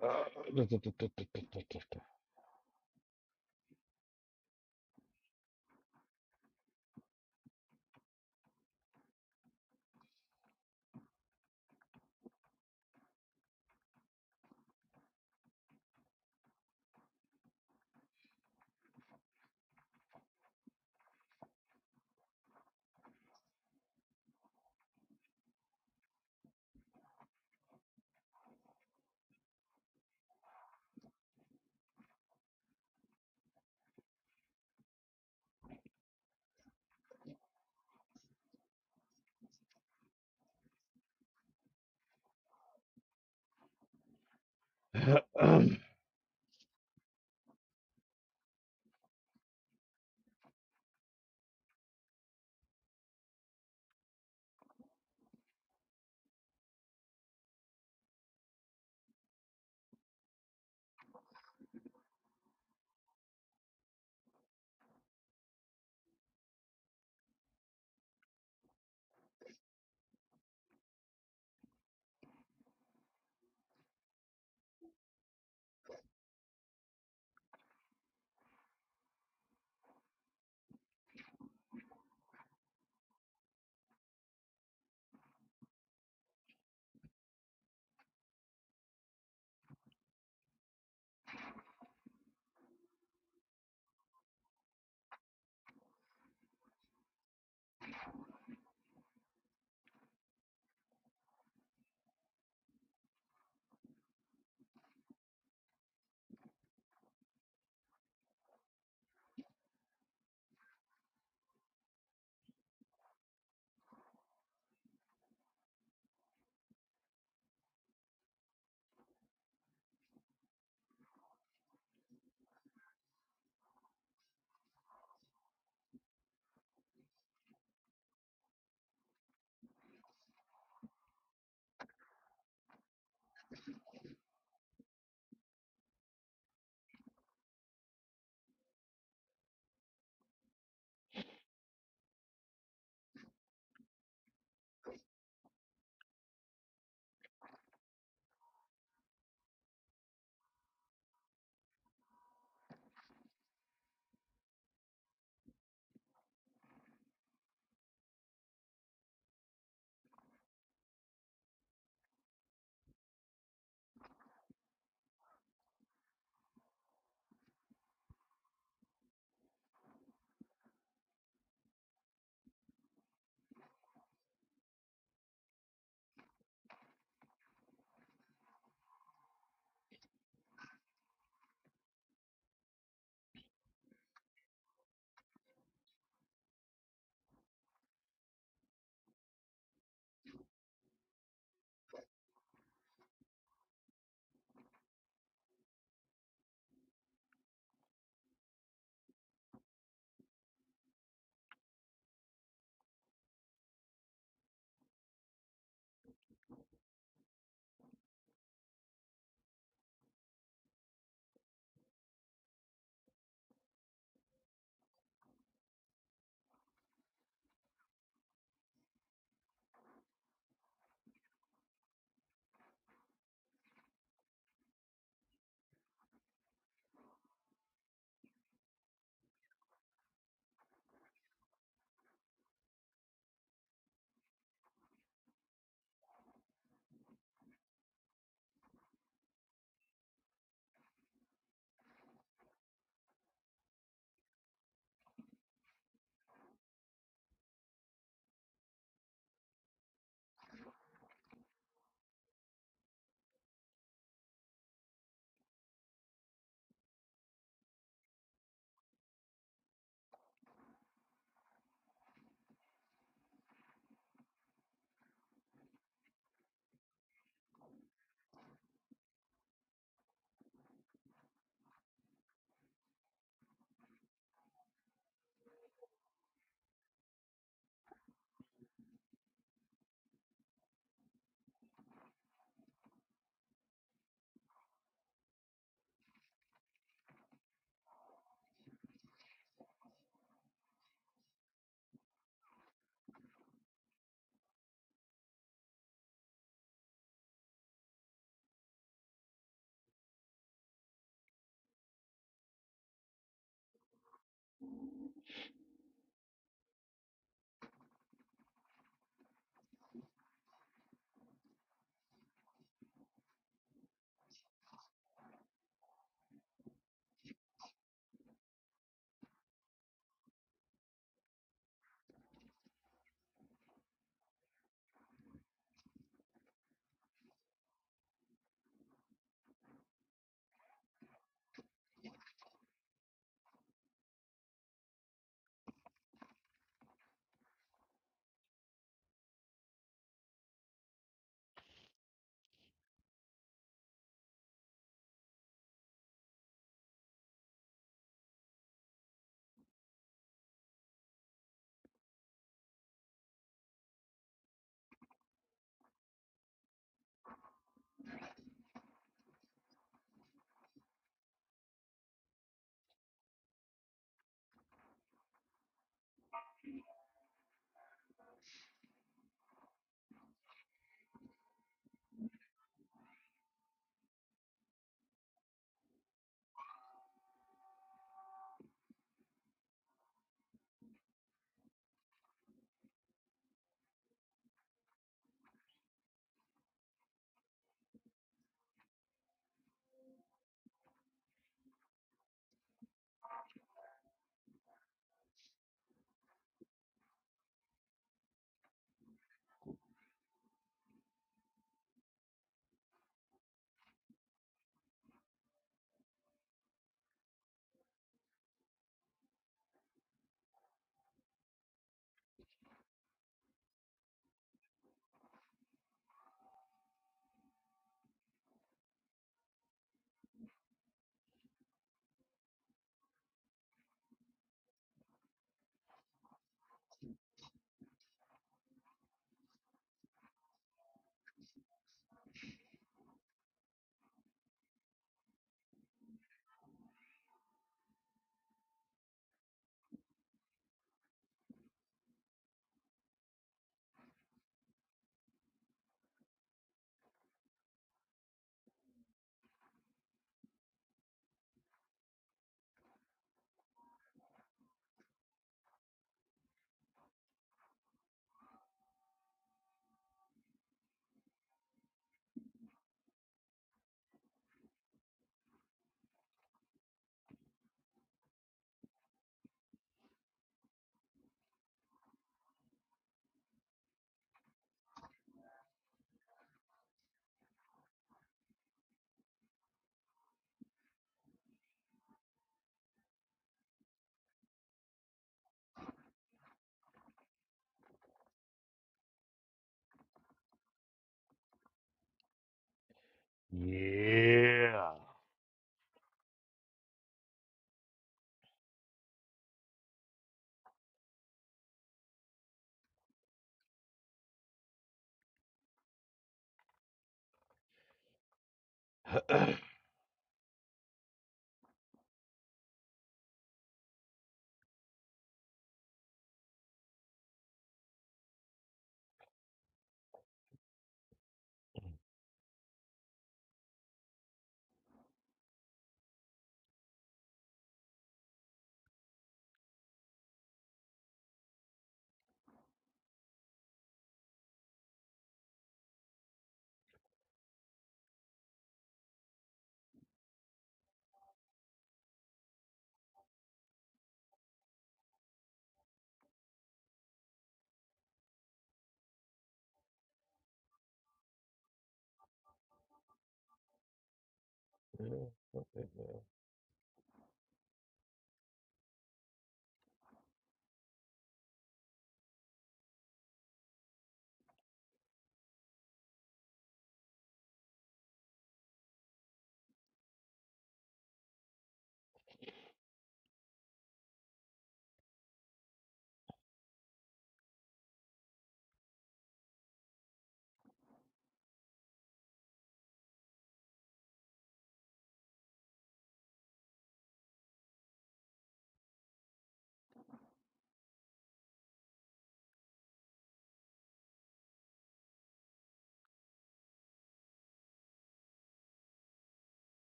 Ah, da, da, da, da, da, da, da, da, da. yeah. Gotta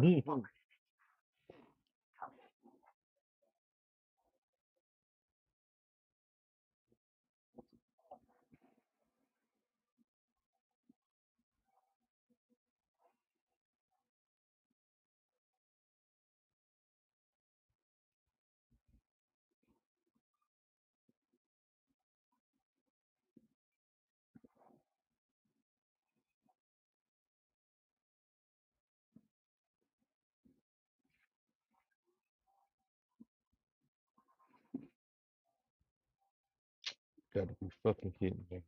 be fucking kidding me.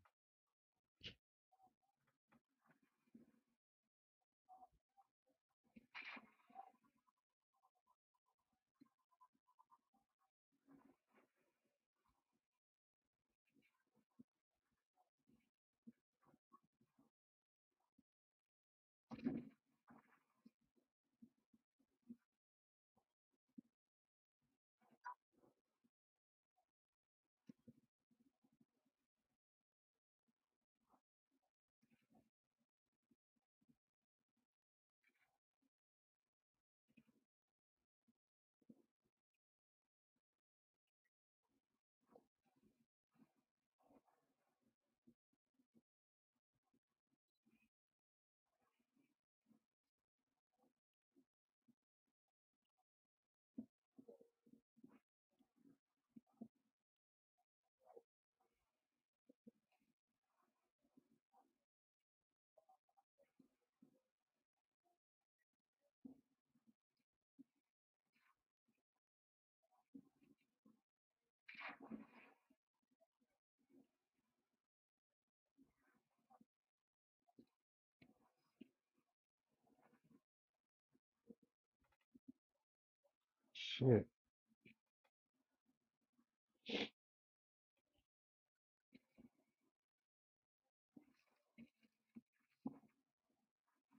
Shit.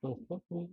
So fucking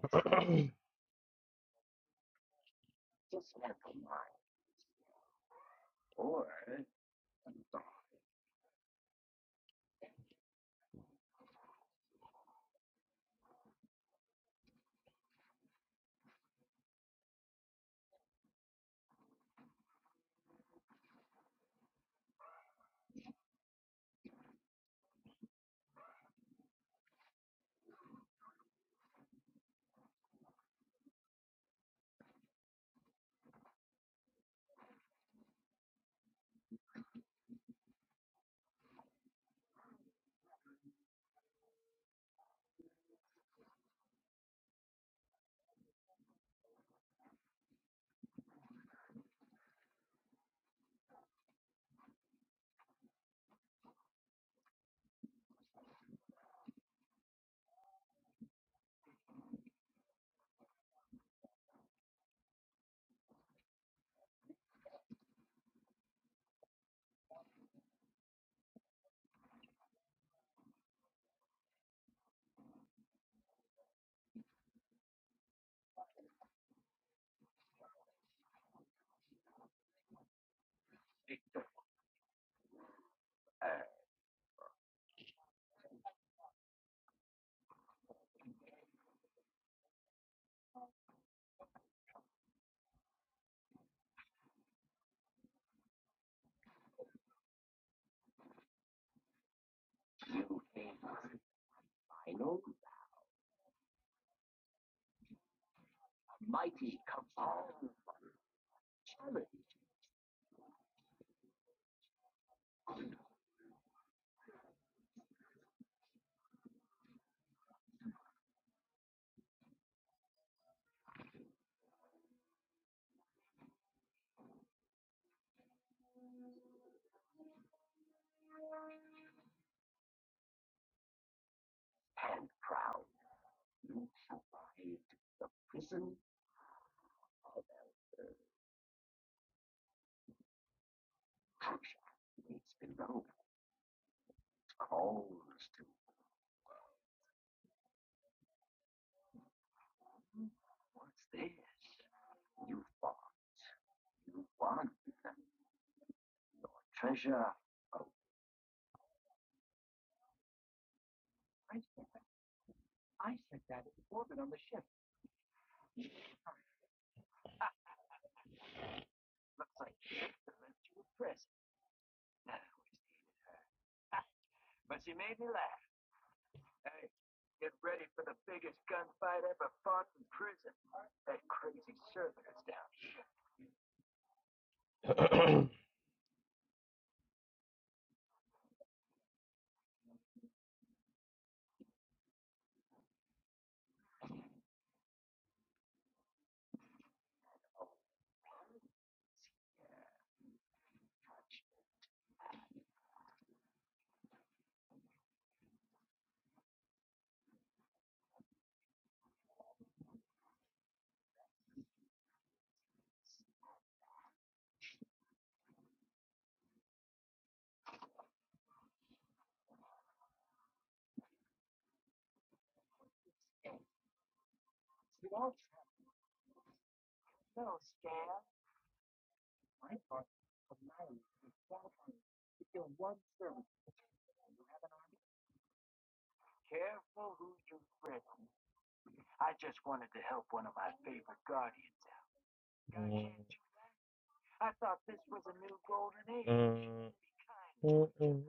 good. Um,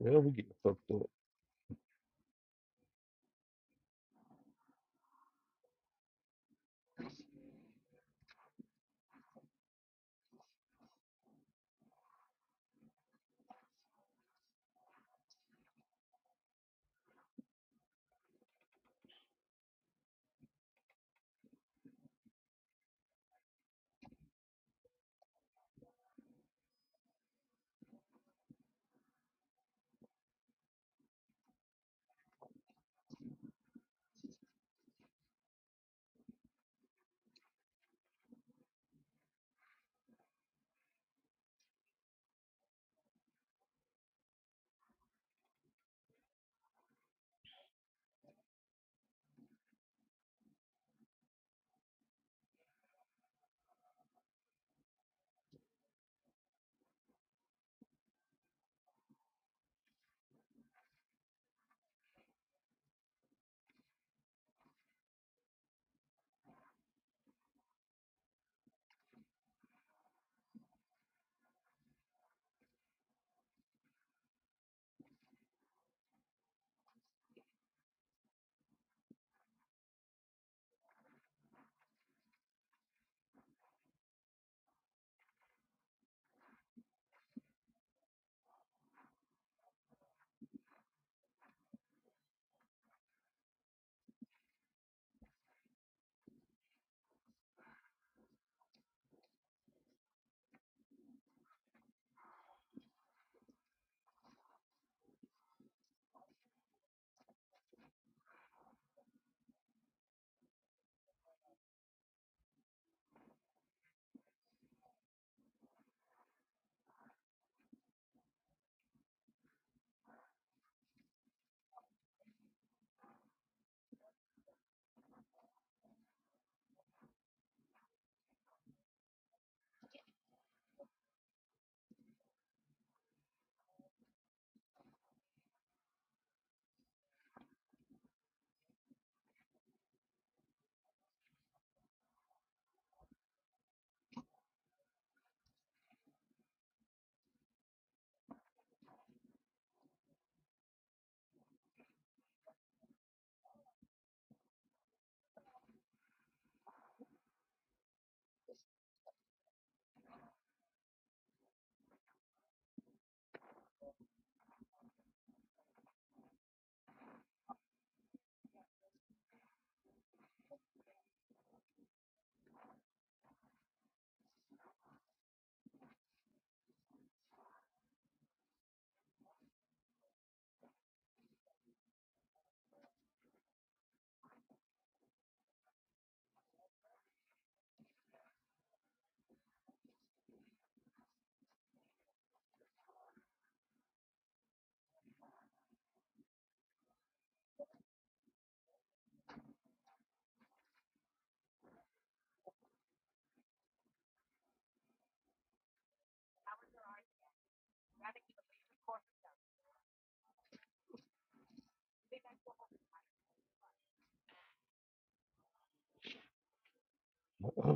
Yeah, we get fucked up.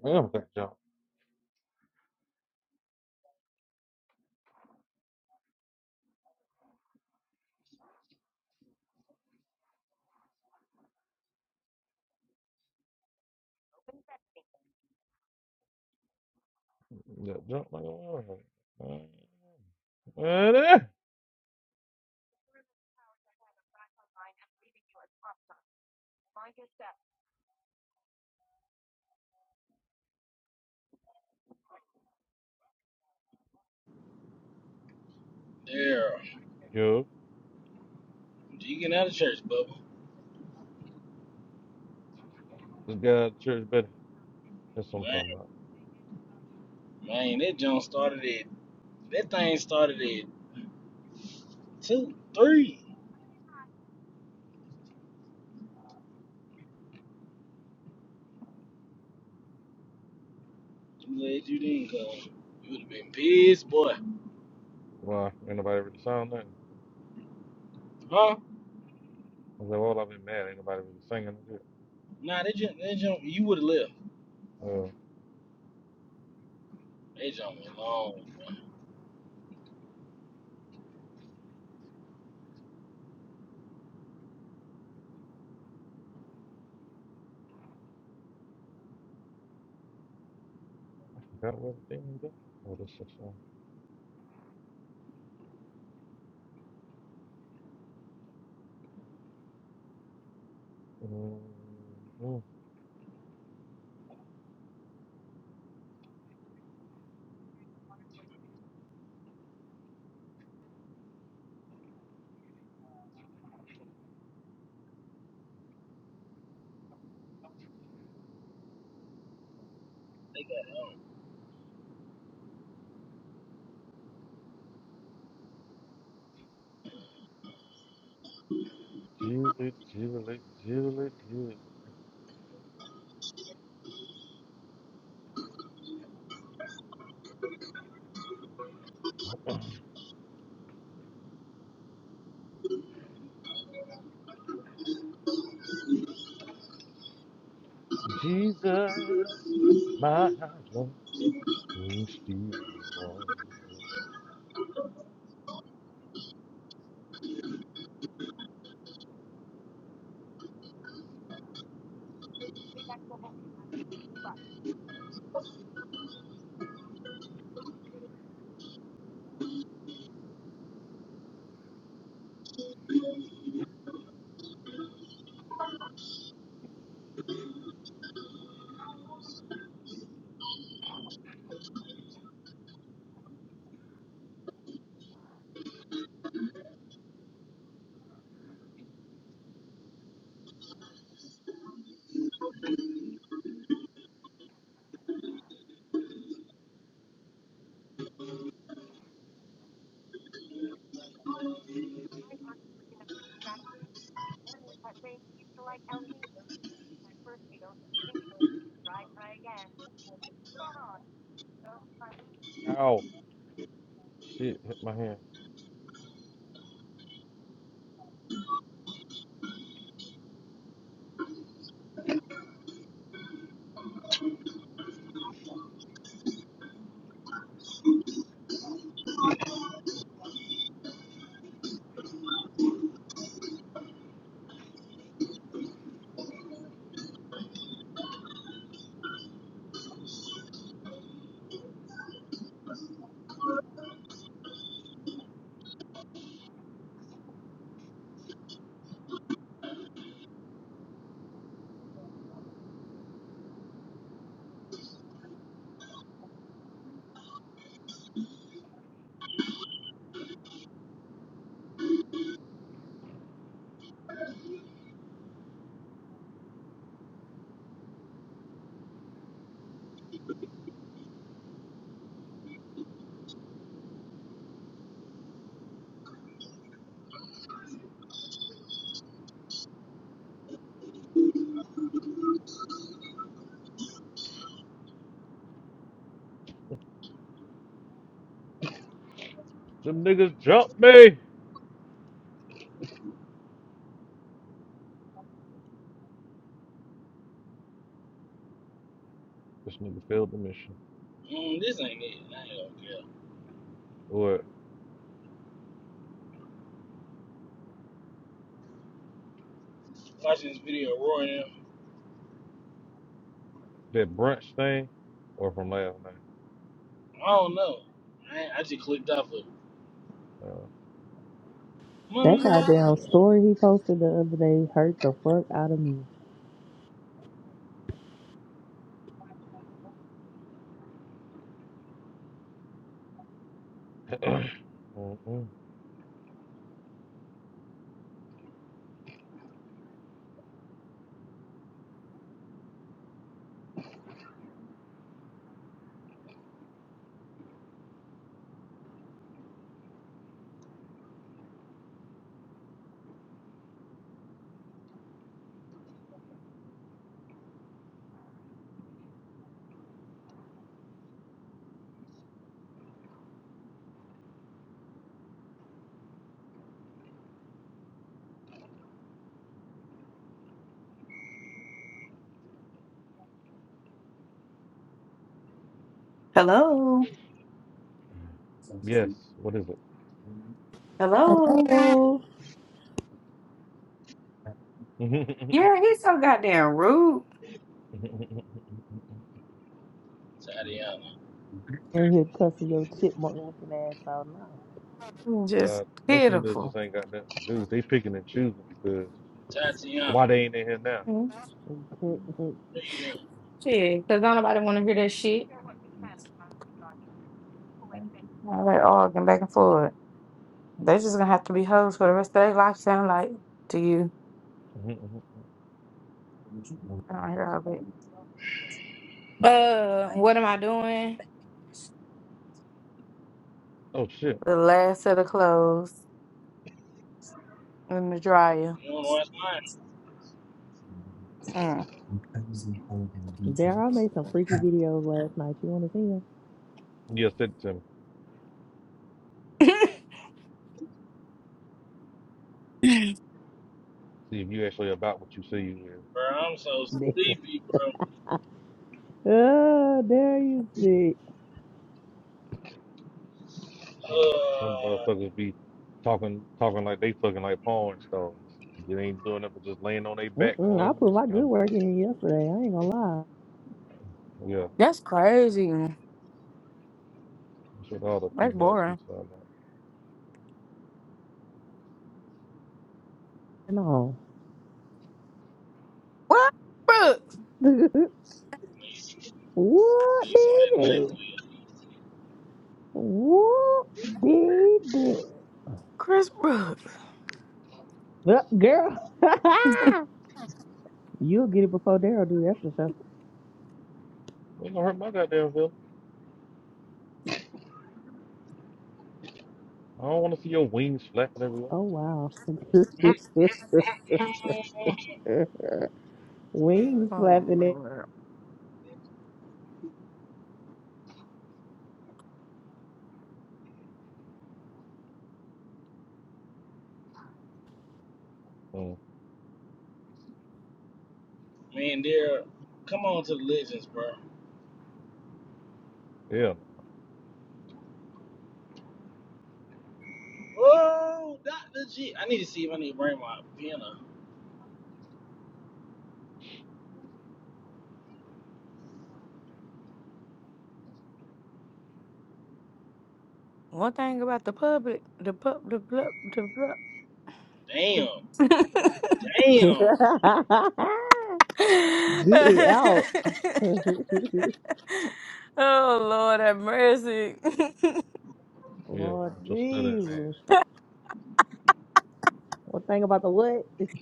Yeah, we got jump. Got jump like a motherfucker. Uh, uh, There, Yo, you getting out of church, Bubba? this guy at the church better. That's what I'm Man, talking about. man, that jump started at that thing started at two, three. I'm glad you didn't come. You would have been pissed, boy. Why? Ain't nobody really sound nothing. Huh? I said, well, I've been mad. Ain't nobody really singing. Nah, that jump, that jump, you would have left. Oh, That jump was long. boy. I forgot what the thing was. Oh, this is fun. Mm, Jesus, Jesus, Jesus, Jesus, Jesus, my love is still wrong. Ow, shit, hit my hand. Them niggas jumped me. This nigga failed the mission. Mm, this ain't it. I ain't gonna care. Or Watching this video roaring. that brunch thing, or from last night. I don't know. I, ain't- I just clicked off of Uh, That Mama goddamn story he posted the other day hurt the fuck out of me. mm, mm. Hello, yes, what is hello. oh. it? Yeah, he's so goddamn rude. Tatiana. And here cussing your chipmunk looking ass out Just Nah, no females just pitiful. ain't got nothing to do. They picking and choosing because Tatiana, why they ain't in here now? now. what are you doing? Shit, because don't nobody want to hear that shit. Now they arguing back and forth. They're just gonna have to be hoes for the rest of their life. Sound like to you? Mhm, mhm, mhm. I don't hear all that. Uh, what am I doing? oh shit. The last set of clothes in the dryer. You wanna watch mine? Mm. There, I made some freaky videos last night. You want to see Yeah, send it to me. See if you actually about what you say you is. Bro, I'm so them? sleepy, bro. oh, there you see. Mm. Some Uh, motherfuckers be talking talking like they fucking like porn stars. They ain't doing it but just laying on their back Mm-mm, I on their put my good stomach. work in yesterday. I ain't gonna lie. Yeah, That's crazy. that's what all the That's females be boring. talking about. No. What? Bro, He's, what on did that ninth you? wheel. What did you? Uh, girl, you'll get it before Daryl do. That's for sure. Ain't gonna hurt my goddamn feelings. I don't wanna see your wings flapping everywhere. Oh wow. Wings uh, flapping it. Mm. Man, there, come on to the legends, bro. Yeah, no. Oh, Dr. G. I need to see if I need to bring my piano. one thing about the public, the pub, the blub, the blub, the. Damn. Damn. get it out. oh Lord, have mercy. Yeah, Lord with your stuttering ass. Jesus. One thing about the what? It's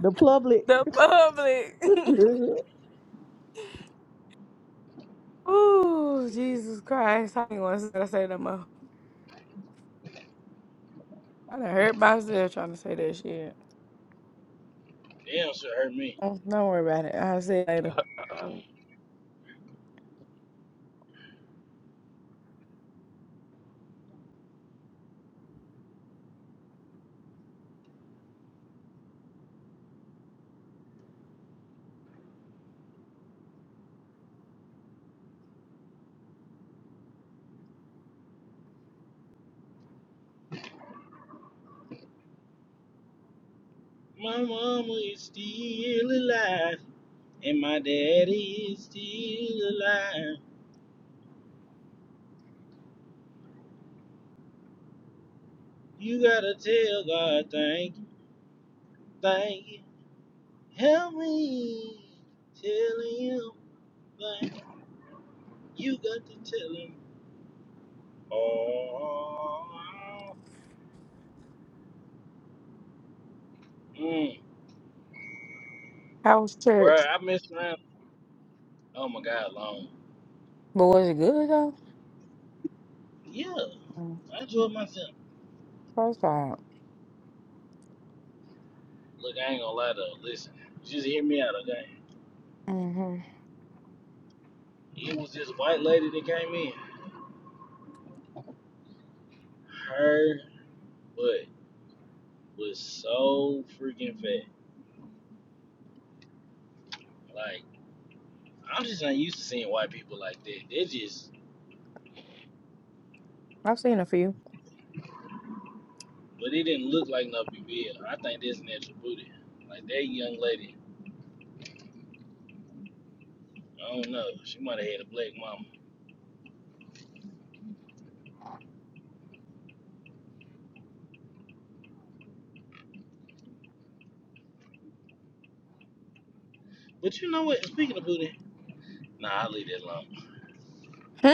the public. the public. you Oh Jesus Christ. I ain't want to say I say no more. I done hurt myself trying to say that shit. Damn, should hurt me. Oh, Don't worry about it. I'll say it later. My mama is still alive, and my daddy is still alive. You gotta tell God, thank you, thank you. Help me tell him, thank you. You got to tell him. Oh, mm, How was bro, church? I messed around. Oh my god, long. But was it good though? Yeah, Mm, I enjoyed myself. First off. Look, I ain't gonna lie though. Listen, just hear me out, okay? mm-hmm. It was this white lady that came in. Her butt was so freaking fat. Like, I'm just not used to seeing white people like that. They just, I've seen a few. but it didn't look like no BBL. I think that's natural booty. Like that young lady. I don't know. She might have had a black mama. But you know what? Speaking of booty, nah, I leave that alone. Hmm?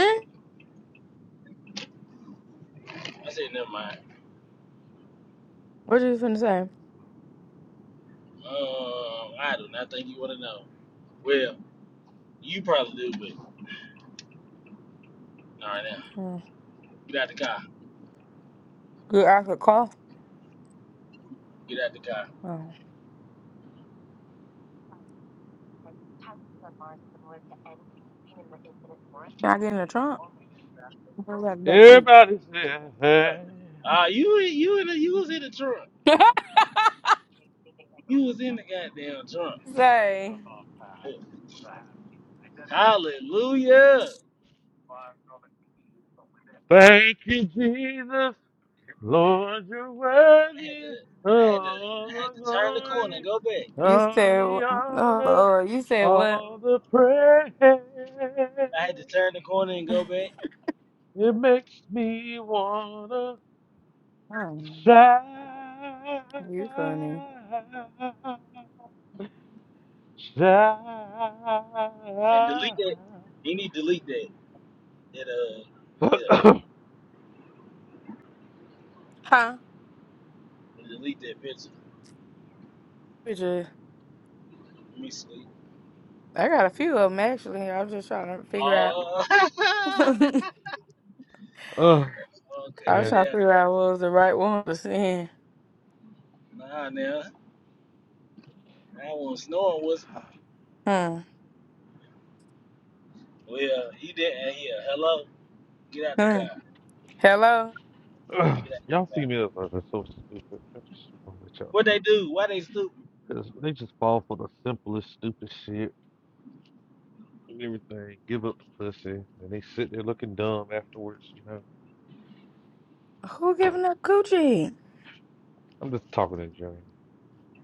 I said, never mind. What you finna say? Um, I do not think you want to know. Well, you probably do, but all right now, Oh, get out the car. Good I could call. Get out the car. Oh. Can I get in the trunk? Bring back the back seat. Everybody say, Huh. hey, Ah, uh, you you in the, you was in the trunk. You was in the goddamn trunk. say. Hallelujah. thank you, Jesus. Lord, you're I had worthy to of I had to all I had the to turn the corner and glory, go back. You all said, the oh honor, Lord, you said what? all the praise. I had to turn the corner and go back It makes me want to Mm, shout, you funny. and delete that. shout. You need to delete that. It uh yeah, Huh? delete that picture. We just- Let me see. I got a few of them actually. I was just trying to figure out. Oh, Oh, oh cut I was man. that trying out. to figure out what was the right one to send. Nah, now I wasn't snoring. Was Hmm. well, he did. not hear. hello. Get out the Hmm. car. Hello? Ugh, Get out y'all the see car. me as like so stupid. I just wanna let y'all know. What they do? Why they stupid? Cause they just fall for the simplest, stupid shit and everything. Give up the pussy, and they sit there looking dumb afterwards. You know, Who giving up coochie? I'm just talking in general.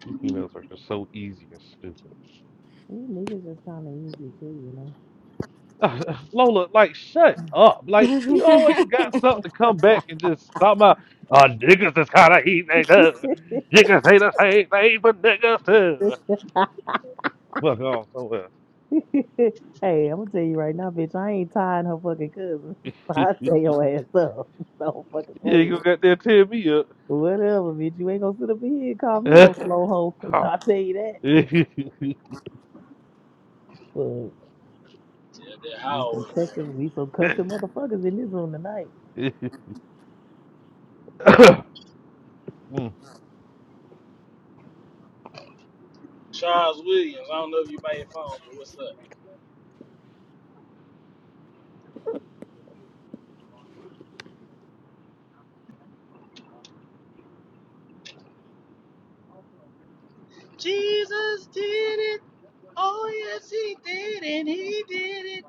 You females are just so easy and niggas is kind of easy too, you know. stupid. Lola, like, shut up. Like, you always got something to come back and just talk about. Uh, niggas is kind of easy too. Niggas say the same thing for niggas too. Fuck off somewhere. hey, I'm gonna tell you right now, bitch. I ain't tying her fucking cousin. I tear you your ass up. Don't fucking play ain't with gonna me. get there tear me up. Whatever, bitch. You ain't gonna sit up in here and call me no slow hoe. I tell you that. But Yeah, that we some hallway there. cussing, we some cussing motherfuckers in this room tonight. Mm. Charles Williams. I don't know if you by your phone, but what's up? Jesus did it. Oh yes, he did, and he did it.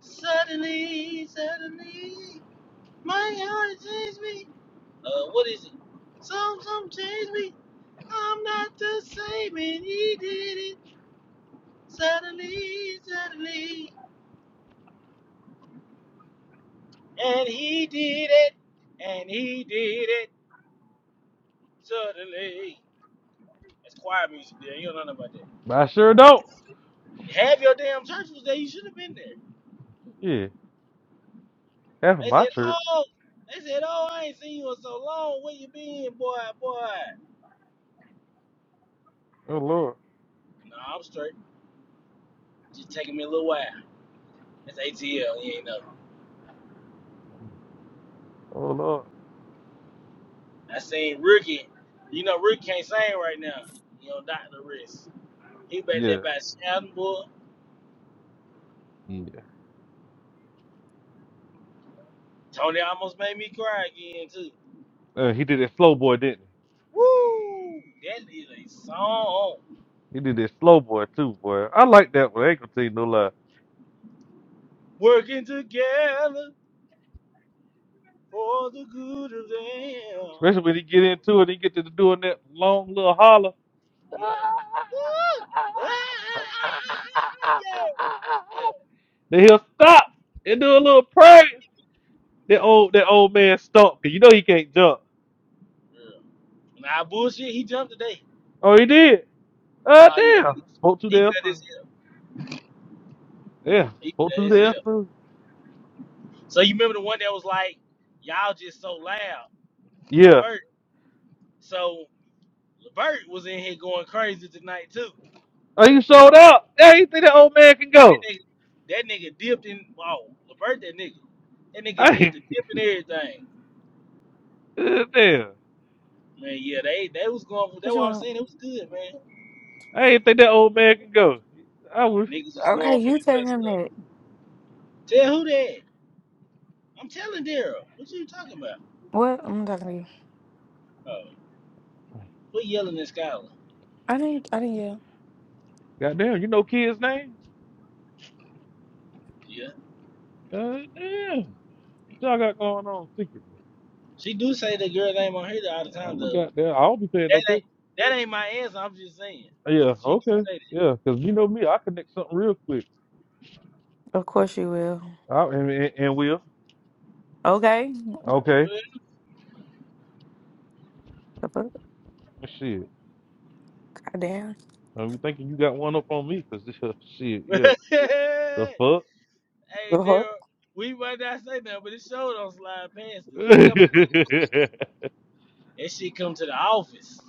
Suddenly, suddenly, my heart changed me. Uh, what is it? Some, some changed me. I'm not the same, and he did it. Suddenly, suddenly. And he did it. And he did it suddenly. That's choir music there. You don't know nothing about that. But I sure don't. Have your damn church was there. You should have been there. Yeah, half of They my said, church. oh, they said, oh, I ain't seen you in so long. Where you been, boy, boy? Oh lord, No, I'm straight. Just taking me a little while. That's ATL. You ain't know. oh lord. I seen Ricky. You know Ricky can't sing right now. You know, Dr. Riss. He back there Yeah, by shouting, boy. yeah. Tony almost made me cry again, too. Uh, he did that slow boy, didn't he? Woo! That is a song. He did that slow boy too, boy. I like that one. I ain't gonna tell you no lie. working together for the good of them. Especially when he get into it, he get to doing that long little holler. Yeah. Woo! Ah, ah, ah, ah, ah, yeah. Then he'll stop and do a little praise. That old that old man stopped 'cause you know he can't jump. Yeah. yeah. Nah, bullshit. He jumped today. Oh, he did. Uh, Oh yeah. damn. He, Spoke too he damn fed his soon. hip. Yeah, He spoke fed too his damn hip. soon. So you remember the one that was like, y'all just so loud, Yeah. Levert. So Levert was in here going crazy tonight too. Oh, you sold out. Yeah, you think that old man can That go? nigga, that nigga dipped in. Oh, Levert, that nigga. That nigga did I the dip and everything. damn. Man, yeah, they they was going for What that. you What I'm want? saying, it was good, man. I didn't think that old man can go. I was Niggas was Okay, going for you the telling good him stuff. that. Tell who that? I'm telling Daryl. What you talking about? What? I'm talking to you. Oh, we yelling at Skylar. I didn't. I didn't yell. goddamn. You know kids' names? Yeah, Uh, damn. What y'all got going on secretly? she do say the girl name on here all the time I'm a though. goddamn. I'll be paying no That ain't attention. that ain't my answer. I'm just saying. Yeah. She do Okay. say Yeah. Cause you know me, I connect something real quick. Of course you will. I, and, and, and will. Okay. Okay. The fuck? Shit. Goddamn. I'm thinking you got one up on me, cause this shit. that. Yeah. The hey, fuck. The Daryl, fuck? we might not say that, but it showed on slide past us. It hey, come that shit come to the office.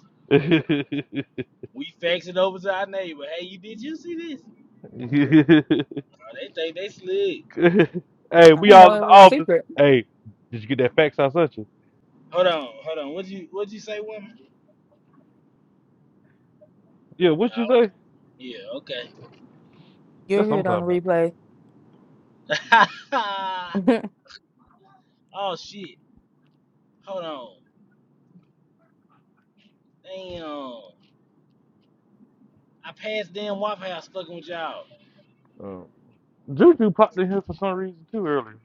We fax it over to our neighbor. Hey, you did you see this? Oh, they think they slick. I we didn't know all in the it was office. secret. Hey, did you get that fax I sent you? Hold on, hold on. What'd you what'd you say, woman? Yeah. What you Oh, say? yeah, okay. You'll That's hear it on sometime, the replay. oh shit. Hold on. Damn. I passed damn Waffle House fucking with y'all. bro. Juju popped in here for some reason too earlier.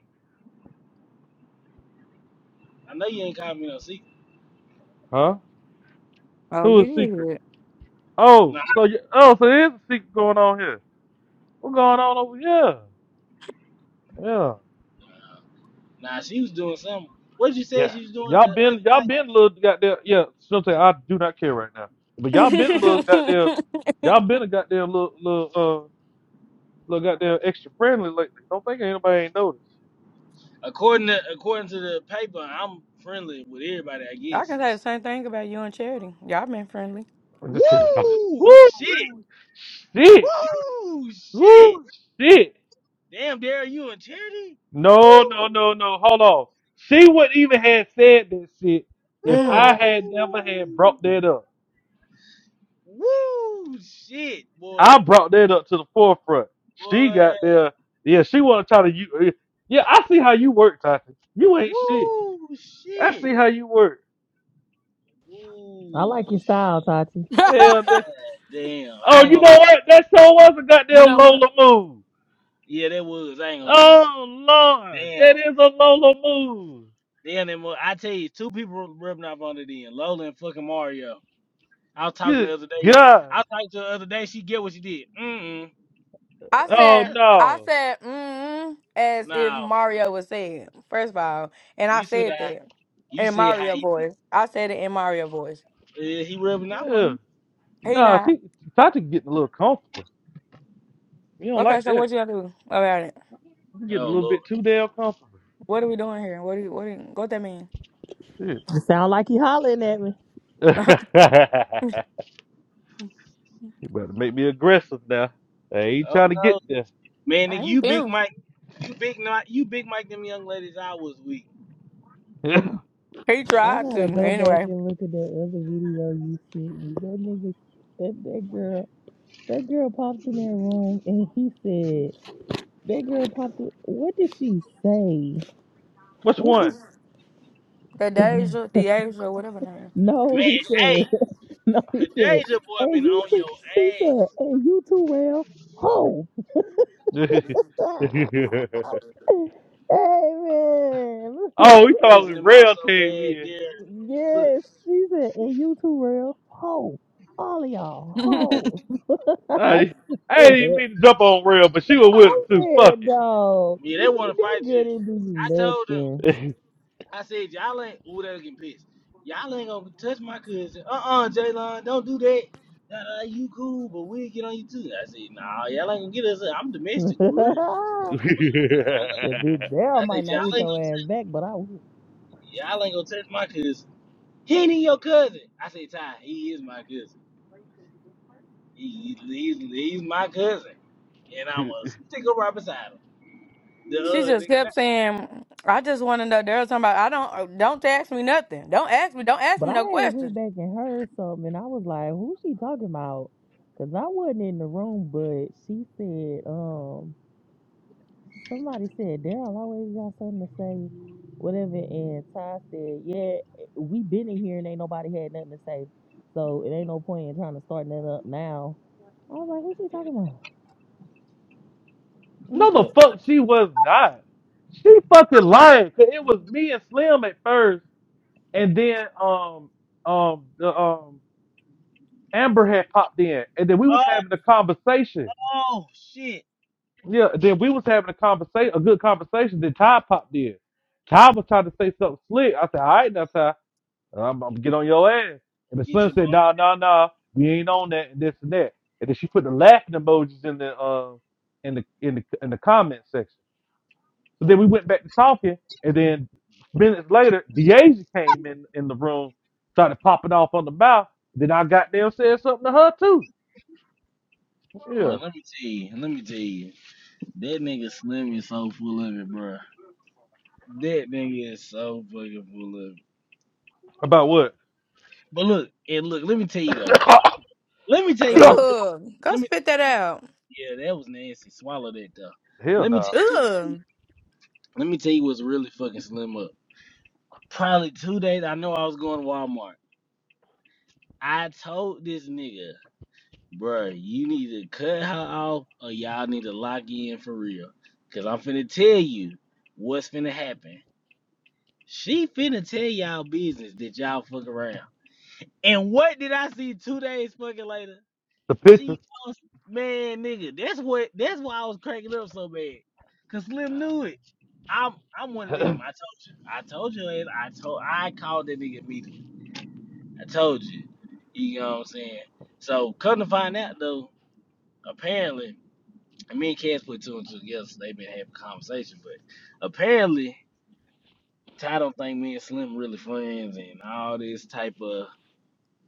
I know you ain't calling me no secret. Huh? Oh, Who you is did secret? hear it. Nah, Oh, so you, oh, so there's a secret going on here. What's going on over here? Yeah, nah, Nah, she was doing something. What did you say yeah. she was doing the Y'all been other y'all night? been a little goddamn yeah. Something I do not care right now. But y'all been a Oh, little my bad. goddamn y'all been a goddamn little little uh little goddamn extra friendly lately. Don't think anybody ain't noticed. According to according to the paper, I'm friendly with everybody, I I guess. can say the same thing about you and Charity. Y'all been friendly. Woo shit. Woo shit. Woo shit. Woo shit. Damn, Daryl, you in charity? No, no, Woo. no, no. Hold on. She wouldn't even have said that shit if Mm. I had never had Woo! brought that up. Woo! Shit, boy. I brought that up to the forefront. She Boy. got there. Yeah, she want to try to you. uh, Yeah, I see how you work, Tati. You ain't shit. Woo! I Shit. see how you work. I Woo! like your shit. style, Tati. Hell, that- Damn. I oh, ain't you gonna lie. know what? That show was a goddamn What? Lola move. Yeah, that was. I ain't gonna cap. Oh Lord, Damn. that is a Lola move. Damn, that mo- I tell you, two people rubbing off on it then. Lola and fucking Mario. I was talking the Good other day. God. I was talking to her the other day. She get what she did. Mm-mm. I Oh said, I no. said, mm, as if No. Mario was saying. First of all, and I You see said that? that You in see how Mario he, voice. I said it in Mario voice. uh, he rubbing off on Yeah. you? He Nah, not she Tati getting a little comfortable. You don't okay. like So that. what you gonna do about it? You're getting Oh, a little Lord. bit too damn comfortable. What are we doing here? What do you, what do you, what that mean? Shit. You sound like you hollering at me. you better make me aggressive now. I ain't Oh, trying to no. get there. Man, I nigga, ain't you big feeling. Mike. You big not you big Mike them young ladies I was weak. he I tried to gotta go back anyway. and look at that other video you sent me. That nigga, that that girl, that girl popped in that room and he said, that girl popped. In, what did she say? Which What one? The did? Deja, Deja, whatever name. Man, no, he hey, said. No, he said. Kadeja boy And been you on too. your He ass, said, And you too, well, ho. oh, Amen. we pissing talking him off rail so came bad, in. dear. Look, yes, she said, And you too, real ho. All of y'all, ho. I I, I didn't said. even mean to jump on rail, but she was with I him too. Fuck said, it. dog. yeah, they wanna That fight girl you. didn't do I told them, nothing. I said, y'all ain't ooh they getting pissed. Y'all ain't gonna touch my cousin. Uh-uh, Jaylon, don't do that. Nah, nah, you cool, but we'll get on you too. I said, nah, y'all ain't gonna get us. I'm domestic for real. the bitch Daryl I might said, not y'all get ain't your gonna ass touch back, but I will. y'all ain't gonna touch my cousin. He ain't your cousin. I said, Ty, he is my cousin. He, he's, he's my cousin, and I'm going to stick sticker right beside him. The She other just nigga. kept saying, "I just want to know." There was somebody. I don't. uh, Don't ask me nothing. Don't ask me. Don't ask But me I no had went questions. back and heard something, and I was like, "Who she talking about?" Because I wasn't in the room, but she said, "Um, somebody said Daryl always got something to say, whatever." And Ty said, "Yeah, we been in here and ain't nobody had nothing to say, so it ain't no point in trying to start that up now." I was like, "Who she talking about?" She no, the said. fuck she was not. She fucking lying. Cause it was me and Slim at first, and then um um the um Amber had popped in, and then we was oh, having a conversation. oh shit, Yeah, then we was having a conversation, a good conversation. Then Ty popped in. Ty was trying to say something slick. I said, "All right, now Ty, I'm, I'm gonna get on your ass." And then get Slim your said, bone "Nah, nah, nah, we ain't on that and this and that." And then she put the laughing emojis in the uh, in the in the in the comment section. So then we went back to talking, and then minutes later, Deja came in in the room, started popping off on the mouth. Then I got there and said something to her too. out. Yeah, Bro, let me tell you, let me tell you, that nigga Slim is so full of it, bro. That nigga is so fucking full of it. about what? But look, and look, let me tell you though. Let me tell you what's real- Ugh. Go let me. spit that out. Yeah, that was nasty. Swallow that though. Hell Let me tell no. you what's. real. Ugh. Let me tell you what's really fucking Slim up. Probably two days. I know I was going to Walmart. I told this nigga. Bruh, you need to cut her off or y'all need to lock in for real. Cause I'm finna tell you what's finna happen. She finna tell y'all business that y'all fuck around. And what did I see two days fucking later? The pictures. She lost man nigga. That's what that's why I was cracking up so bad. Cause Slim knew it. I'm I'm one of them. I told you. I told you I told I called that nigga immediately. I told you. You know what I'm saying? So come to find out though, apparently. And me and Cass put two and two together, so they've been having a conversation. But apparently, Ty don't think me and Slim really friends and all this type of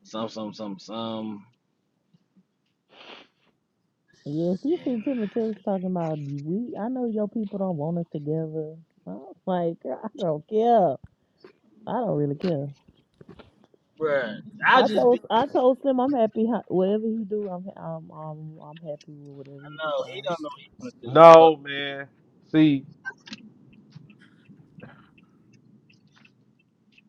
some, some, some, some. Yeah, she And, sent him a text talking about we. I know your people don't want us together. I was like, girl, I don't care. I don't really care. bruh, I I just be, told I told him I'm happy ho- whatever he do. I'm I'm I'm, I'm happy with whatever he I know, he don't decides. know what he want to do. But, no, man. See,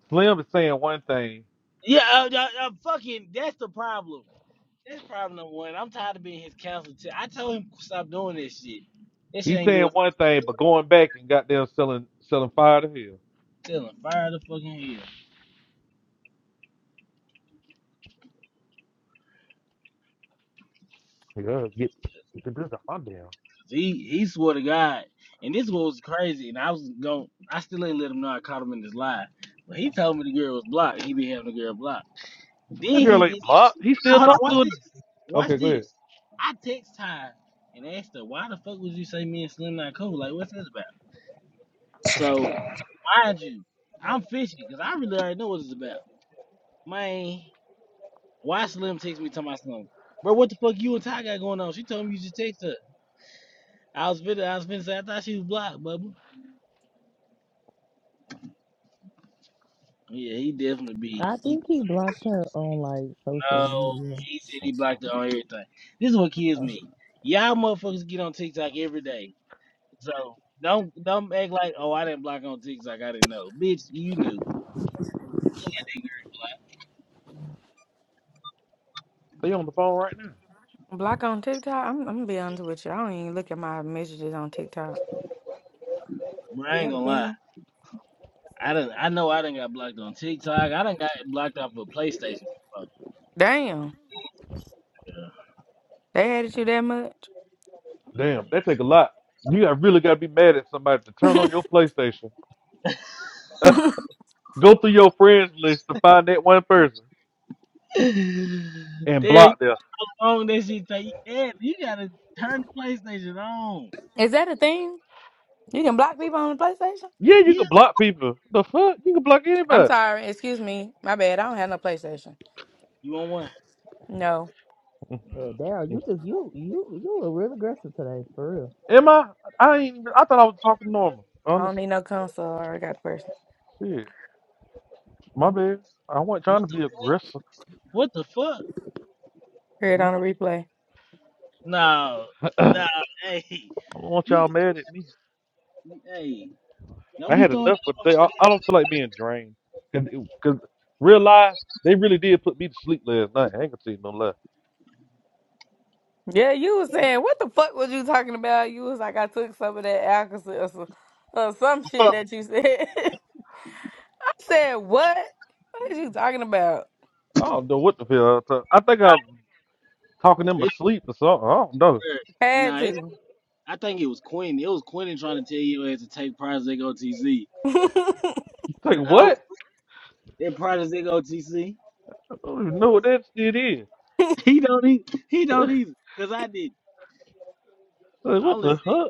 Slim is saying one thing. yeah, I, I, I fucking, that's the problem. That's problem number one. I'm tired of being his counselor. Too. I told him stop doing this shit. This shit He's ain't doing saying one thing, but going back and goddamn selling selling fire to hell. nothing. Fire the fucking hell. He he swore to God, and this was crazy. And I was going, I still ain't let him know I caught him in this lie. But he told me the girl was blocked. He be having the girl blocked. Then That girl he ain't blocked. He still Hold on, talk watch to her. this. Watch Okay, go ahead. this. I text Ty and asked her, why the fuck would you say me and Slim not cool? Like, what's this about? So mind you, I'm fishing because I really already know what it's about. Man, why Slim text me talking about Slim? Bro, what the fuck you and Ty got going on? She told me you just text her. I was finna, I was finna say I thought she was blocked, bubba. Yeah, he definitely be. I He think he blocked her on like social no, media. he said he blocked it on everything. This is what kills Uh, me. Y'all motherfuckers get on TikTok every day. So don't don't act like oh I didn't block on TikTok. I didn't know, bitch. You knew, They on the phone right now. Block on TikTok. I'm, I'm gonna be honest with you. I don't even look at my messages on TikTok. but Is I ain't that a gonna lie. thing? I done I know I done got blocked on TikTok. I done got blocked off of PlayStation. before. Damn. Oh, They hated you that much. Damn, that take a lot. You got really gotta be mad at somebody to turn on your PlayStation. go through your friends list to find that one person and There you block them. on that shit. Take yeah, you gotta turn the PlayStation on. Is that a thing? You can block people on the PlayStation. Yeah, you Yeah, can block people. The fuck? You can block I'm anybody. sorry. Excuse me. My bad. I don't have no PlayStation. you want one? No, No. Yeah, Daryl, you just you you you were real aggressive today, for real. Am I? I ain't. I thought I was talking normal. I don't Honestly, need no console. I already got the person. shit. My bad. I wasn't trying What to the be aggressive. what the fuck? Heard it I on don't the replay. No, I no, hey, don't want you, y'all mad at me. hey, don't I be had throwing enough for the day. I, that I don't feel like being drained. Cause, it- cause real lie, they really did put me to sleep last night. I ain't gonna see no lie. Yeah, you was saying what the fuck was you talking about? You was like, I took some of that alcohol or some, or some shit Fuck. that you said. I said what? What are you talking about? I don't know what the hell. I, was talk- I think Nah, I'm talking in my it's sleep or something. I don't know. her. Had Nah, it, to. I think it was Quinn. It was Quinn trying to tell you as to take Project OTC. Like Oh, what? that in Project OTC. I don't even know what that shit is. He don't eat. He don't either. Cause I did. Like, I what only the see. huh?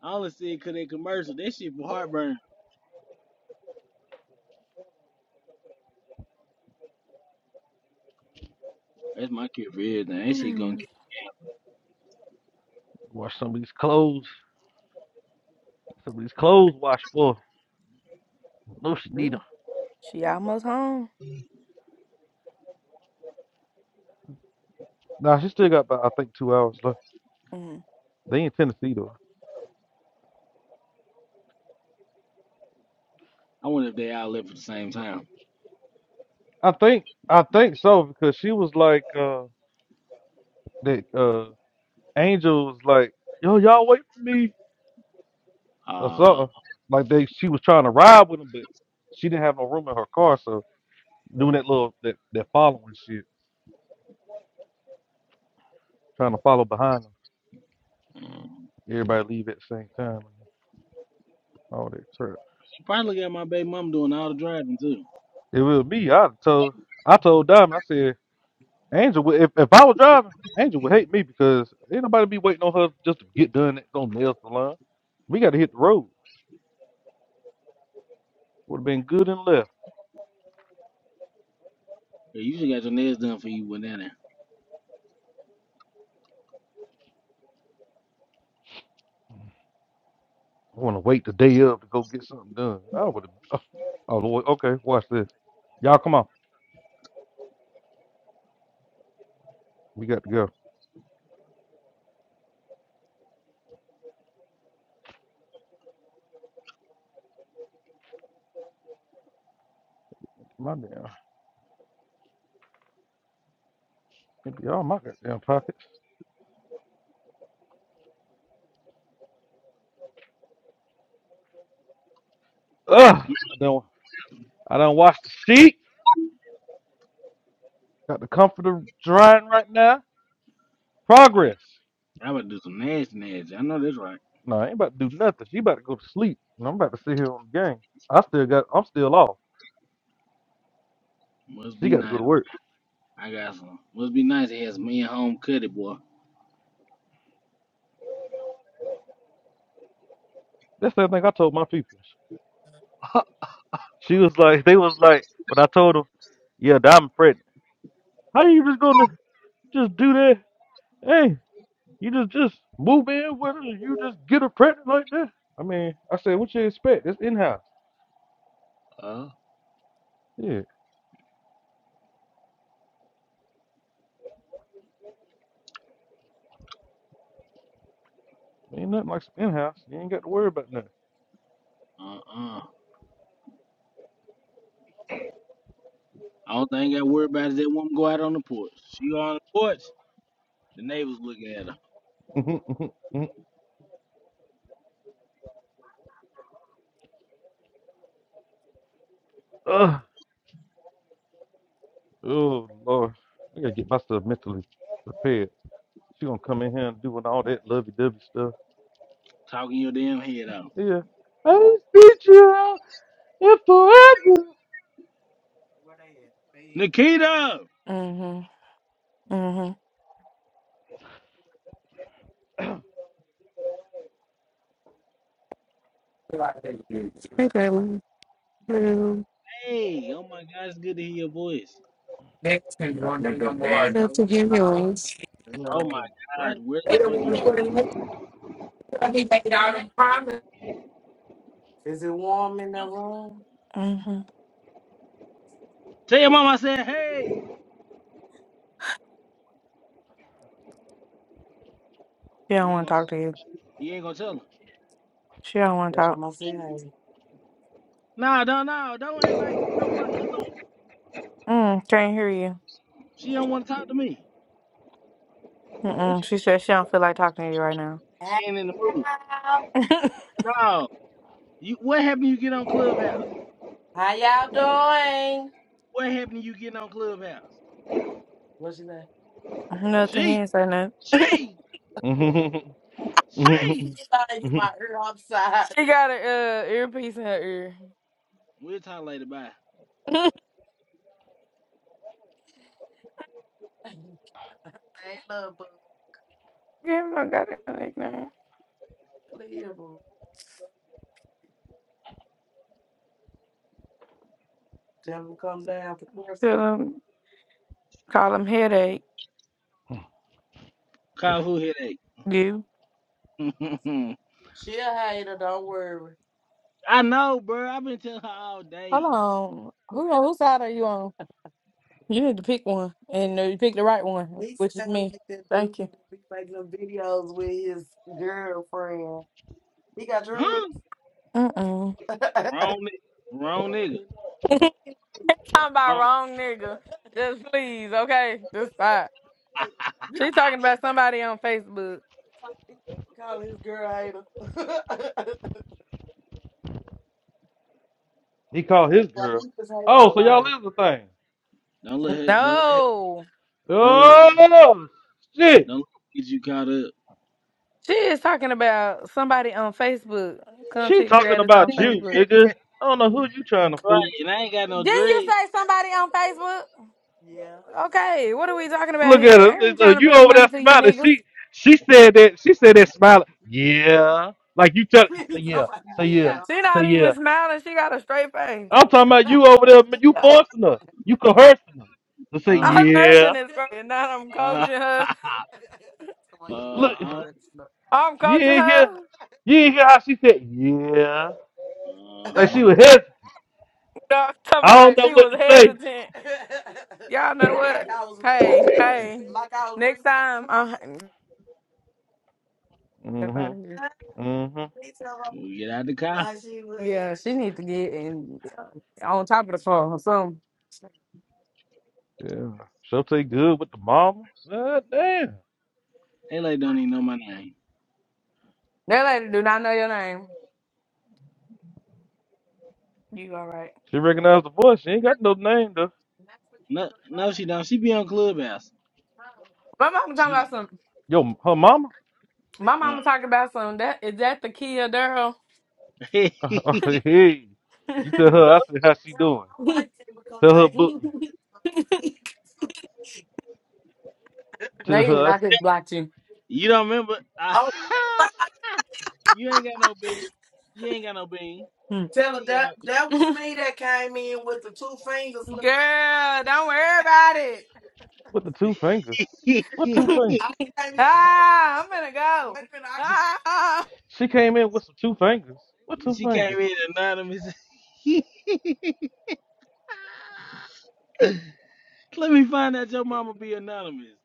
I only see it cause they commercial. That shit for heartburn. That's my cure for everything. That shit gonna. Wash some of these clothes. Some of these clothes wash for. No, she need them. Ooh, she almost home. Nah, she still got about I think two hours left. Mm. They in Tennessee though. I wonder if they all left at the same time. I think I think so because she was like uh that uh Angel was like, Yo, y'all wait for me or Uh, something. Like they she was trying to ride with him but she didn't have no room in her car, so doing that little that, that following shit, trying to follow behind them. mm, Everybody leave at the same time and all that crap. she probably got my baby mom doing all the driving too. It was me, I told I told Diamond, I said, Angel would if, if I was driving, Angel would hate me because ain't nobody be waiting on her just to get done at no nail salon. We gotta hit the road. Would have been good and left. Yeah, You should got your nails done for you went in there. I want to wait the day up to go get something done. I would have. Oh, Lord. Okay, watch this. Y'all, come on. We got to go. My damn. It'd be all my goddamn pockets. Ugh. I don't. I don't wash the sheet. Got the comforter drying right now. Oh, yeah. Progress. I would do some nasty, nasty. I know that's right. No, I ain't about to do nothing. She about to go to sleep, and I'm about to sit here on the game. I still got. I'm still off. Must She be got to go to nice. work. I got some. Must be nice. It has me and home cutty boy. That's the thing I told my people. She was like, they was like, when I told them, yeah, that I'm pregnant. How you just gonna just do that? Hey. You just just move in with her and you just get her pregnant like that. I mean, I said, what you expect? It's in house. Uh, Yeah, ain't nothing like some in house. You ain't got to worry about nothing. Uh-uh. All thing I worry about is that woman go out on the porch. She go on the porch. The neighbors looking at her, Ugh. oh Lord, I gotta get myself mentally prepared. She gonna come in here and doing all that lovey dovey stuff. talking your damn head off. Yeah, I ain't see you out in Nikita! Mm-hmm. Mm-hmm. Hey, Jalen. Hello. Hey, oh my God, it's good to hear your voice. Next thing you want to Love to hear yours. Oh my Right. God, where They the don't fuck you? want to in private. Is it warm in No. that room? Mm-hmm. Tell your mom I said, hey. She don't You ain't want to gonna, talk to you. you ain't gonna tell her. She don't want to talk. what I'm saying. Nah, don't, nah, don't act like don't want. Mm, can't hear you. She don't want to talk to me. What Mm-mm. you She doing? said she don't feel like talking to you right now. Hey She ain't in the mood. y'all. No. You what happened? You get on Clubhouse? How y'all doing? What happened? You get on Clubhouse? What's your name? Nothing. He She, ain't say nothing. she, forever. she. She thought I hit my ear upside. She got a uh, earpiece in her ear. We'll talk later. Bye. Hey, little boo. Give him a goddamn nickname. Little boo. Tell him, call him headache. Call who headache? You. I know, bro. I've been telling her all Hold day. on. Who whose side are you on? You need to pick one, and uh, you pick the right one. Huh? Uh Wrong, ni- wrong nigga. mm Talking about Wrong. wrong nigga. Just please, okay? Just stop. She talking about somebody on Facebook. he called his girl. Oh, so y'all is a thing. Don't let her. Don't let her. No. Don't let. Her, Oh shit. don't let her get you caught up. She is talking about somebody on Facebook. She Content talking creators on about you, Facebook. nigga. I don't know who you trying to Right, fool. and I ain't got no Didn't you dread. say somebody on Facebook? Okay, what are we talking about Look at here? her. I ain't Uh, trying to You prove over there nothing to you smiling. niggas. She she said that she said that smiling. Yeah. Like you tell say yeah, say yeah, uh, She say not yeah. even smiling. She got a straight face. I'm talking about you over there, you forcing her. You coercing her. To say uh, I'm cursing yeah. this girl, and now I'm uh coaching her. huh. Look, I'm you coaching ain't her. hear you ain't hear how she said yeah. Uh Like she huh. was hesitant. No, I'm talking I about don't like know she what was to say. hesitant. Y'all know what? Hey, hey. I'm, I'm- up hmm out of here. hmm We get out the car. Uh, she needs to get in on top of the phone or something. Yeah. She'll take good with the mama. God damn. They like don't even know my name. That lady do not know your name. You all right? She recognized the voice. She ain't got no name though. No, no, she don't. She be on Clubhouse. My mama talking She. about some. Yo, her mama. My Uh, mama talking about some. That is that the key of Daryl? hey, no, you tell her. I said, how she doing? Tell her book me. Tell you didn't. her I just blocked you. you don't remember? you ain't got no bean. You ain't got no bean. Hmm. You ain't got Girl, don't worry about it. with the two fingers. no. What two fingers? Ah, I'm gonna go. she, She. What two she came fingers? in anonymous. Let me find out your mama be anonymous.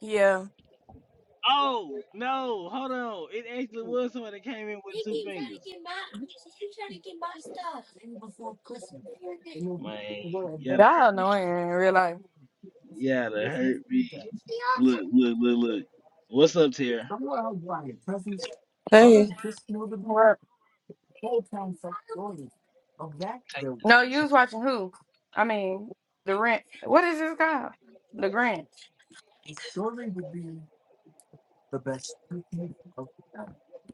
Yeah, Oh no, hold on. It actually was someone that came in with two fingers. Man, you're gonna yeah, y'all annoying in real life. Yeah, that hurt me. Look, look, look, look. What's up, Tara? Hey, Take- No, you was watching who? I mean, the rent. What is this called? The Grinch.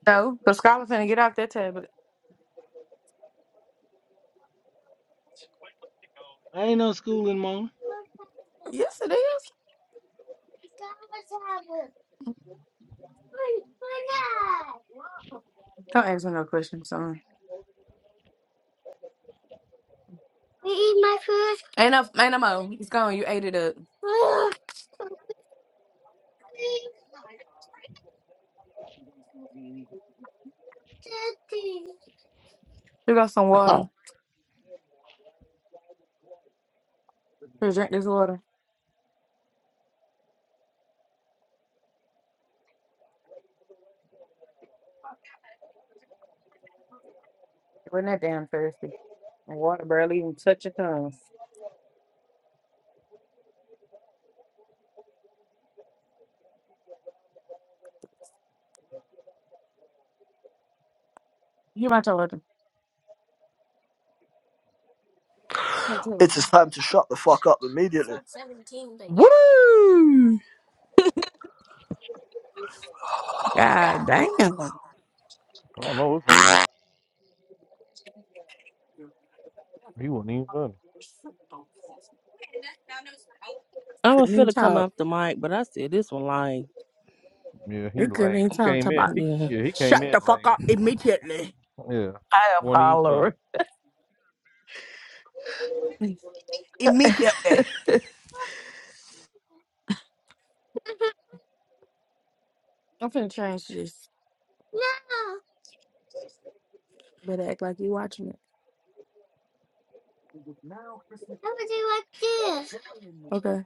No, because Scarlett's gonna get off that tablet. I ain't no schooling, Mama. Yes, it is. Don't ask me no questions, son. Ain't no, ain't no more. It's gone. You ate it up. You got some water. Here, drink this water. You Wasn't that damn thirsty? And water barely even touch your tongue. Here, my water. My It is television. time to shut the fuck up immediately. God Woo! damn. I don't know what's wrong with him. He wasn't even funny. I was Couldn't even finna come talk. off the mic, but I said this one lying. Yeah, he You couldn't lame. even He talk. came Talk in. about. He Yeah. yeah, he came in lame. Yeah, I am wasn't even funny. hollering. Mm. I'm finna change this. Better act like you watching it. Okay.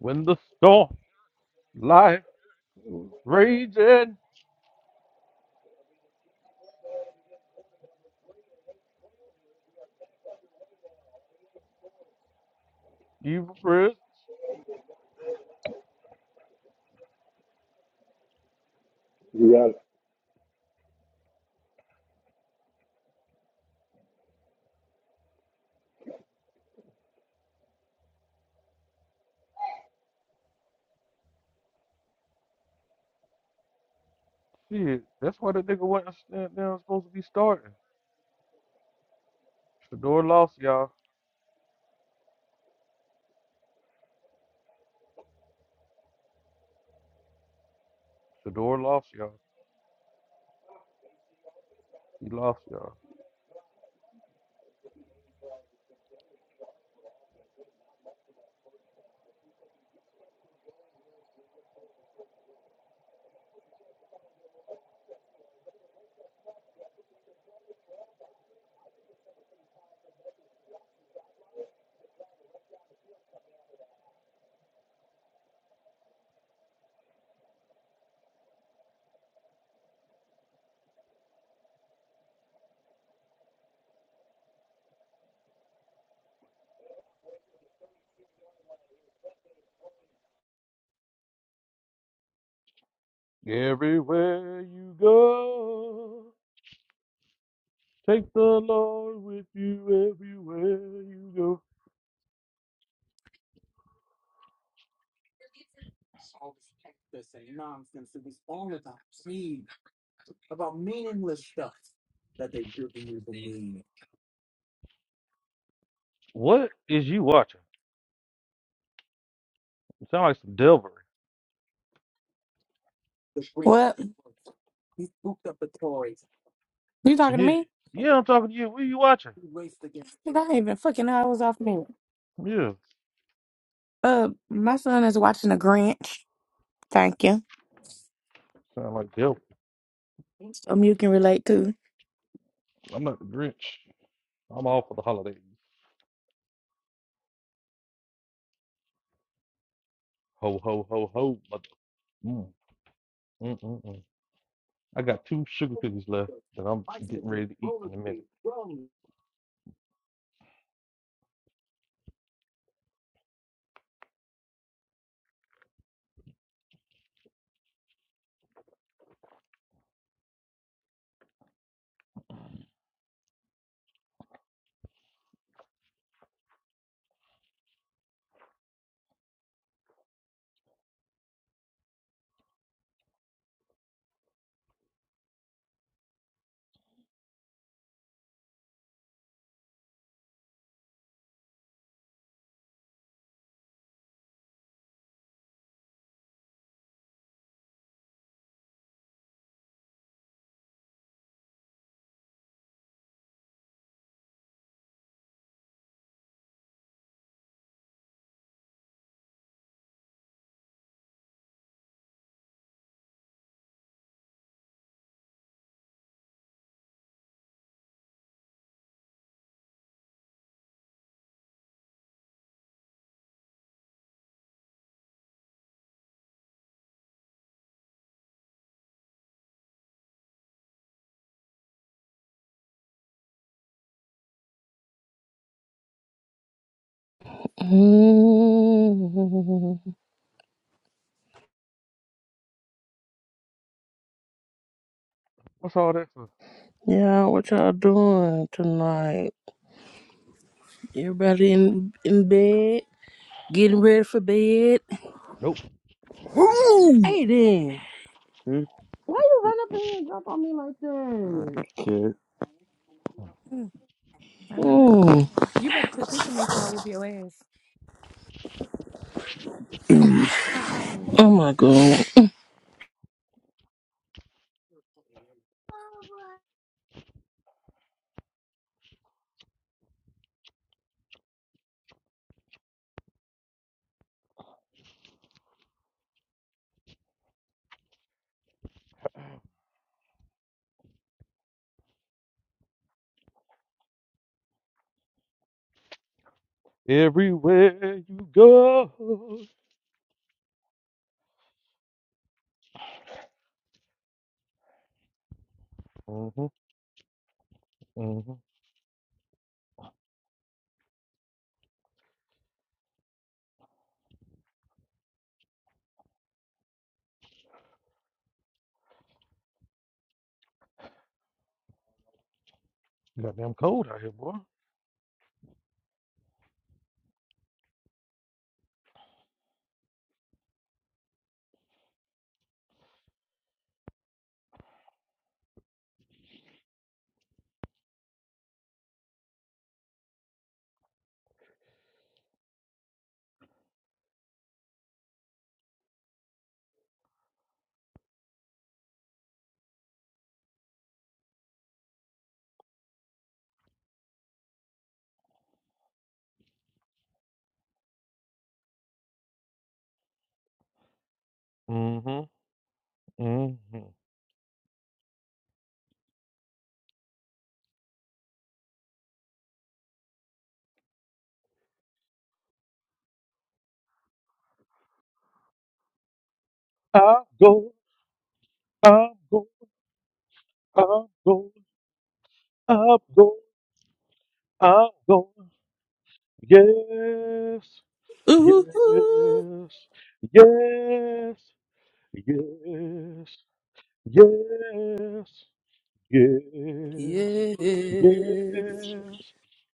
When the storm life was raging, you first. We are Shit, that's why the nigga wasn't stand down supposed to be starting. Shador lost y'all. Shador lost y'all. He lost y'all. Everywhere you go, take the Lord with you everywhere you go. What is you watching? It sound like some Delver. You talking to Yeah, me? yeah, I'm talking to you. What are you watching? Nigga, I ain't even fucking hours off me. Yeah, Uh, my son is watching a Grinch. Thank you. sound like Delver. Something you can relate to. I'm not the Grinch. I'm all for the holidays. Ho, ho, ho, ho. Mother. Mm, mm, mm, mm. I got two sugar cookies left that I'm getting ready to eat in a minute. Mhm. What's all that for? Yeah, what y'all doing tonight? Everybody in in bed, getting ready for bed. Nope. Hey then, Hmm? why you run up in here and jump on me like that? Shit. Mm, I know. I am. Mm. You better quit kicking me before I whoop your ass. Stop talking Oh my god. Everywhere you go. hmm hmm Goddamn cold out here, boy. Mm-hmm. Mm-hmm. I'm going, I'm going, I'm going, I'm going, I'm going. Yes, yes, Ooh, yes, yes, yes, yes, yes, yes,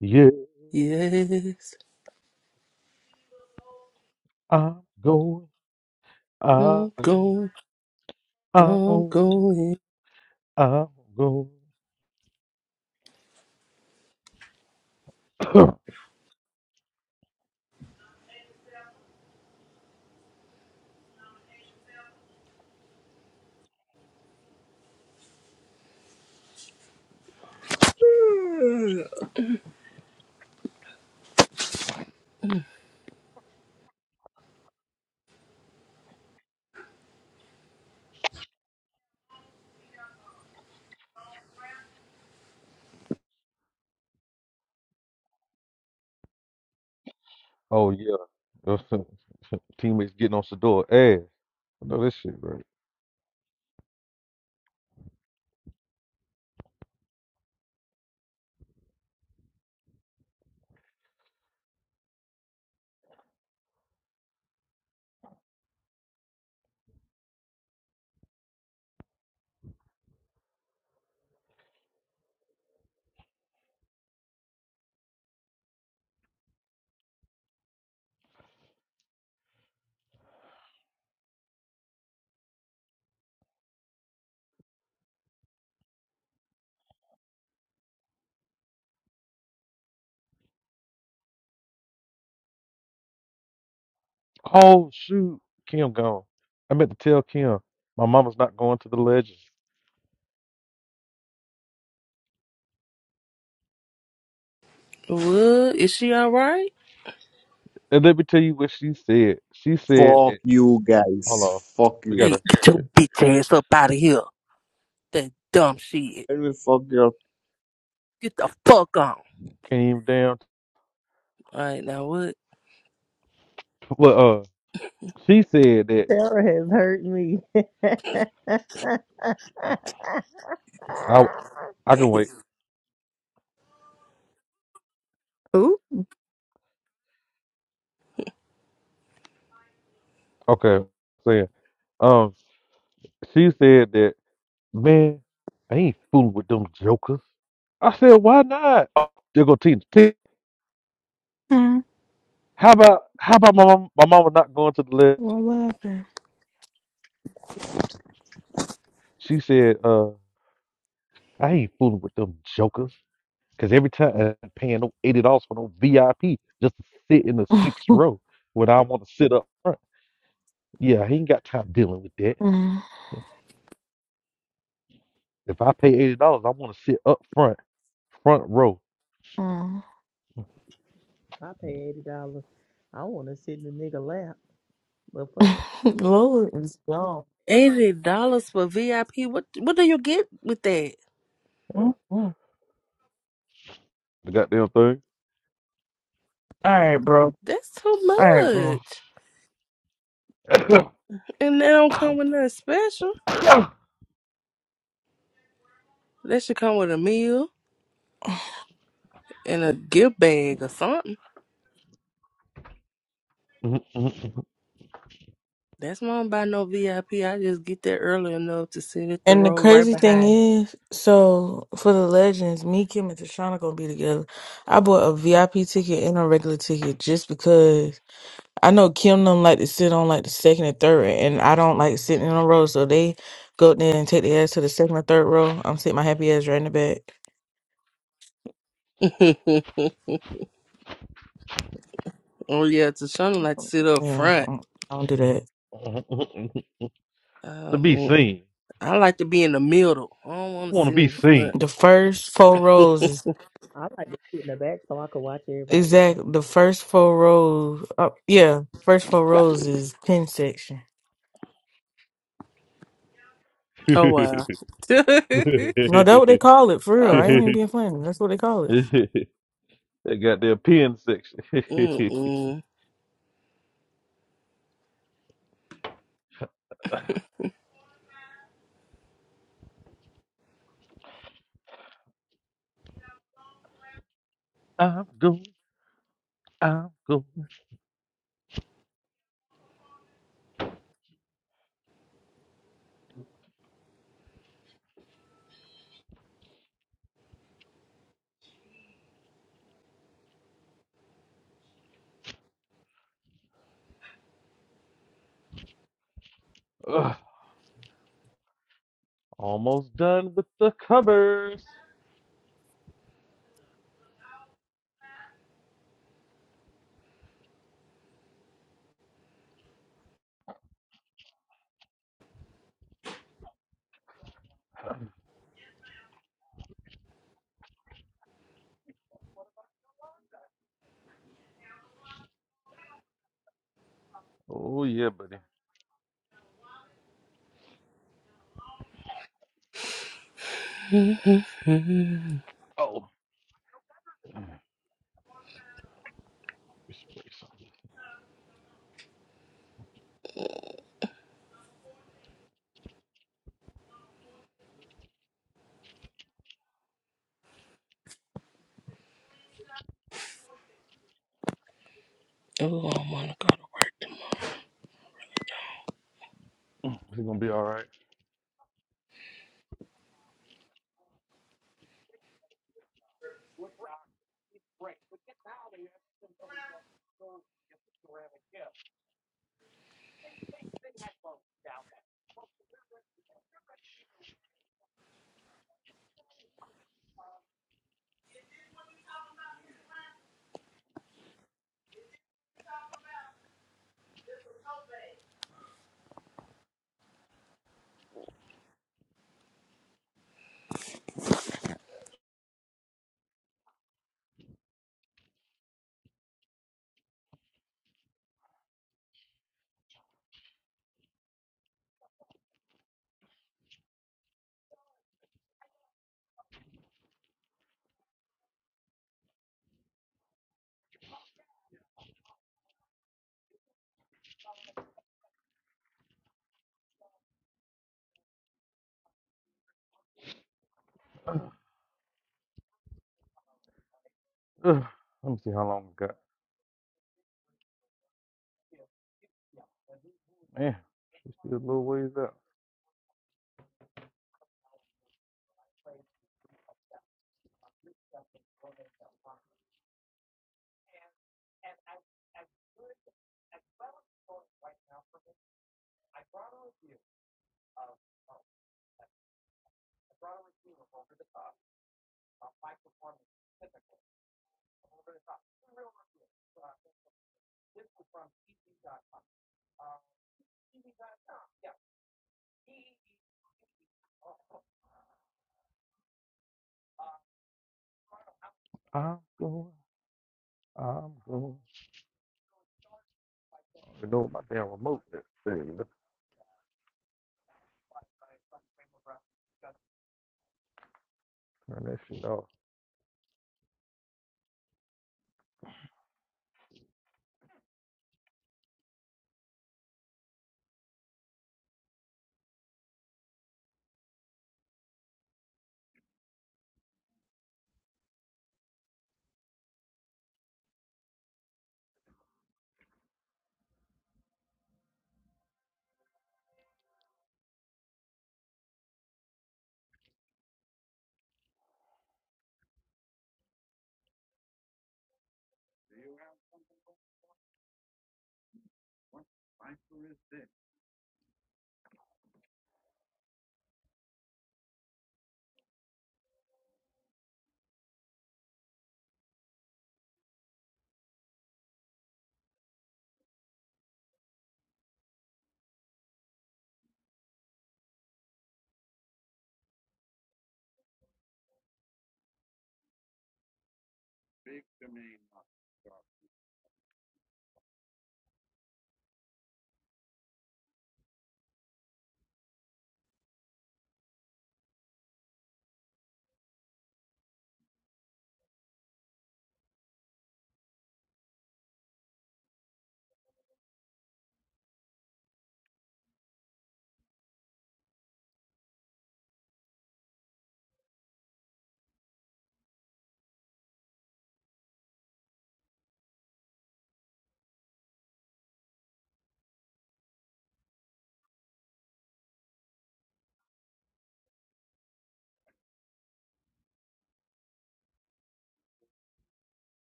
yes. yes. I'm going, I'm, I'm going. I'm I'm, going. I'm going. Oh yeah, teammates getting on Sador ass. I know this shit, right? Oh shoot, Kim gone. I meant to tell Kim my mama's not going to the Legends. What is she all right? And let me tell you what she said. She said Fuck that. you Hold on, guys. Fuck we you. Hey, gotta get your bitch ass up out of here. That dumb shit. Let me fuck your Get the fuck on. came down. To, All right, now what? well, uh, she said that Sarah has hurt me. I I I can wait. to me. Okay, saying um, she said that man, I ain't fooling with them jokers. I said why not? Oh, there go Tina. How about how about my mom, my mama not going to the list? What what happened? She said, uh, I ain't fooling with them jokers. Cause every time I'm paying no eighty dollars for no VIP just to sit in the sixth row when I want to sit up front. Yeah, he ain't got time dealing with that. Mm-mm. If I pay eighty dollars, I want to sit up front, front row. pay eighty dollars. I want to sit in the nigga lap. But fuck, Lola is gone. Eighty dollars for VIP. What what do you get with that? Yeah, Mm-mm. All the goddamn right, bro. That's too All right, bro. much. And they don't come with nothing special. That should come with a meal and a gift bag or something. thing. That's why I don't buy no VIP. I P. I just get there early enough to sit at the And the row right crazy thing behind. is, so for the legends, me, Kim, and Tashana gonna be together. I bought a VIP ticket and a regular ticket just because I know Kim don't like to sit on like the second and third, and I don't like sitting in a row. So they go there and take the ass to the second or third row. I'm sitting my happy ass right in the back. oh yeah, Tashana like to sit up Yeah, I front. don't I don't do that. Uh, to be mm, seen. I like to be in the middle. I don't want I to want to sit be in the seen. The front. first four rows is I like to sit in the back so I could watch everybody who come Exactly. in. The first four rows. Uh, yeah, first four rows is pen section. oh wow. No, that's what they call it for real. oh I ain't wow. even being funny. That's what they call it. They got their pen section. Mm-mm. I'm going, I'm going. Ugh, almost done with the covers. Oh, yeah, buddy. Oh, this place. Oh my God. Mm, It's going to be all right. Ugh, let me see how long we got. Man, it's still a little ways out. I'm going, I'm going. I don't know my damn remote. There. Turn that shit off.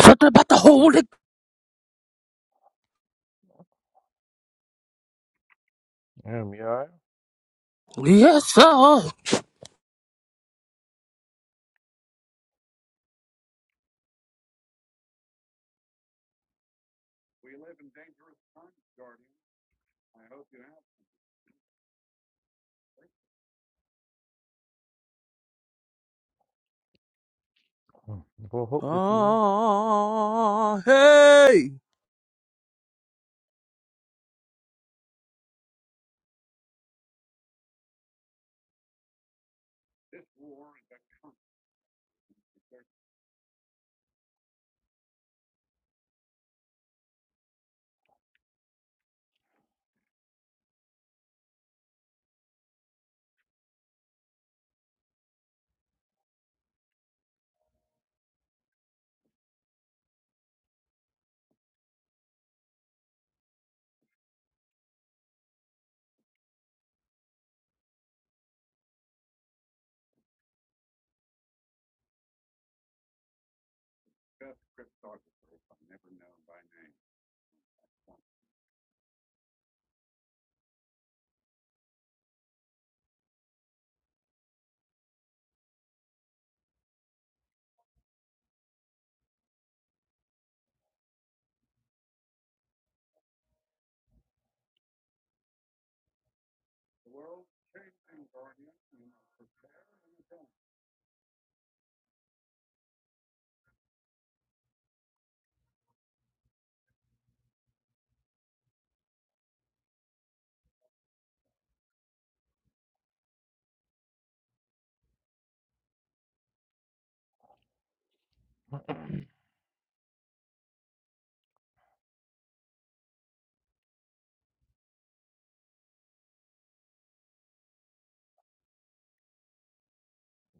Something about the Holy. Damn, you alright? Yes, sir. Well, hope that you will. Ah, hey.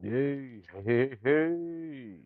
Yay. Hey, hey.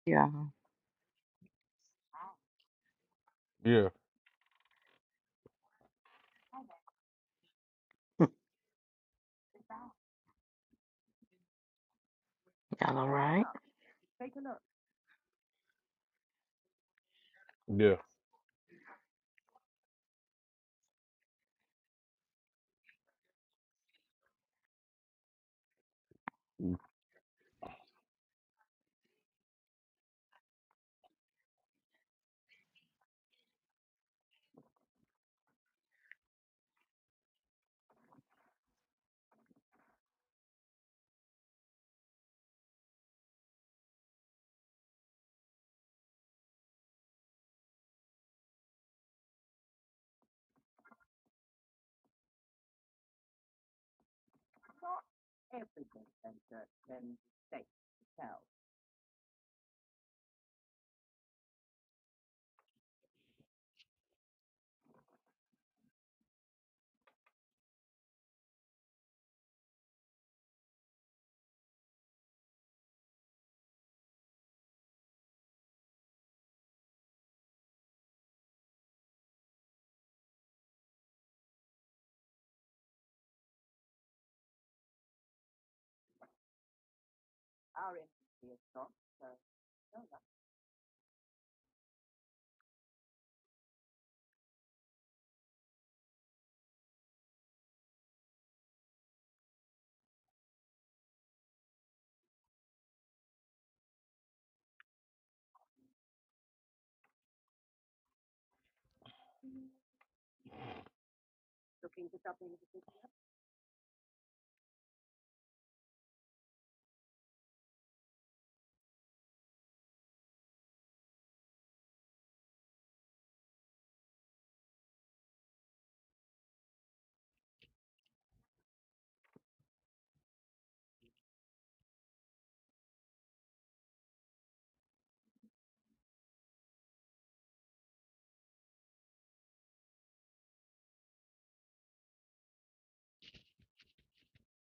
Yeah, yeah, y'all all right? yeah. I'm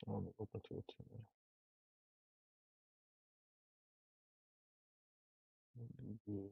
gonna open to a 10.